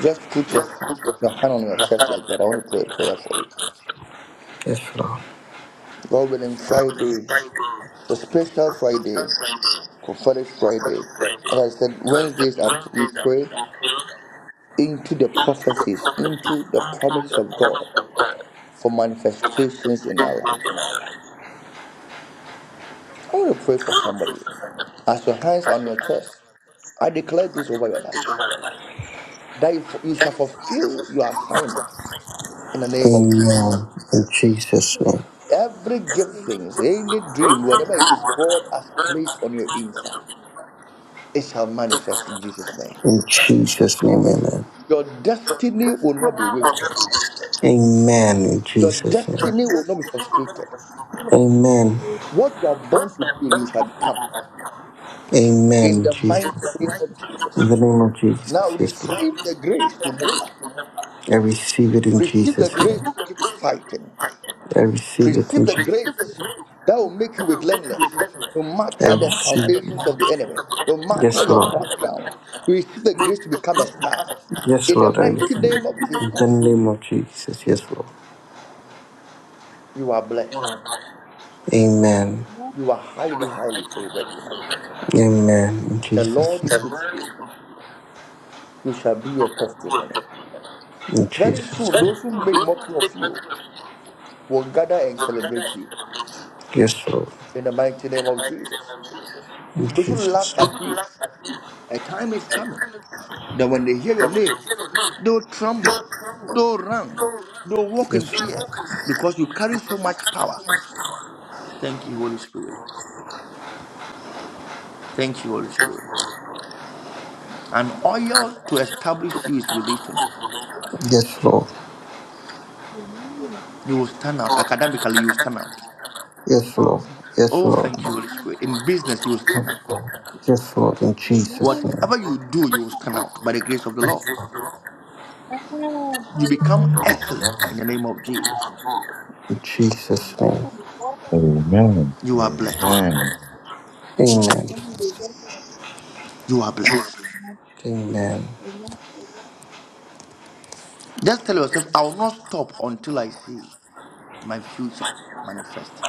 [SPEAKER 10] Just put your hand, your hand on your chest like that. I want to pray a prayer for you.
[SPEAKER 6] Yes, Lord.
[SPEAKER 10] God willing, Friday. It's a special Friday, prophetic Friday. As I said, Wednesdays are, we pray into the prophecies, into the promises of God for manifestations in our lives. I want to pray for somebody. As your hands are on your chest, I declare this over your life that you, you shall fulfill your assignment in the name of Jesus.
[SPEAKER 6] Amen. In Jesus' name.
[SPEAKER 10] Every gift things, any dream, whatever it is God has placed on your inside, it shall manifest in Jesus' name.
[SPEAKER 6] In Jesus' name, amen.
[SPEAKER 10] Your destiny will not be wasted.
[SPEAKER 6] Amen. In
[SPEAKER 10] Your
[SPEAKER 6] Jesus' name.
[SPEAKER 10] destiny will not be frustrated.
[SPEAKER 6] Amen.
[SPEAKER 10] What you are born to do, you shall become. In
[SPEAKER 6] Amen,
[SPEAKER 10] the
[SPEAKER 6] Jesus.
[SPEAKER 10] mighty name of
[SPEAKER 6] In
[SPEAKER 10] Jesus.
[SPEAKER 6] the name of
[SPEAKER 10] Now
[SPEAKER 6] Jesus, yes, Lord.
[SPEAKER 10] receive the grace to move on.
[SPEAKER 6] I receive it in
[SPEAKER 10] Receive the
[SPEAKER 6] Jesus' name.
[SPEAKER 10] grace to keep fighting.
[SPEAKER 6] I receive it in
[SPEAKER 10] Receive the
[SPEAKER 6] Jesus.
[SPEAKER 10] grace that will make you relentless. No
[SPEAKER 6] I
[SPEAKER 10] matter the
[SPEAKER 6] receive
[SPEAKER 10] foundations
[SPEAKER 6] it.
[SPEAKER 10] of the enemy, no matter
[SPEAKER 6] Yes,
[SPEAKER 10] your
[SPEAKER 6] Lord.
[SPEAKER 10] background, receive the grace to become a star.
[SPEAKER 6] Yes,
[SPEAKER 10] In the
[SPEAKER 6] Lord, I receive
[SPEAKER 10] mighty
[SPEAKER 6] it.
[SPEAKER 10] name of
[SPEAKER 6] In the
[SPEAKER 10] Jesus,
[SPEAKER 6] name of Jesus, yes, Lord.
[SPEAKER 10] you are blessed.
[SPEAKER 6] Amen.
[SPEAKER 10] You are highly, highly favored tonight.
[SPEAKER 6] Amen. In
[SPEAKER 10] The
[SPEAKER 6] Jesus'
[SPEAKER 10] Lord
[SPEAKER 6] name.
[SPEAKER 10] is with you. You shall be a testimony.
[SPEAKER 6] In
[SPEAKER 10] Very
[SPEAKER 6] Jesus'
[SPEAKER 10] soon,
[SPEAKER 6] name.
[SPEAKER 10] those who made mockery of you will gather and celebrate you
[SPEAKER 6] Yes, Lord.
[SPEAKER 10] in the mighty name of Jesus.
[SPEAKER 6] In
[SPEAKER 10] Those who laughed
[SPEAKER 6] Jesus. name.
[SPEAKER 10] at you, a time is coming that when they hear your name, They'll tremble. They'll run. They'll walk in
[SPEAKER 6] Yes.
[SPEAKER 10] fear because you carry so much power. Thank you, Holy Spirit. Thank you, Holy Spirit. An oil to establish you is released tonight.
[SPEAKER 6] Yes, Lord.
[SPEAKER 19] Amen.
[SPEAKER 10] You will stand out. Academically, you will stand out.
[SPEAKER 6] Yes, Lord. Yes,
[SPEAKER 10] Oh,
[SPEAKER 6] Lord.
[SPEAKER 10] thank you,
[SPEAKER 19] Amen.
[SPEAKER 10] Holy Spirit. In business, you will stand out.
[SPEAKER 6] Yes, Lord. In Jesus' name.
[SPEAKER 10] Whatever you do, you will stand out by the grace of the Lord. You become excellent in the name of Jesus.
[SPEAKER 6] In Jesus' name.
[SPEAKER 14] Amen.
[SPEAKER 10] You are blessed.
[SPEAKER 14] Amen.
[SPEAKER 6] Amen.
[SPEAKER 10] You are blessed.
[SPEAKER 6] Amen.
[SPEAKER 10] Just tell yourself, I will not stop until I see my future manifest.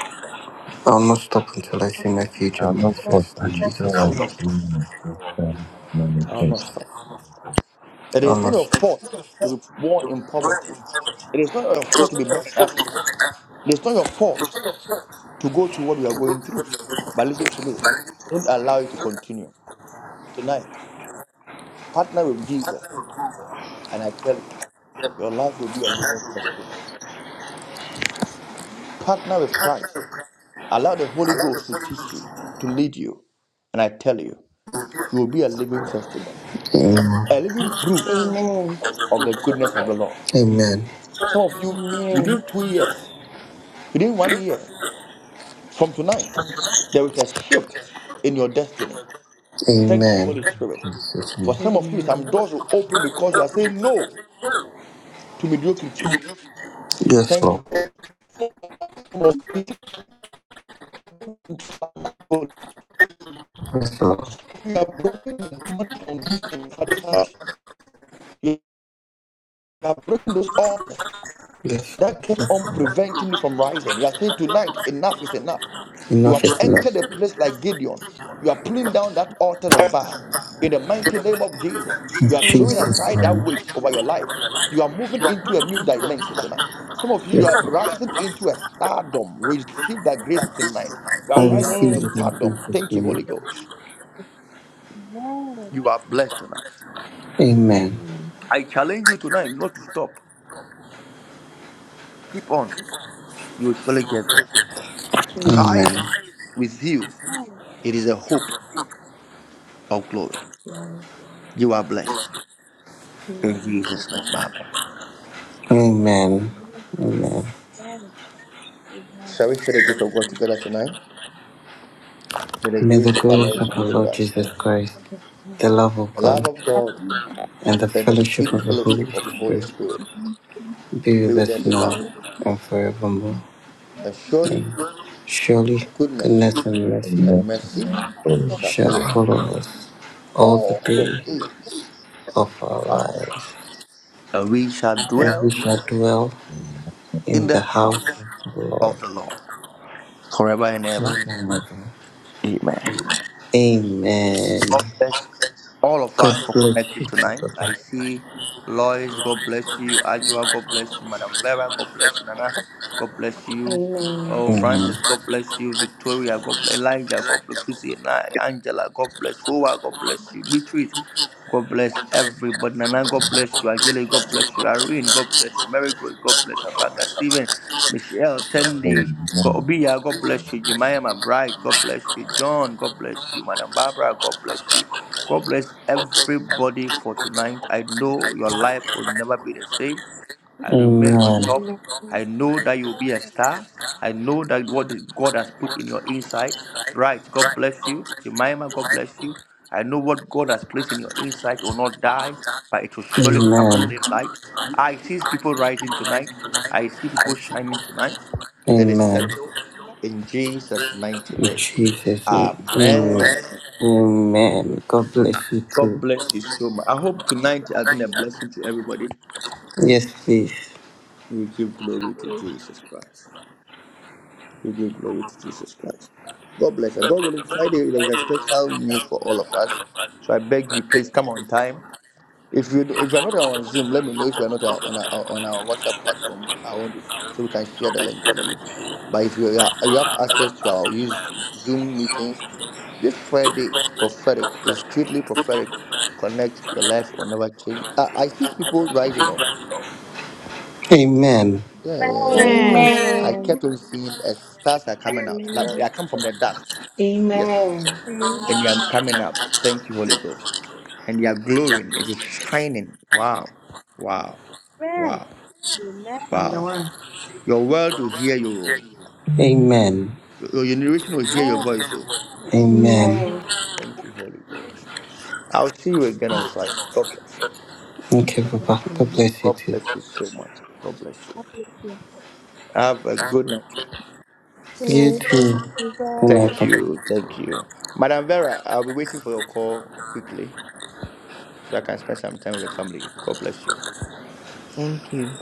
[SPEAKER 6] I'll not stop until I see my
[SPEAKER 14] I
[SPEAKER 6] future
[SPEAKER 14] am not for
[SPEAKER 6] manifest in Jesus'
[SPEAKER 14] until
[SPEAKER 10] I
[SPEAKER 14] I
[SPEAKER 10] will not
[SPEAKER 6] name.
[SPEAKER 10] stop.
[SPEAKER 14] see my
[SPEAKER 10] I will not stop. It
[SPEAKER 6] I'll
[SPEAKER 10] is not
[SPEAKER 6] not
[SPEAKER 10] your
[SPEAKER 6] stop.
[SPEAKER 10] fault to be
[SPEAKER 6] The
[SPEAKER 10] born in
[SPEAKER 6] black
[SPEAKER 10] poverty.
[SPEAKER 6] intelligence,
[SPEAKER 10] It is not your fault to be born in Africa. It is not your fault to go through what we are going through. But listen to me. Don't allow it to continue. Tonight, partner with
[SPEAKER 6] that
[SPEAKER 10] Jesus,
[SPEAKER 6] kind of approval,
[SPEAKER 10] and I tell you, your
[SPEAKER 6] that
[SPEAKER 10] life will be a
[SPEAKER 6] kind
[SPEAKER 10] living
[SPEAKER 6] of way,
[SPEAKER 10] testimony. Partner
[SPEAKER 6] that
[SPEAKER 10] with
[SPEAKER 6] kind
[SPEAKER 10] Christ.
[SPEAKER 6] of practice,
[SPEAKER 10] Allow the
[SPEAKER 6] I
[SPEAKER 10] Holy
[SPEAKER 6] like the
[SPEAKER 10] Ghost to teach you,
[SPEAKER 6] same
[SPEAKER 10] to lead you. And I tell you, you will be a living testimony,
[SPEAKER 6] person.
[SPEAKER 10] a living proof
[SPEAKER 15] Amen.
[SPEAKER 10] of the goodness of the Lord.
[SPEAKER 6] Amen. So if
[SPEAKER 10] Some of
[SPEAKER 6] you
[SPEAKER 10] you,
[SPEAKER 6] uh, if you
[SPEAKER 15] Amen.
[SPEAKER 6] do
[SPEAKER 10] within two years,
[SPEAKER 6] that,
[SPEAKER 10] within one
[SPEAKER 6] if I
[SPEAKER 10] year,
[SPEAKER 6] do
[SPEAKER 10] From tonight, there is a shift in your destiny.
[SPEAKER 6] that,
[SPEAKER 10] Thank you,
[SPEAKER 6] Amen.
[SPEAKER 10] Holy Spirit.
[SPEAKER 6] Jesus' name.
[SPEAKER 10] For some of you, some
[SPEAKER 15] Amen.
[SPEAKER 10] doors will open because you are saying no to mediocrity.
[SPEAKER 6] Yes,
[SPEAKER 10] Thank
[SPEAKER 6] Lord.
[SPEAKER 10] you. Some of you
[SPEAKER 6] Yes, Lord.
[SPEAKER 10] you are breaking the demonic foundation in Father's house. You are breaking those altars.
[SPEAKER 6] Yes, Lord.
[SPEAKER 10] that kept on preventing you from rising. You are saying tonight, enough is enough. You
[SPEAKER 6] Enough
[SPEAKER 10] have
[SPEAKER 6] is
[SPEAKER 10] entered
[SPEAKER 6] enough.
[SPEAKER 10] a place like Gideon. You are pulling down that altar of Baal in the mighty name of Jesus.
[SPEAKER 6] In
[SPEAKER 10] You are throwing
[SPEAKER 15] Amen.
[SPEAKER 6] Jesus'
[SPEAKER 10] aside that
[SPEAKER 6] name.
[SPEAKER 10] weight over your life. You are moving into a new dimension tonight. Some of you, you
[SPEAKER 6] Yes,
[SPEAKER 10] are
[SPEAKER 6] Lord.
[SPEAKER 10] rising into a stardom. Receive that grace tonight. You
[SPEAKER 6] I
[SPEAKER 10] are rising
[SPEAKER 6] receive
[SPEAKER 10] into
[SPEAKER 15] Amen.
[SPEAKER 6] it in
[SPEAKER 10] stardom.
[SPEAKER 6] Jesus'
[SPEAKER 10] Thank you,
[SPEAKER 6] name.
[SPEAKER 10] Holy Ghost. You are blessed tonight.
[SPEAKER 6] Amen.
[SPEAKER 15] Amen.
[SPEAKER 10] I challenge you tonight not to stop. Keep on. You will surely get there.
[SPEAKER 15] Amen.
[SPEAKER 10] Christ
[SPEAKER 6] Amen.
[SPEAKER 10] with you. It is a hope of glory.
[SPEAKER 15] Lord.
[SPEAKER 10] You are blessed. In
[SPEAKER 15] Amen.
[SPEAKER 10] Jesus' name, Amen.
[SPEAKER 6] Amen. Amen.
[SPEAKER 10] Shall we share the grace of God together tonight? May the
[SPEAKER 6] May the
[SPEAKER 10] grace of our
[SPEAKER 6] grace
[SPEAKER 10] Lord
[SPEAKER 6] of our
[SPEAKER 10] Jesus
[SPEAKER 6] Lord
[SPEAKER 10] Christ,
[SPEAKER 6] Jesus Christ, the love of
[SPEAKER 10] the
[SPEAKER 6] God,
[SPEAKER 10] love of God,
[SPEAKER 6] and the
[SPEAKER 10] and the sweet
[SPEAKER 6] fellowship of the Holy
[SPEAKER 10] fellowship of the Holy
[SPEAKER 6] Spirit
[SPEAKER 10] Spirit
[SPEAKER 6] be
[SPEAKER 10] be
[SPEAKER 6] with
[SPEAKER 10] with
[SPEAKER 6] us
[SPEAKER 10] us
[SPEAKER 6] now
[SPEAKER 13] you.
[SPEAKER 10] now.
[SPEAKER 6] and forevermore.
[SPEAKER 10] And surely
[SPEAKER 6] Amen. Surely
[SPEAKER 10] goodness
[SPEAKER 6] goodness and mercy
[SPEAKER 10] and
[SPEAKER 14] Amen.
[SPEAKER 10] mercy shall
[SPEAKER 6] shall
[SPEAKER 10] follow us
[SPEAKER 6] follow us all the
[SPEAKER 10] all the
[SPEAKER 6] days
[SPEAKER 10] days
[SPEAKER 6] of
[SPEAKER 10] of
[SPEAKER 6] our
[SPEAKER 10] our
[SPEAKER 6] lives,
[SPEAKER 10] lives. And we shall
[SPEAKER 6] and we
[SPEAKER 10] dwell
[SPEAKER 6] shall dwell
[SPEAKER 14] Amen.
[SPEAKER 6] in
[SPEAKER 10] in the
[SPEAKER 6] the house
[SPEAKER 10] house
[SPEAKER 6] of the
[SPEAKER 10] of
[SPEAKER 6] Lord
[SPEAKER 10] the Lord forever and ever.
[SPEAKER 6] forever and ever.
[SPEAKER 10] Amen.
[SPEAKER 6] Amen.
[SPEAKER 10] God bless all of us
[SPEAKER 6] God
[SPEAKER 10] for
[SPEAKER 6] bless
[SPEAKER 10] connecting
[SPEAKER 6] you too,
[SPEAKER 10] tonight.
[SPEAKER 6] Papa.
[SPEAKER 10] I see Lois, God bless you. Ajua, God bless you. Madam Vera, God bless you. Nana, God bless you.
[SPEAKER 15] Amen.
[SPEAKER 10] Oh, Francis, God bless you. Victoria, God bless Elijah, God
[SPEAKER 6] Mhm.
[SPEAKER 10] bless you. Angela, God bless Fuwa, God bless you. Beatrice, God bless
[SPEAKER 6] God bless
[SPEAKER 10] everybody.
[SPEAKER 6] everyone.
[SPEAKER 10] Nana, God
[SPEAKER 6] I
[SPEAKER 10] bless
[SPEAKER 6] was
[SPEAKER 10] you. Ajele,
[SPEAKER 6] blessed by
[SPEAKER 10] God
[SPEAKER 6] the
[SPEAKER 10] bless you. Irene, God bless you. Mary, God, God bless you. Abanga, Stephen, Michelle,
[SPEAKER 6] telling
[SPEAKER 10] Tendi,
[SPEAKER 6] me
[SPEAKER 10] God,
[SPEAKER 14] Amen.
[SPEAKER 10] Obiya, God bless you. Jemima, my bride, God bless you. John, God bless you. Madam Barbara, God bless you. God bless everybody for
[SPEAKER 6] what I
[SPEAKER 10] tonight.
[SPEAKER 6] want.
[SPEAKER 10] I
[SPEAKER 6] I
[SPEAKER 10] know your
[SPEAKER 6] know
[SPEAKER 10] life
[SPEAKER 6] your
[SPEAKER 10] will
[SPEAKER 6] life
[SPEAKER 10] never
[SPEAKER 6] will
[SPEAKER 10] be the
[SPEAKER 6] never
[SPEAKER 10] same. I
[SPEAKER 6] be.
[SPEAKER 10] remain on
[SPEAKER 6] Amen.
[SPEAKER 10] top. I
[SPEAKER 5] Amen.
[SPEAKER 10] know
[SPEAKER 6] I
[SPEAKER 10] that you'll
[SPEAKER 6] know
[SPEAKER 10] be a
[SPEAKER 6] that you need a
[SPEAKER 10] star.
[SPEAKER 6] star.
[SPEAKER 10] I
[SPEAKER 6] I
[SPEAKER 10] know that
[SPEAKER 6] know
[SPEAKER 10] what
[SPEAKER 6] that
[SPEAKER 10] God
[SPEAKER 6] what
[SPEAKER 10] has
[SPEAKER 6] is
[SPEAKER 10] put in your
[SPEAKER 6] possible is on
[SPEAKER 10] inside.
[SPEAKER 6] your side.
[SPEAKER 10] Bright, God
[SPEAKER 6] Right,
[SPEAKER 10] bless
[SPEAKER 6] God
[SPEAKER 10] you.
[SPEAKER 6] bless you.
[SPEAKER 10] Jemima,
[SPEAKER 6] Your
[SPEAKER 10] God
[SPEAKER 6] life
[SPEAKER 10] bless
[SPEAKER 6] will
[SPEAKER 10] you.
[SPEAKER 6] be.
[SPEAKER 10] I know
[SPEAKER 6] I
[SPEAKER 10] what
[SPEAKER 6] know
[SPEAKER 10] God
[SPEAKER 6] what
[SPEAKER 10] has
[SPEAKER 6] God
[SPEAKER 10] placed in
[SPEAKER 6] has
[SPEAKER 10] your
[SPEAKER 6] done in
[SPEAKER 10] inside will
[SPEAKER 6] your life
[SPEAKER 10] not
[SPEAKER 6] will
[SPEAKER 10] die,
[SPEAKER 6] not
[SPEAKER 10] but it will surely come to live
[SPEAKER 6] die.
[SPEAKER 10] light.
[SPEAKER 6] Amen.
[SPEAKER 10] I see
[SPEAKER 6] I
[SPEAKER 10] people
[SPEAKER 6] see
[SPEAKER 10] rising
[SPEAKER 6] people
[SPEAKER 10] tonight.
[SPEAKER 6] rising
[SPEAKER 10] I
[SPEAKER 6] tonight.
[SPEAKER 10] see
[SPEAKER 6] I
[SPEAKER 10] people
[SPEAKER 6] see people.
[SPEAKER 10] shining tonight. It is
[SPEAKER 6] Amen.
[SPEAKER 10] settled in Jesus' mighty
[SPEAKER 6] In
[SPEAKER 10] name.
[SPEAKER 6] Jesus' name.
[SPEAKER 10] Amen.
[SPEAKER 6] Amen. Amen. God bless you
[SPEAKER 10] God
[SPEAKER 6] too.
[SPEAKER 10] bless you so much. I hope tonight has been a blessing to everybody.
[SPEAKER 6] Yes, please.
[SPEAKER 10] We give glory to Jesus Christ. We give glory to Jesus Christ. God bless us. God willing, Friday there is a special news for all of us. So I beg you, please come on time. If you if you're not on Zoom, let me know. If you're not on our, on our WhatsApp platform, I want to so we can share the link to you. But if you are, you have access to our use Zoom meetings, this Friday is prophetic. It's strictly prophetic. Connect your life will never change. I, I see people rising up. Yeah, yeah, yeah, yeah. yeah. I
[SPEAKER 3] Amen.
[SPEAKER 15] Amen.
[SPEAKER 10] kept on seeing as stars are coming out. Like they are come from the dust. Yes.
[SPEAKER 15] Amen.
[SPEAKER 10] And they are coming up. Thank you, Holy Ghost. And they are glowing. It is shining. Wow. Wow.
[SPEAKER 5] Amen.
[SPEAKER 10] Wow.
[SPEAKER 15] I'm the
[SPEAKER 10] Wow.
[SPEAKER 15] one.
[SPEAKER 10] Your world will hear you.
[SPEAKER 6] Amen. Amen.
[SPEAKER 10] Your generation will hear your voice. Oh.
[SPEAKER 6] Amen.
[SPEAKER 15] Amen.
[SPEAKER 10] Thank you, Holy Ghost. I'll see you again on Friday. God bless you.
[SPEAKER 6] Okay, Papa. God bless you
[SPEAKER 10] God
[SPEAKER 6] too.
[SPEAKER 10] bless you so much. God bless you.
[SPEAKER 19] Amen.
[SPEAKER 10] Have a good night.
[SPEAKER 6] You
[SPEAKER 3] Amen.
[SPEAKER 6] too. Good night,
[SPEAKER 3] Amen.
[SPEAKER 10] Thank
[SPEAKER 6] Papa.
[SPEAKER 10] you. Thank you. Madam Vera, I'll be waiting for your call quickly. so I can spend some time with the family. God bless you.
[SPEAKER 4] Thank you.